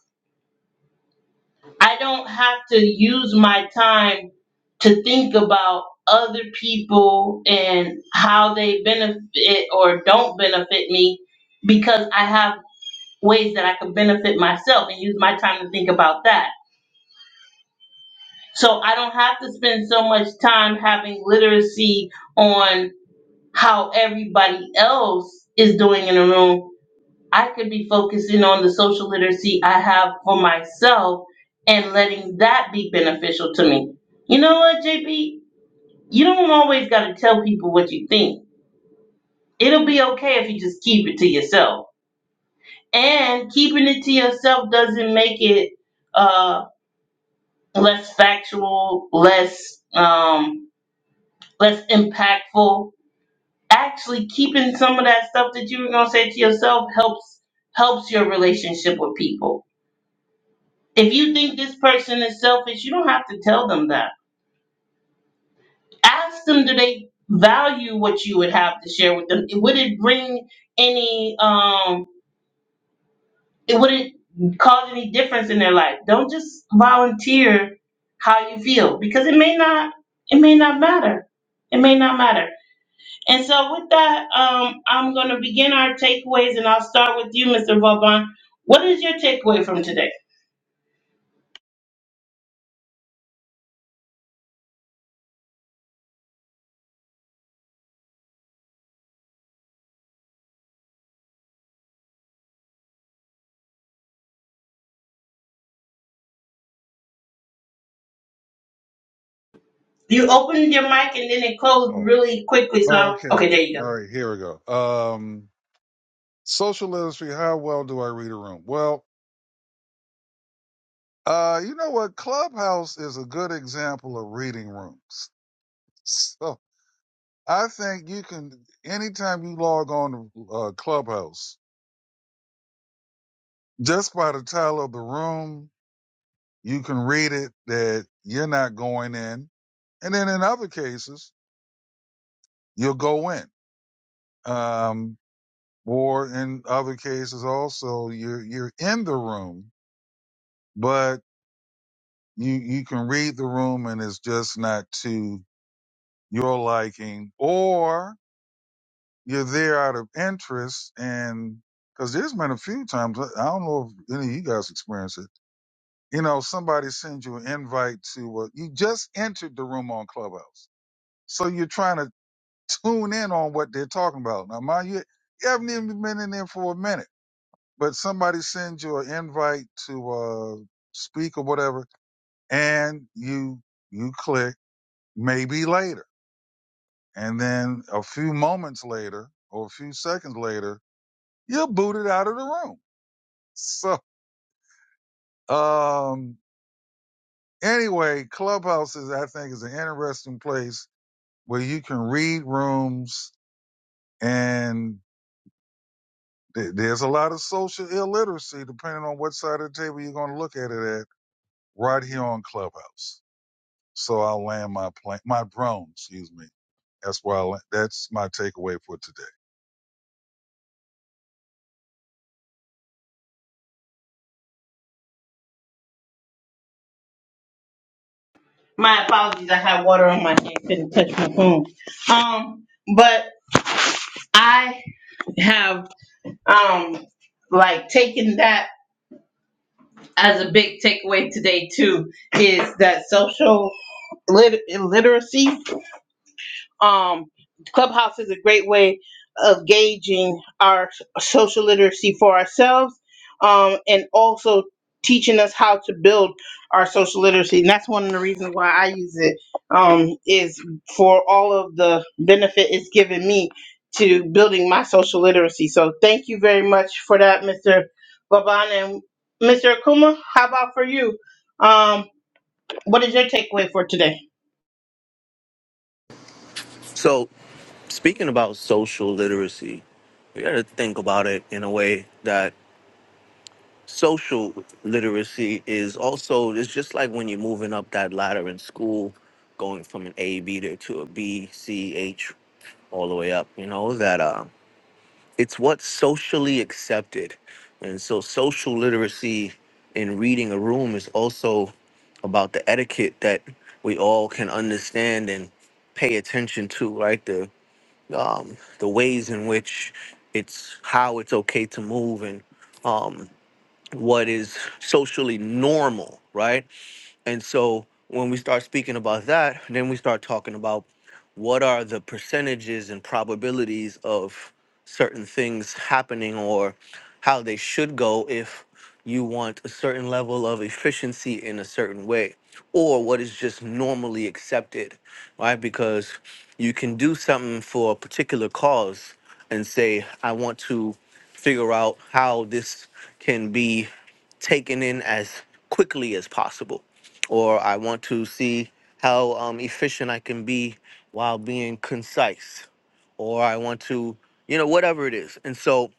I don't have to use my time to think about other people and how they benefit or don't benefit me because I have ways that I could benefit myself and use my time to think about that. So I don't have to spend so much time having literacy on how everybody else is doing in a room. I could be focusing on the social literacy I have for myself and letting that be beneficial to me. You know what, JP? You don't always got to tell people what you think. It'll be okay if you just keep it to yourself. And keeping it to yourself doesn't make it uh less factual, less um, less impactful. Actually, keeping some of that stuff that you were gonna say to yourself helps helps your relationship with people. If you think this person is selfish, you don't have to tell them that. Ask them do they value what you would have to share with them. Would it bring any um it would it cause any difference in their life? Don't just volunteer how you feel because it may not it may not matter. It may not matter And so, with that, um, I'm going to begin our takeaways, and I'll start with you, Mr. Vauban. What is your takeaway from today? You opened your mic and then it closed Oh. really quickly. oh, So, okay. okay, there you go. All right, here we go. Um, social literacy. How well do I read a room? Well, uh, you know what? Clubhouse is a good example of reading rooms. So I think you can anytime you log on to uh, Clubhouse, just by the title of the room, you can read it that you're not going in. And then in other cases, you'll go in. Um, or in other cases also, you're, you're in the room, but you, you can read the room and it's just not to your liking or you're there out of interest and cause there's been a few times, I don't know if any of you guys experience it. You know, somebody sends you an invite to, uh, you just entered the room on Clubhouse. So you're trying to tune in on what they're talking about. Now, mind you, you haven't even been in there for a minute, but somebody sends you an invite to uh, speak or whatever, and you you click maybe later, and then a few moments later or a few seconds later, you're booted out of the room. So, um, anyway, Clubhouse is I think is an interesting place where you can read rooms and There- There's a lot of social illiteracy, depending on what side of the table you're going to look at it at, right here on Clubhouse. So I'll land my plane, my drone, excuse me. That's why I, la- that's my takeaway for today. My apologies. I had water on my hand, couldn't touch my phone. Um, but I have um like taken that as a big takeaway today too. Is that social lit- literacy um, Clubhouse is a great way of gauging our social literacy for ourselves um, and also teaching us how to build our social literacy. And that's one of the reasons why I use it um, is for all of the benefit it's given me to building my social literacy. So thank you very much for that, Mr. Baban and Mr. Akuma. How about for you? Um, what is your takeaway for today? So, speaking about social literacy, we got to think about it in a way that social literacy is also it's just like when you're moving up that ladder in school, going from an A B to, to a B C H all the way up. You know that uh, it's what's socially accepted, and so social literacy in reading a room is also about the etiquette that we all can understand and pay attention to, right? um, the ways in which it's how it's okay to move and um, what is socially normal, right? And so when we start speaking about that, then we start talking about what are the percentages and probabilities of certain things happening or how they should go if you want a certain level of efficiency in a certain way or what is just normally accepted, right? Because you can do something for a particular cause and say, I want to figure out how this can be taken in as quickly as possible, or I want to see how um, efficient I can be while being concise, or I want to, you know, whatever it is. And so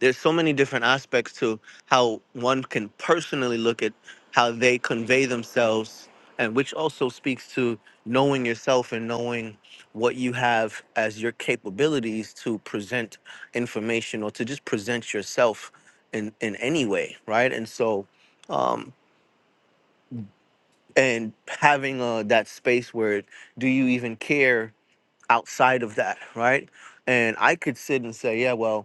there's so many different aspects to how one can personally look at how they convey themselves, and which also speaks to knowing yourself and knowing what you have as your capabilities to present information or to just present yourself in in any way, right? And so, um, and having uh, that space where do you even care outside of that, right? And I could sit and say, yeah, well.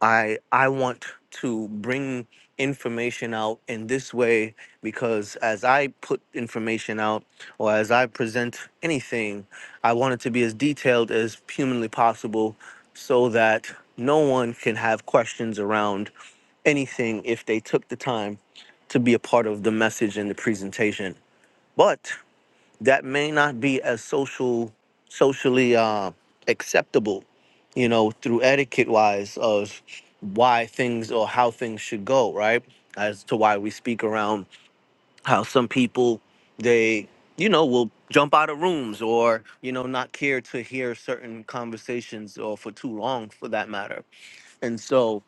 I I want to bring information out in this way because as I put information out or as I present anything, I want it to be as detailed as humanly possible so that no one can have questions around anything if they took the time to be a part of the message and the presentation. But that may not be as social socially uh, acceptable you know through etiquette wise of why things or how things should go right as to why we speak around how some people they you know will jump out of rooms or you know not care to hear certain conversations or for too long for that matter and so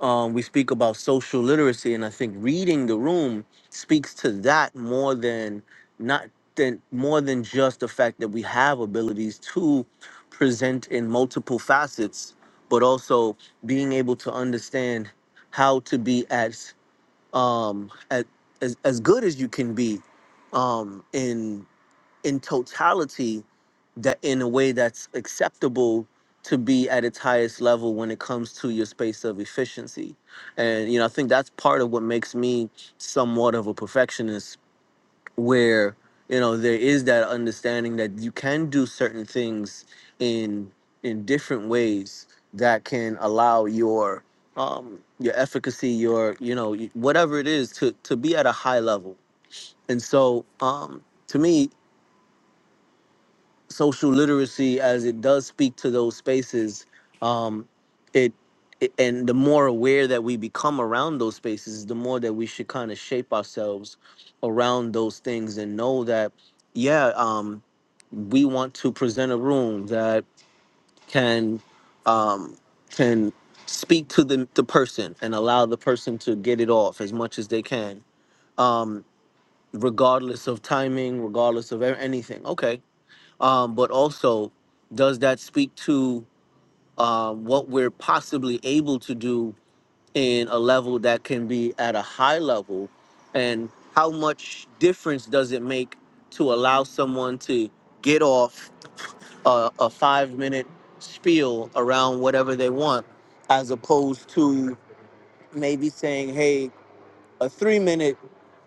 um, we speak about social literacy, and I think reading the room speaks to that more than not than more than just the fact that we have abilities to present in multiple facets, but also being able to understand how to be as um, at, as as good as you can be um, in in totality that in a way that's acceptable to be at its highest level when it comes to your space of efficiency. And you know, I think that's part of what makes me somewhat of a perfectionist where you know there is that understanding that you can do certain things in in different ways that can allow your um your efficacy your you know y- whatever it is to to be at a high level and so um to me social literacy as it does speak to those spaces um it, it and the more aware that we become around those spaces the more that we should kind of shape ourselves around those things and know that yeah um we want to present a room that can um can speak to the the person and allow the person to get it off as much as they can um regardless of timing regardless of a- anything okay um, but also does that speak to um, what we're possibly able to do in a level that can be at a high level and how much difference does it make to allow someone to get off a, a five minute spiel around whatever they want as opposed to maybe saying hey a three minute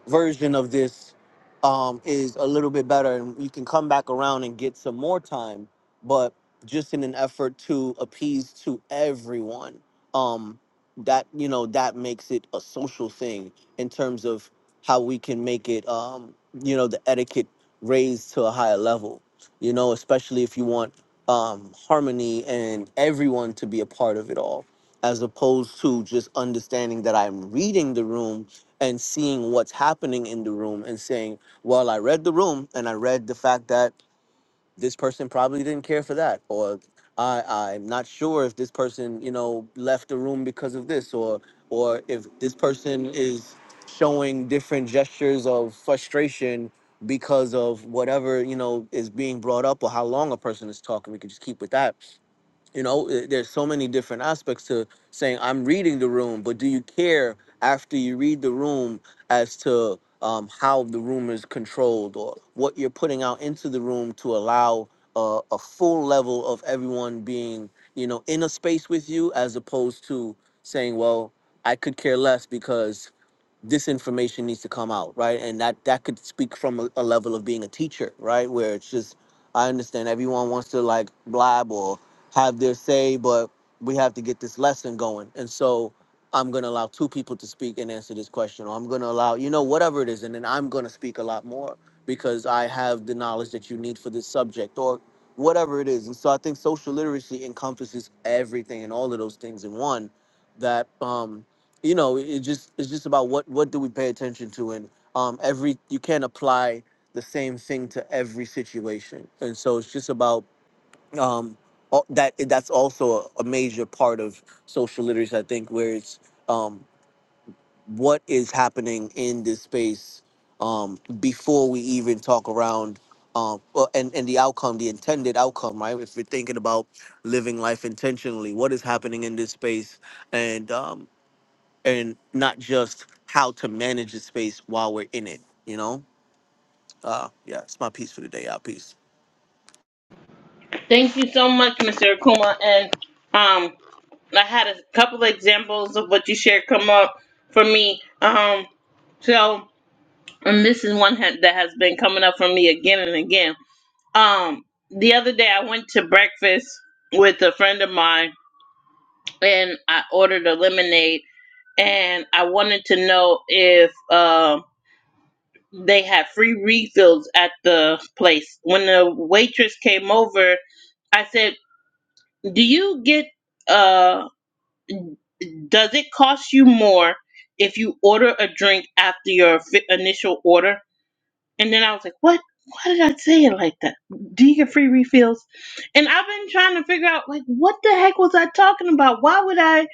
version of this um, is a little bit better, and you can come back around and get some more time. But just in an effort to appease to everyone, um, that you know that makes it a social thing in terms of how we can make it, um, you know, the etiquette raised to a higher level. You know, especially if you want um, harmony and everyone to be a part of it all, as opposed to just understanding that I'm reading the room and seeing what's happening in the room and saying, well, I read the room and I read the fact that this person probably didn't care for that, or I, I'm not sure if this person, you know, left the room because of this, or or if this person is showing different gestures of frustration because of whatever you know is being brought up or how long a person is talking. We could just keep with that you know eh, there's so many different aspects to saying i'm reading the room but do you care after you read the room as to um, how the room is controlled or what you're putting out into the room to allow uh, a full level of everyone being you know in a space with you as opposed to saying well i could care less because this information needs to come out right and that that could speak from a, a level of being a teacher right where it's just i understand everyone wants to like blab or have their say but we have to get this lesson going and so i'm going to allow two people to speak and answer this question or i'm going to allow you know whatever it is and then i'm going to speak a lot more because i have the knowledge that you need for this subject or whatever it is and so i think social literacy encompasses everything and all of those things in one that um you know it just it's just about what what do we pay attention to and um every you can't apply the same thing to every situation and so it's just about um all, that that's also a, a major part of social literacy i think where it's um what is happening in this space um before we even talk around um well, and and the outcome the intended outcome right if we're thinking about living life intentionally what is happening in this space and um and not just how to manage the space while we're in it. You know, uh, yeah, it's my piece for the day. Out, peace. Thank you so much, Mr. Akuma. And um, I had a couple of examples of what you shared come up for me. Um, so, and this is one ha- that has been coming up for me again and again. Um, the other day I went to breakfast with a friend of mine, and I ordered a lemonade, and I wanted to know if um they had free refills at the place. When the waitress came over, I said. Do you get uh does it cost you more if you order a drink after your fi- initial order? And then I was like, "What? Why did I say it like that? Do you get free refills?" And I've been trying to figure out like what the heck was I talking about? Why would I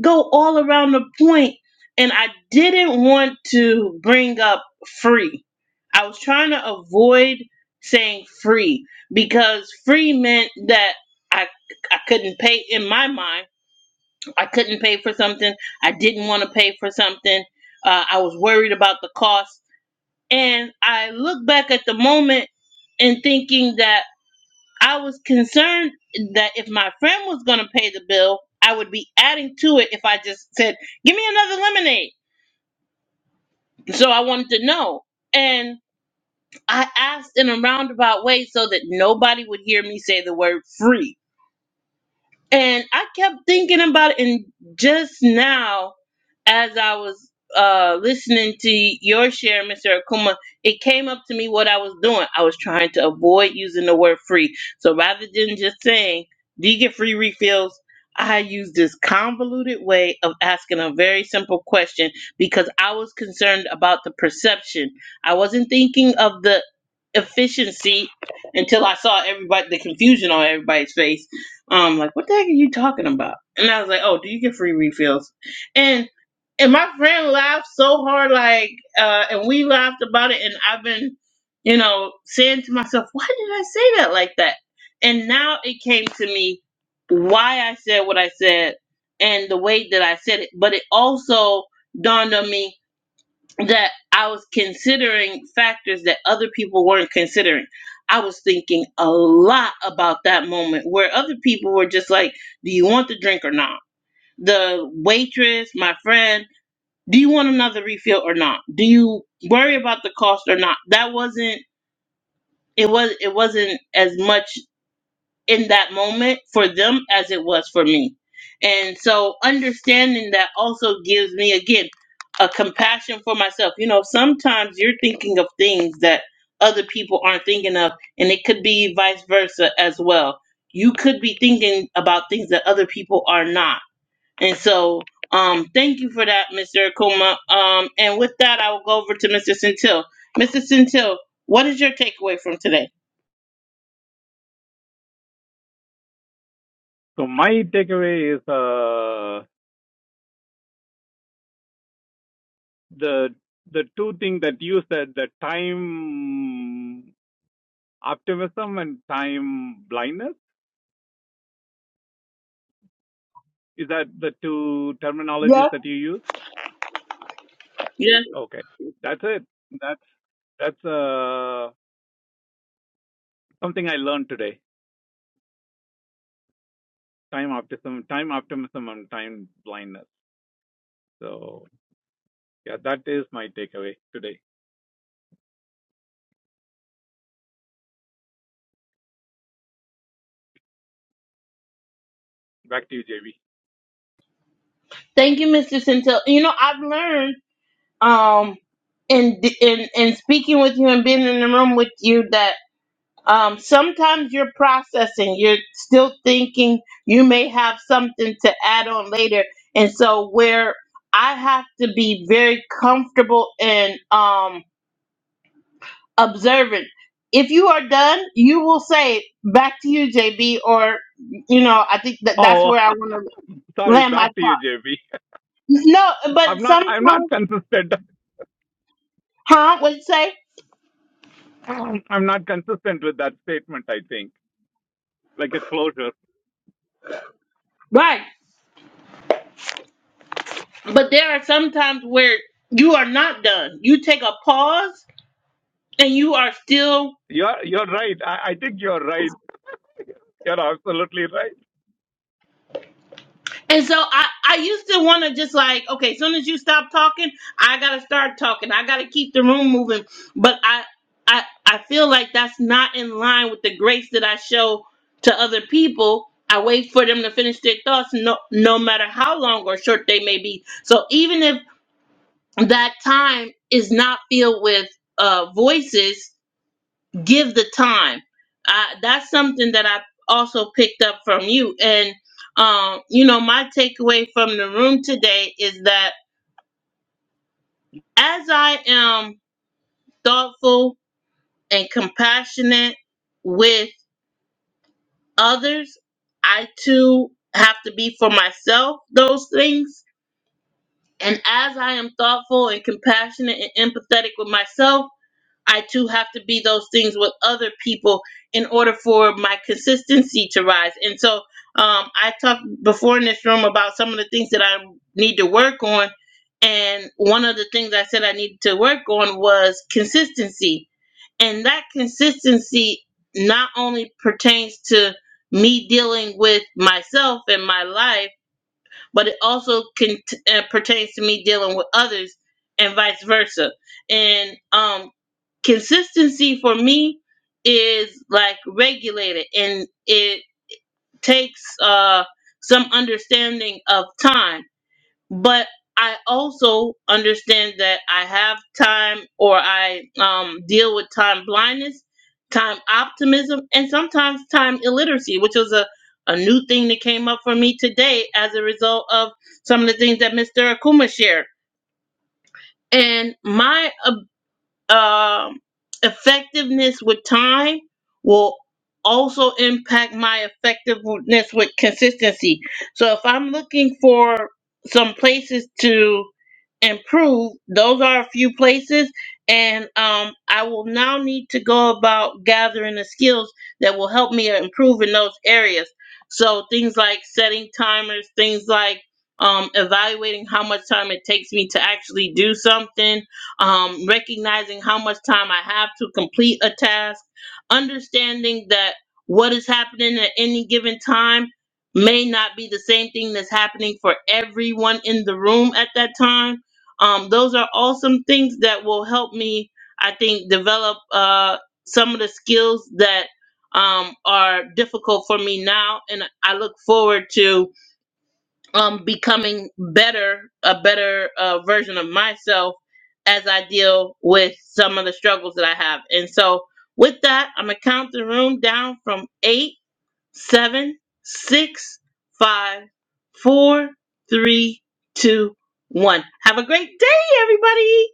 go all around the point point? and I didn't want to bring up free. I was trying to avoid saying free because free meant that I I couldn't pay in my mind I couldn't pay for something. I didn't want to pay for something. Uh, I was worried about the cost. And I look back at the moment and thinking that I was concerned that if my friend was going to pay the bill, I would be adding to it if I just said, Give me another lemonade. So I wanted to know. And I asked in a roundabout way so that nobody would hear me say the word free And I kept thinking about it, and just now, as I was uh, listening to your share, Mr. Akuma, it came up to me what I was doing. I was trying to avoid using the word free. So rather than just saying, Do you get free refills? I used this convoluted way of asking a very simple question because I was concerned about the perception. I wasn't thinking of the efficiency until I saw everybody, the confusion on everybody's face um, like, what the heck are you talking about? And I was like, oh, do you get free refills? And and my friend laughed so hard, like, uh, and we laughed about it. And I've been, you know, saying to myself, why did I say that like that? And now it came to me why I said what I said and the way that I said it. But it also dawned on me that I was considering factors that other people weren't considering. I was thinking a lot about that moment where other people were just like, Do you want the drink or not? The waitress, my friend, do you want another refill or not? Do you worry about the cost or not? That wasn't it was it wasn't as much in that moment for them as it was for me. And so understanding that also gives me again a compassion for myself. You know, sometimes you're thinking of things that other people aren't thinking of and it could be vice versa as well. You could be thinking about things that other people are not. And so um thank you for that, Mr. Akuma. Um and with that I will go over to Mr. Centil. Mr. Centil, what is your takeaway from today? So my takeaway is uh, the the two things that you said, the time optimism and time blindness, is that the two Yeah, terminologies that you use? Yes. Okay, that's it. That's that's uh, something I learned today. Time optimism, time optimism, and time blindness. So yeah, that is my takeaway today. Back to you, JB. Thank you, Mr. Centel. You know, I've learned um in in in speaking with you and being in the room with you that um sometimes you're processing, you're still thinking you may have something to add on later. And so where I have to be very comfortable and um observant. If you are done, you will say back to you, JB, or you know, I think that that's Oh, where I want to sorry. land my Back to you, thought. JB. No, but I'm not. I'm not sometimes, consistent. huh? What you say? Um, I'm not consistent with that statement, I think, like a closure. Right. But there are some times where you are not done. You take a pause and you are still You're, you're right. I, I think you're right. You're absolutely right. and so I, I used to want to just like, okay, as soon as you stop talking, I gotta start talking. I gotta keep the room moving. But I I I feel like that's not in line with the grace that I show to other people. I wait for them to finish their thoughts no no matter how long or short they may be. So even if that time is not filled with uh voices give the time. I, that's something that I also picked up from you. And, um, you know, my takeaway from the room today is that as I am thoughtful and compassionate with others, I too have to be for myself those things. And as I am thoughtful and compassionate and empathetic with myself, I too have to be those things with other people in order for my consistency to rise. And so um, I talked before in this room about some of the things that I need to work on. And one of the things I said I needed to work on was consistency. And that consistency not only pertains to me dealing with myself and my life but it also can uh, pertains to me dealing with others and vice versa. And um, consistency for me is like regulated, and it takes uh, some understanding of time but I also understand that I have time or I um, deal with time blindness, time optimism, and sometimes time illiteracy, which was a, a new thing that came up for me today as a result of some of the things that Mr. Akuma shared. And my uh, um effectiveness with time will also impact my effectiveness with consistency. So if I'm looking for some places to improved. Those are a few places, and um, I will now need to go about gathering the skills that will help me improve in those areas. So things like setting timers, things like um, evaluating how much time it takes me to actually do something, um, recognizing how much time I have to complete a task, understanding that what is happening at any given time may not be the same thing that's happening for everyone in the room at that time um, those are awesome things that will help me i think develop uh, some of the skills that um, are difficult for me now and i look forward to um, becoming better a better uh, version of myself as i deal with some of the struggles that i have and so with that i'm gonna count the room down from eight seven, six, five, four, three, two, one. Have a great day, everybody.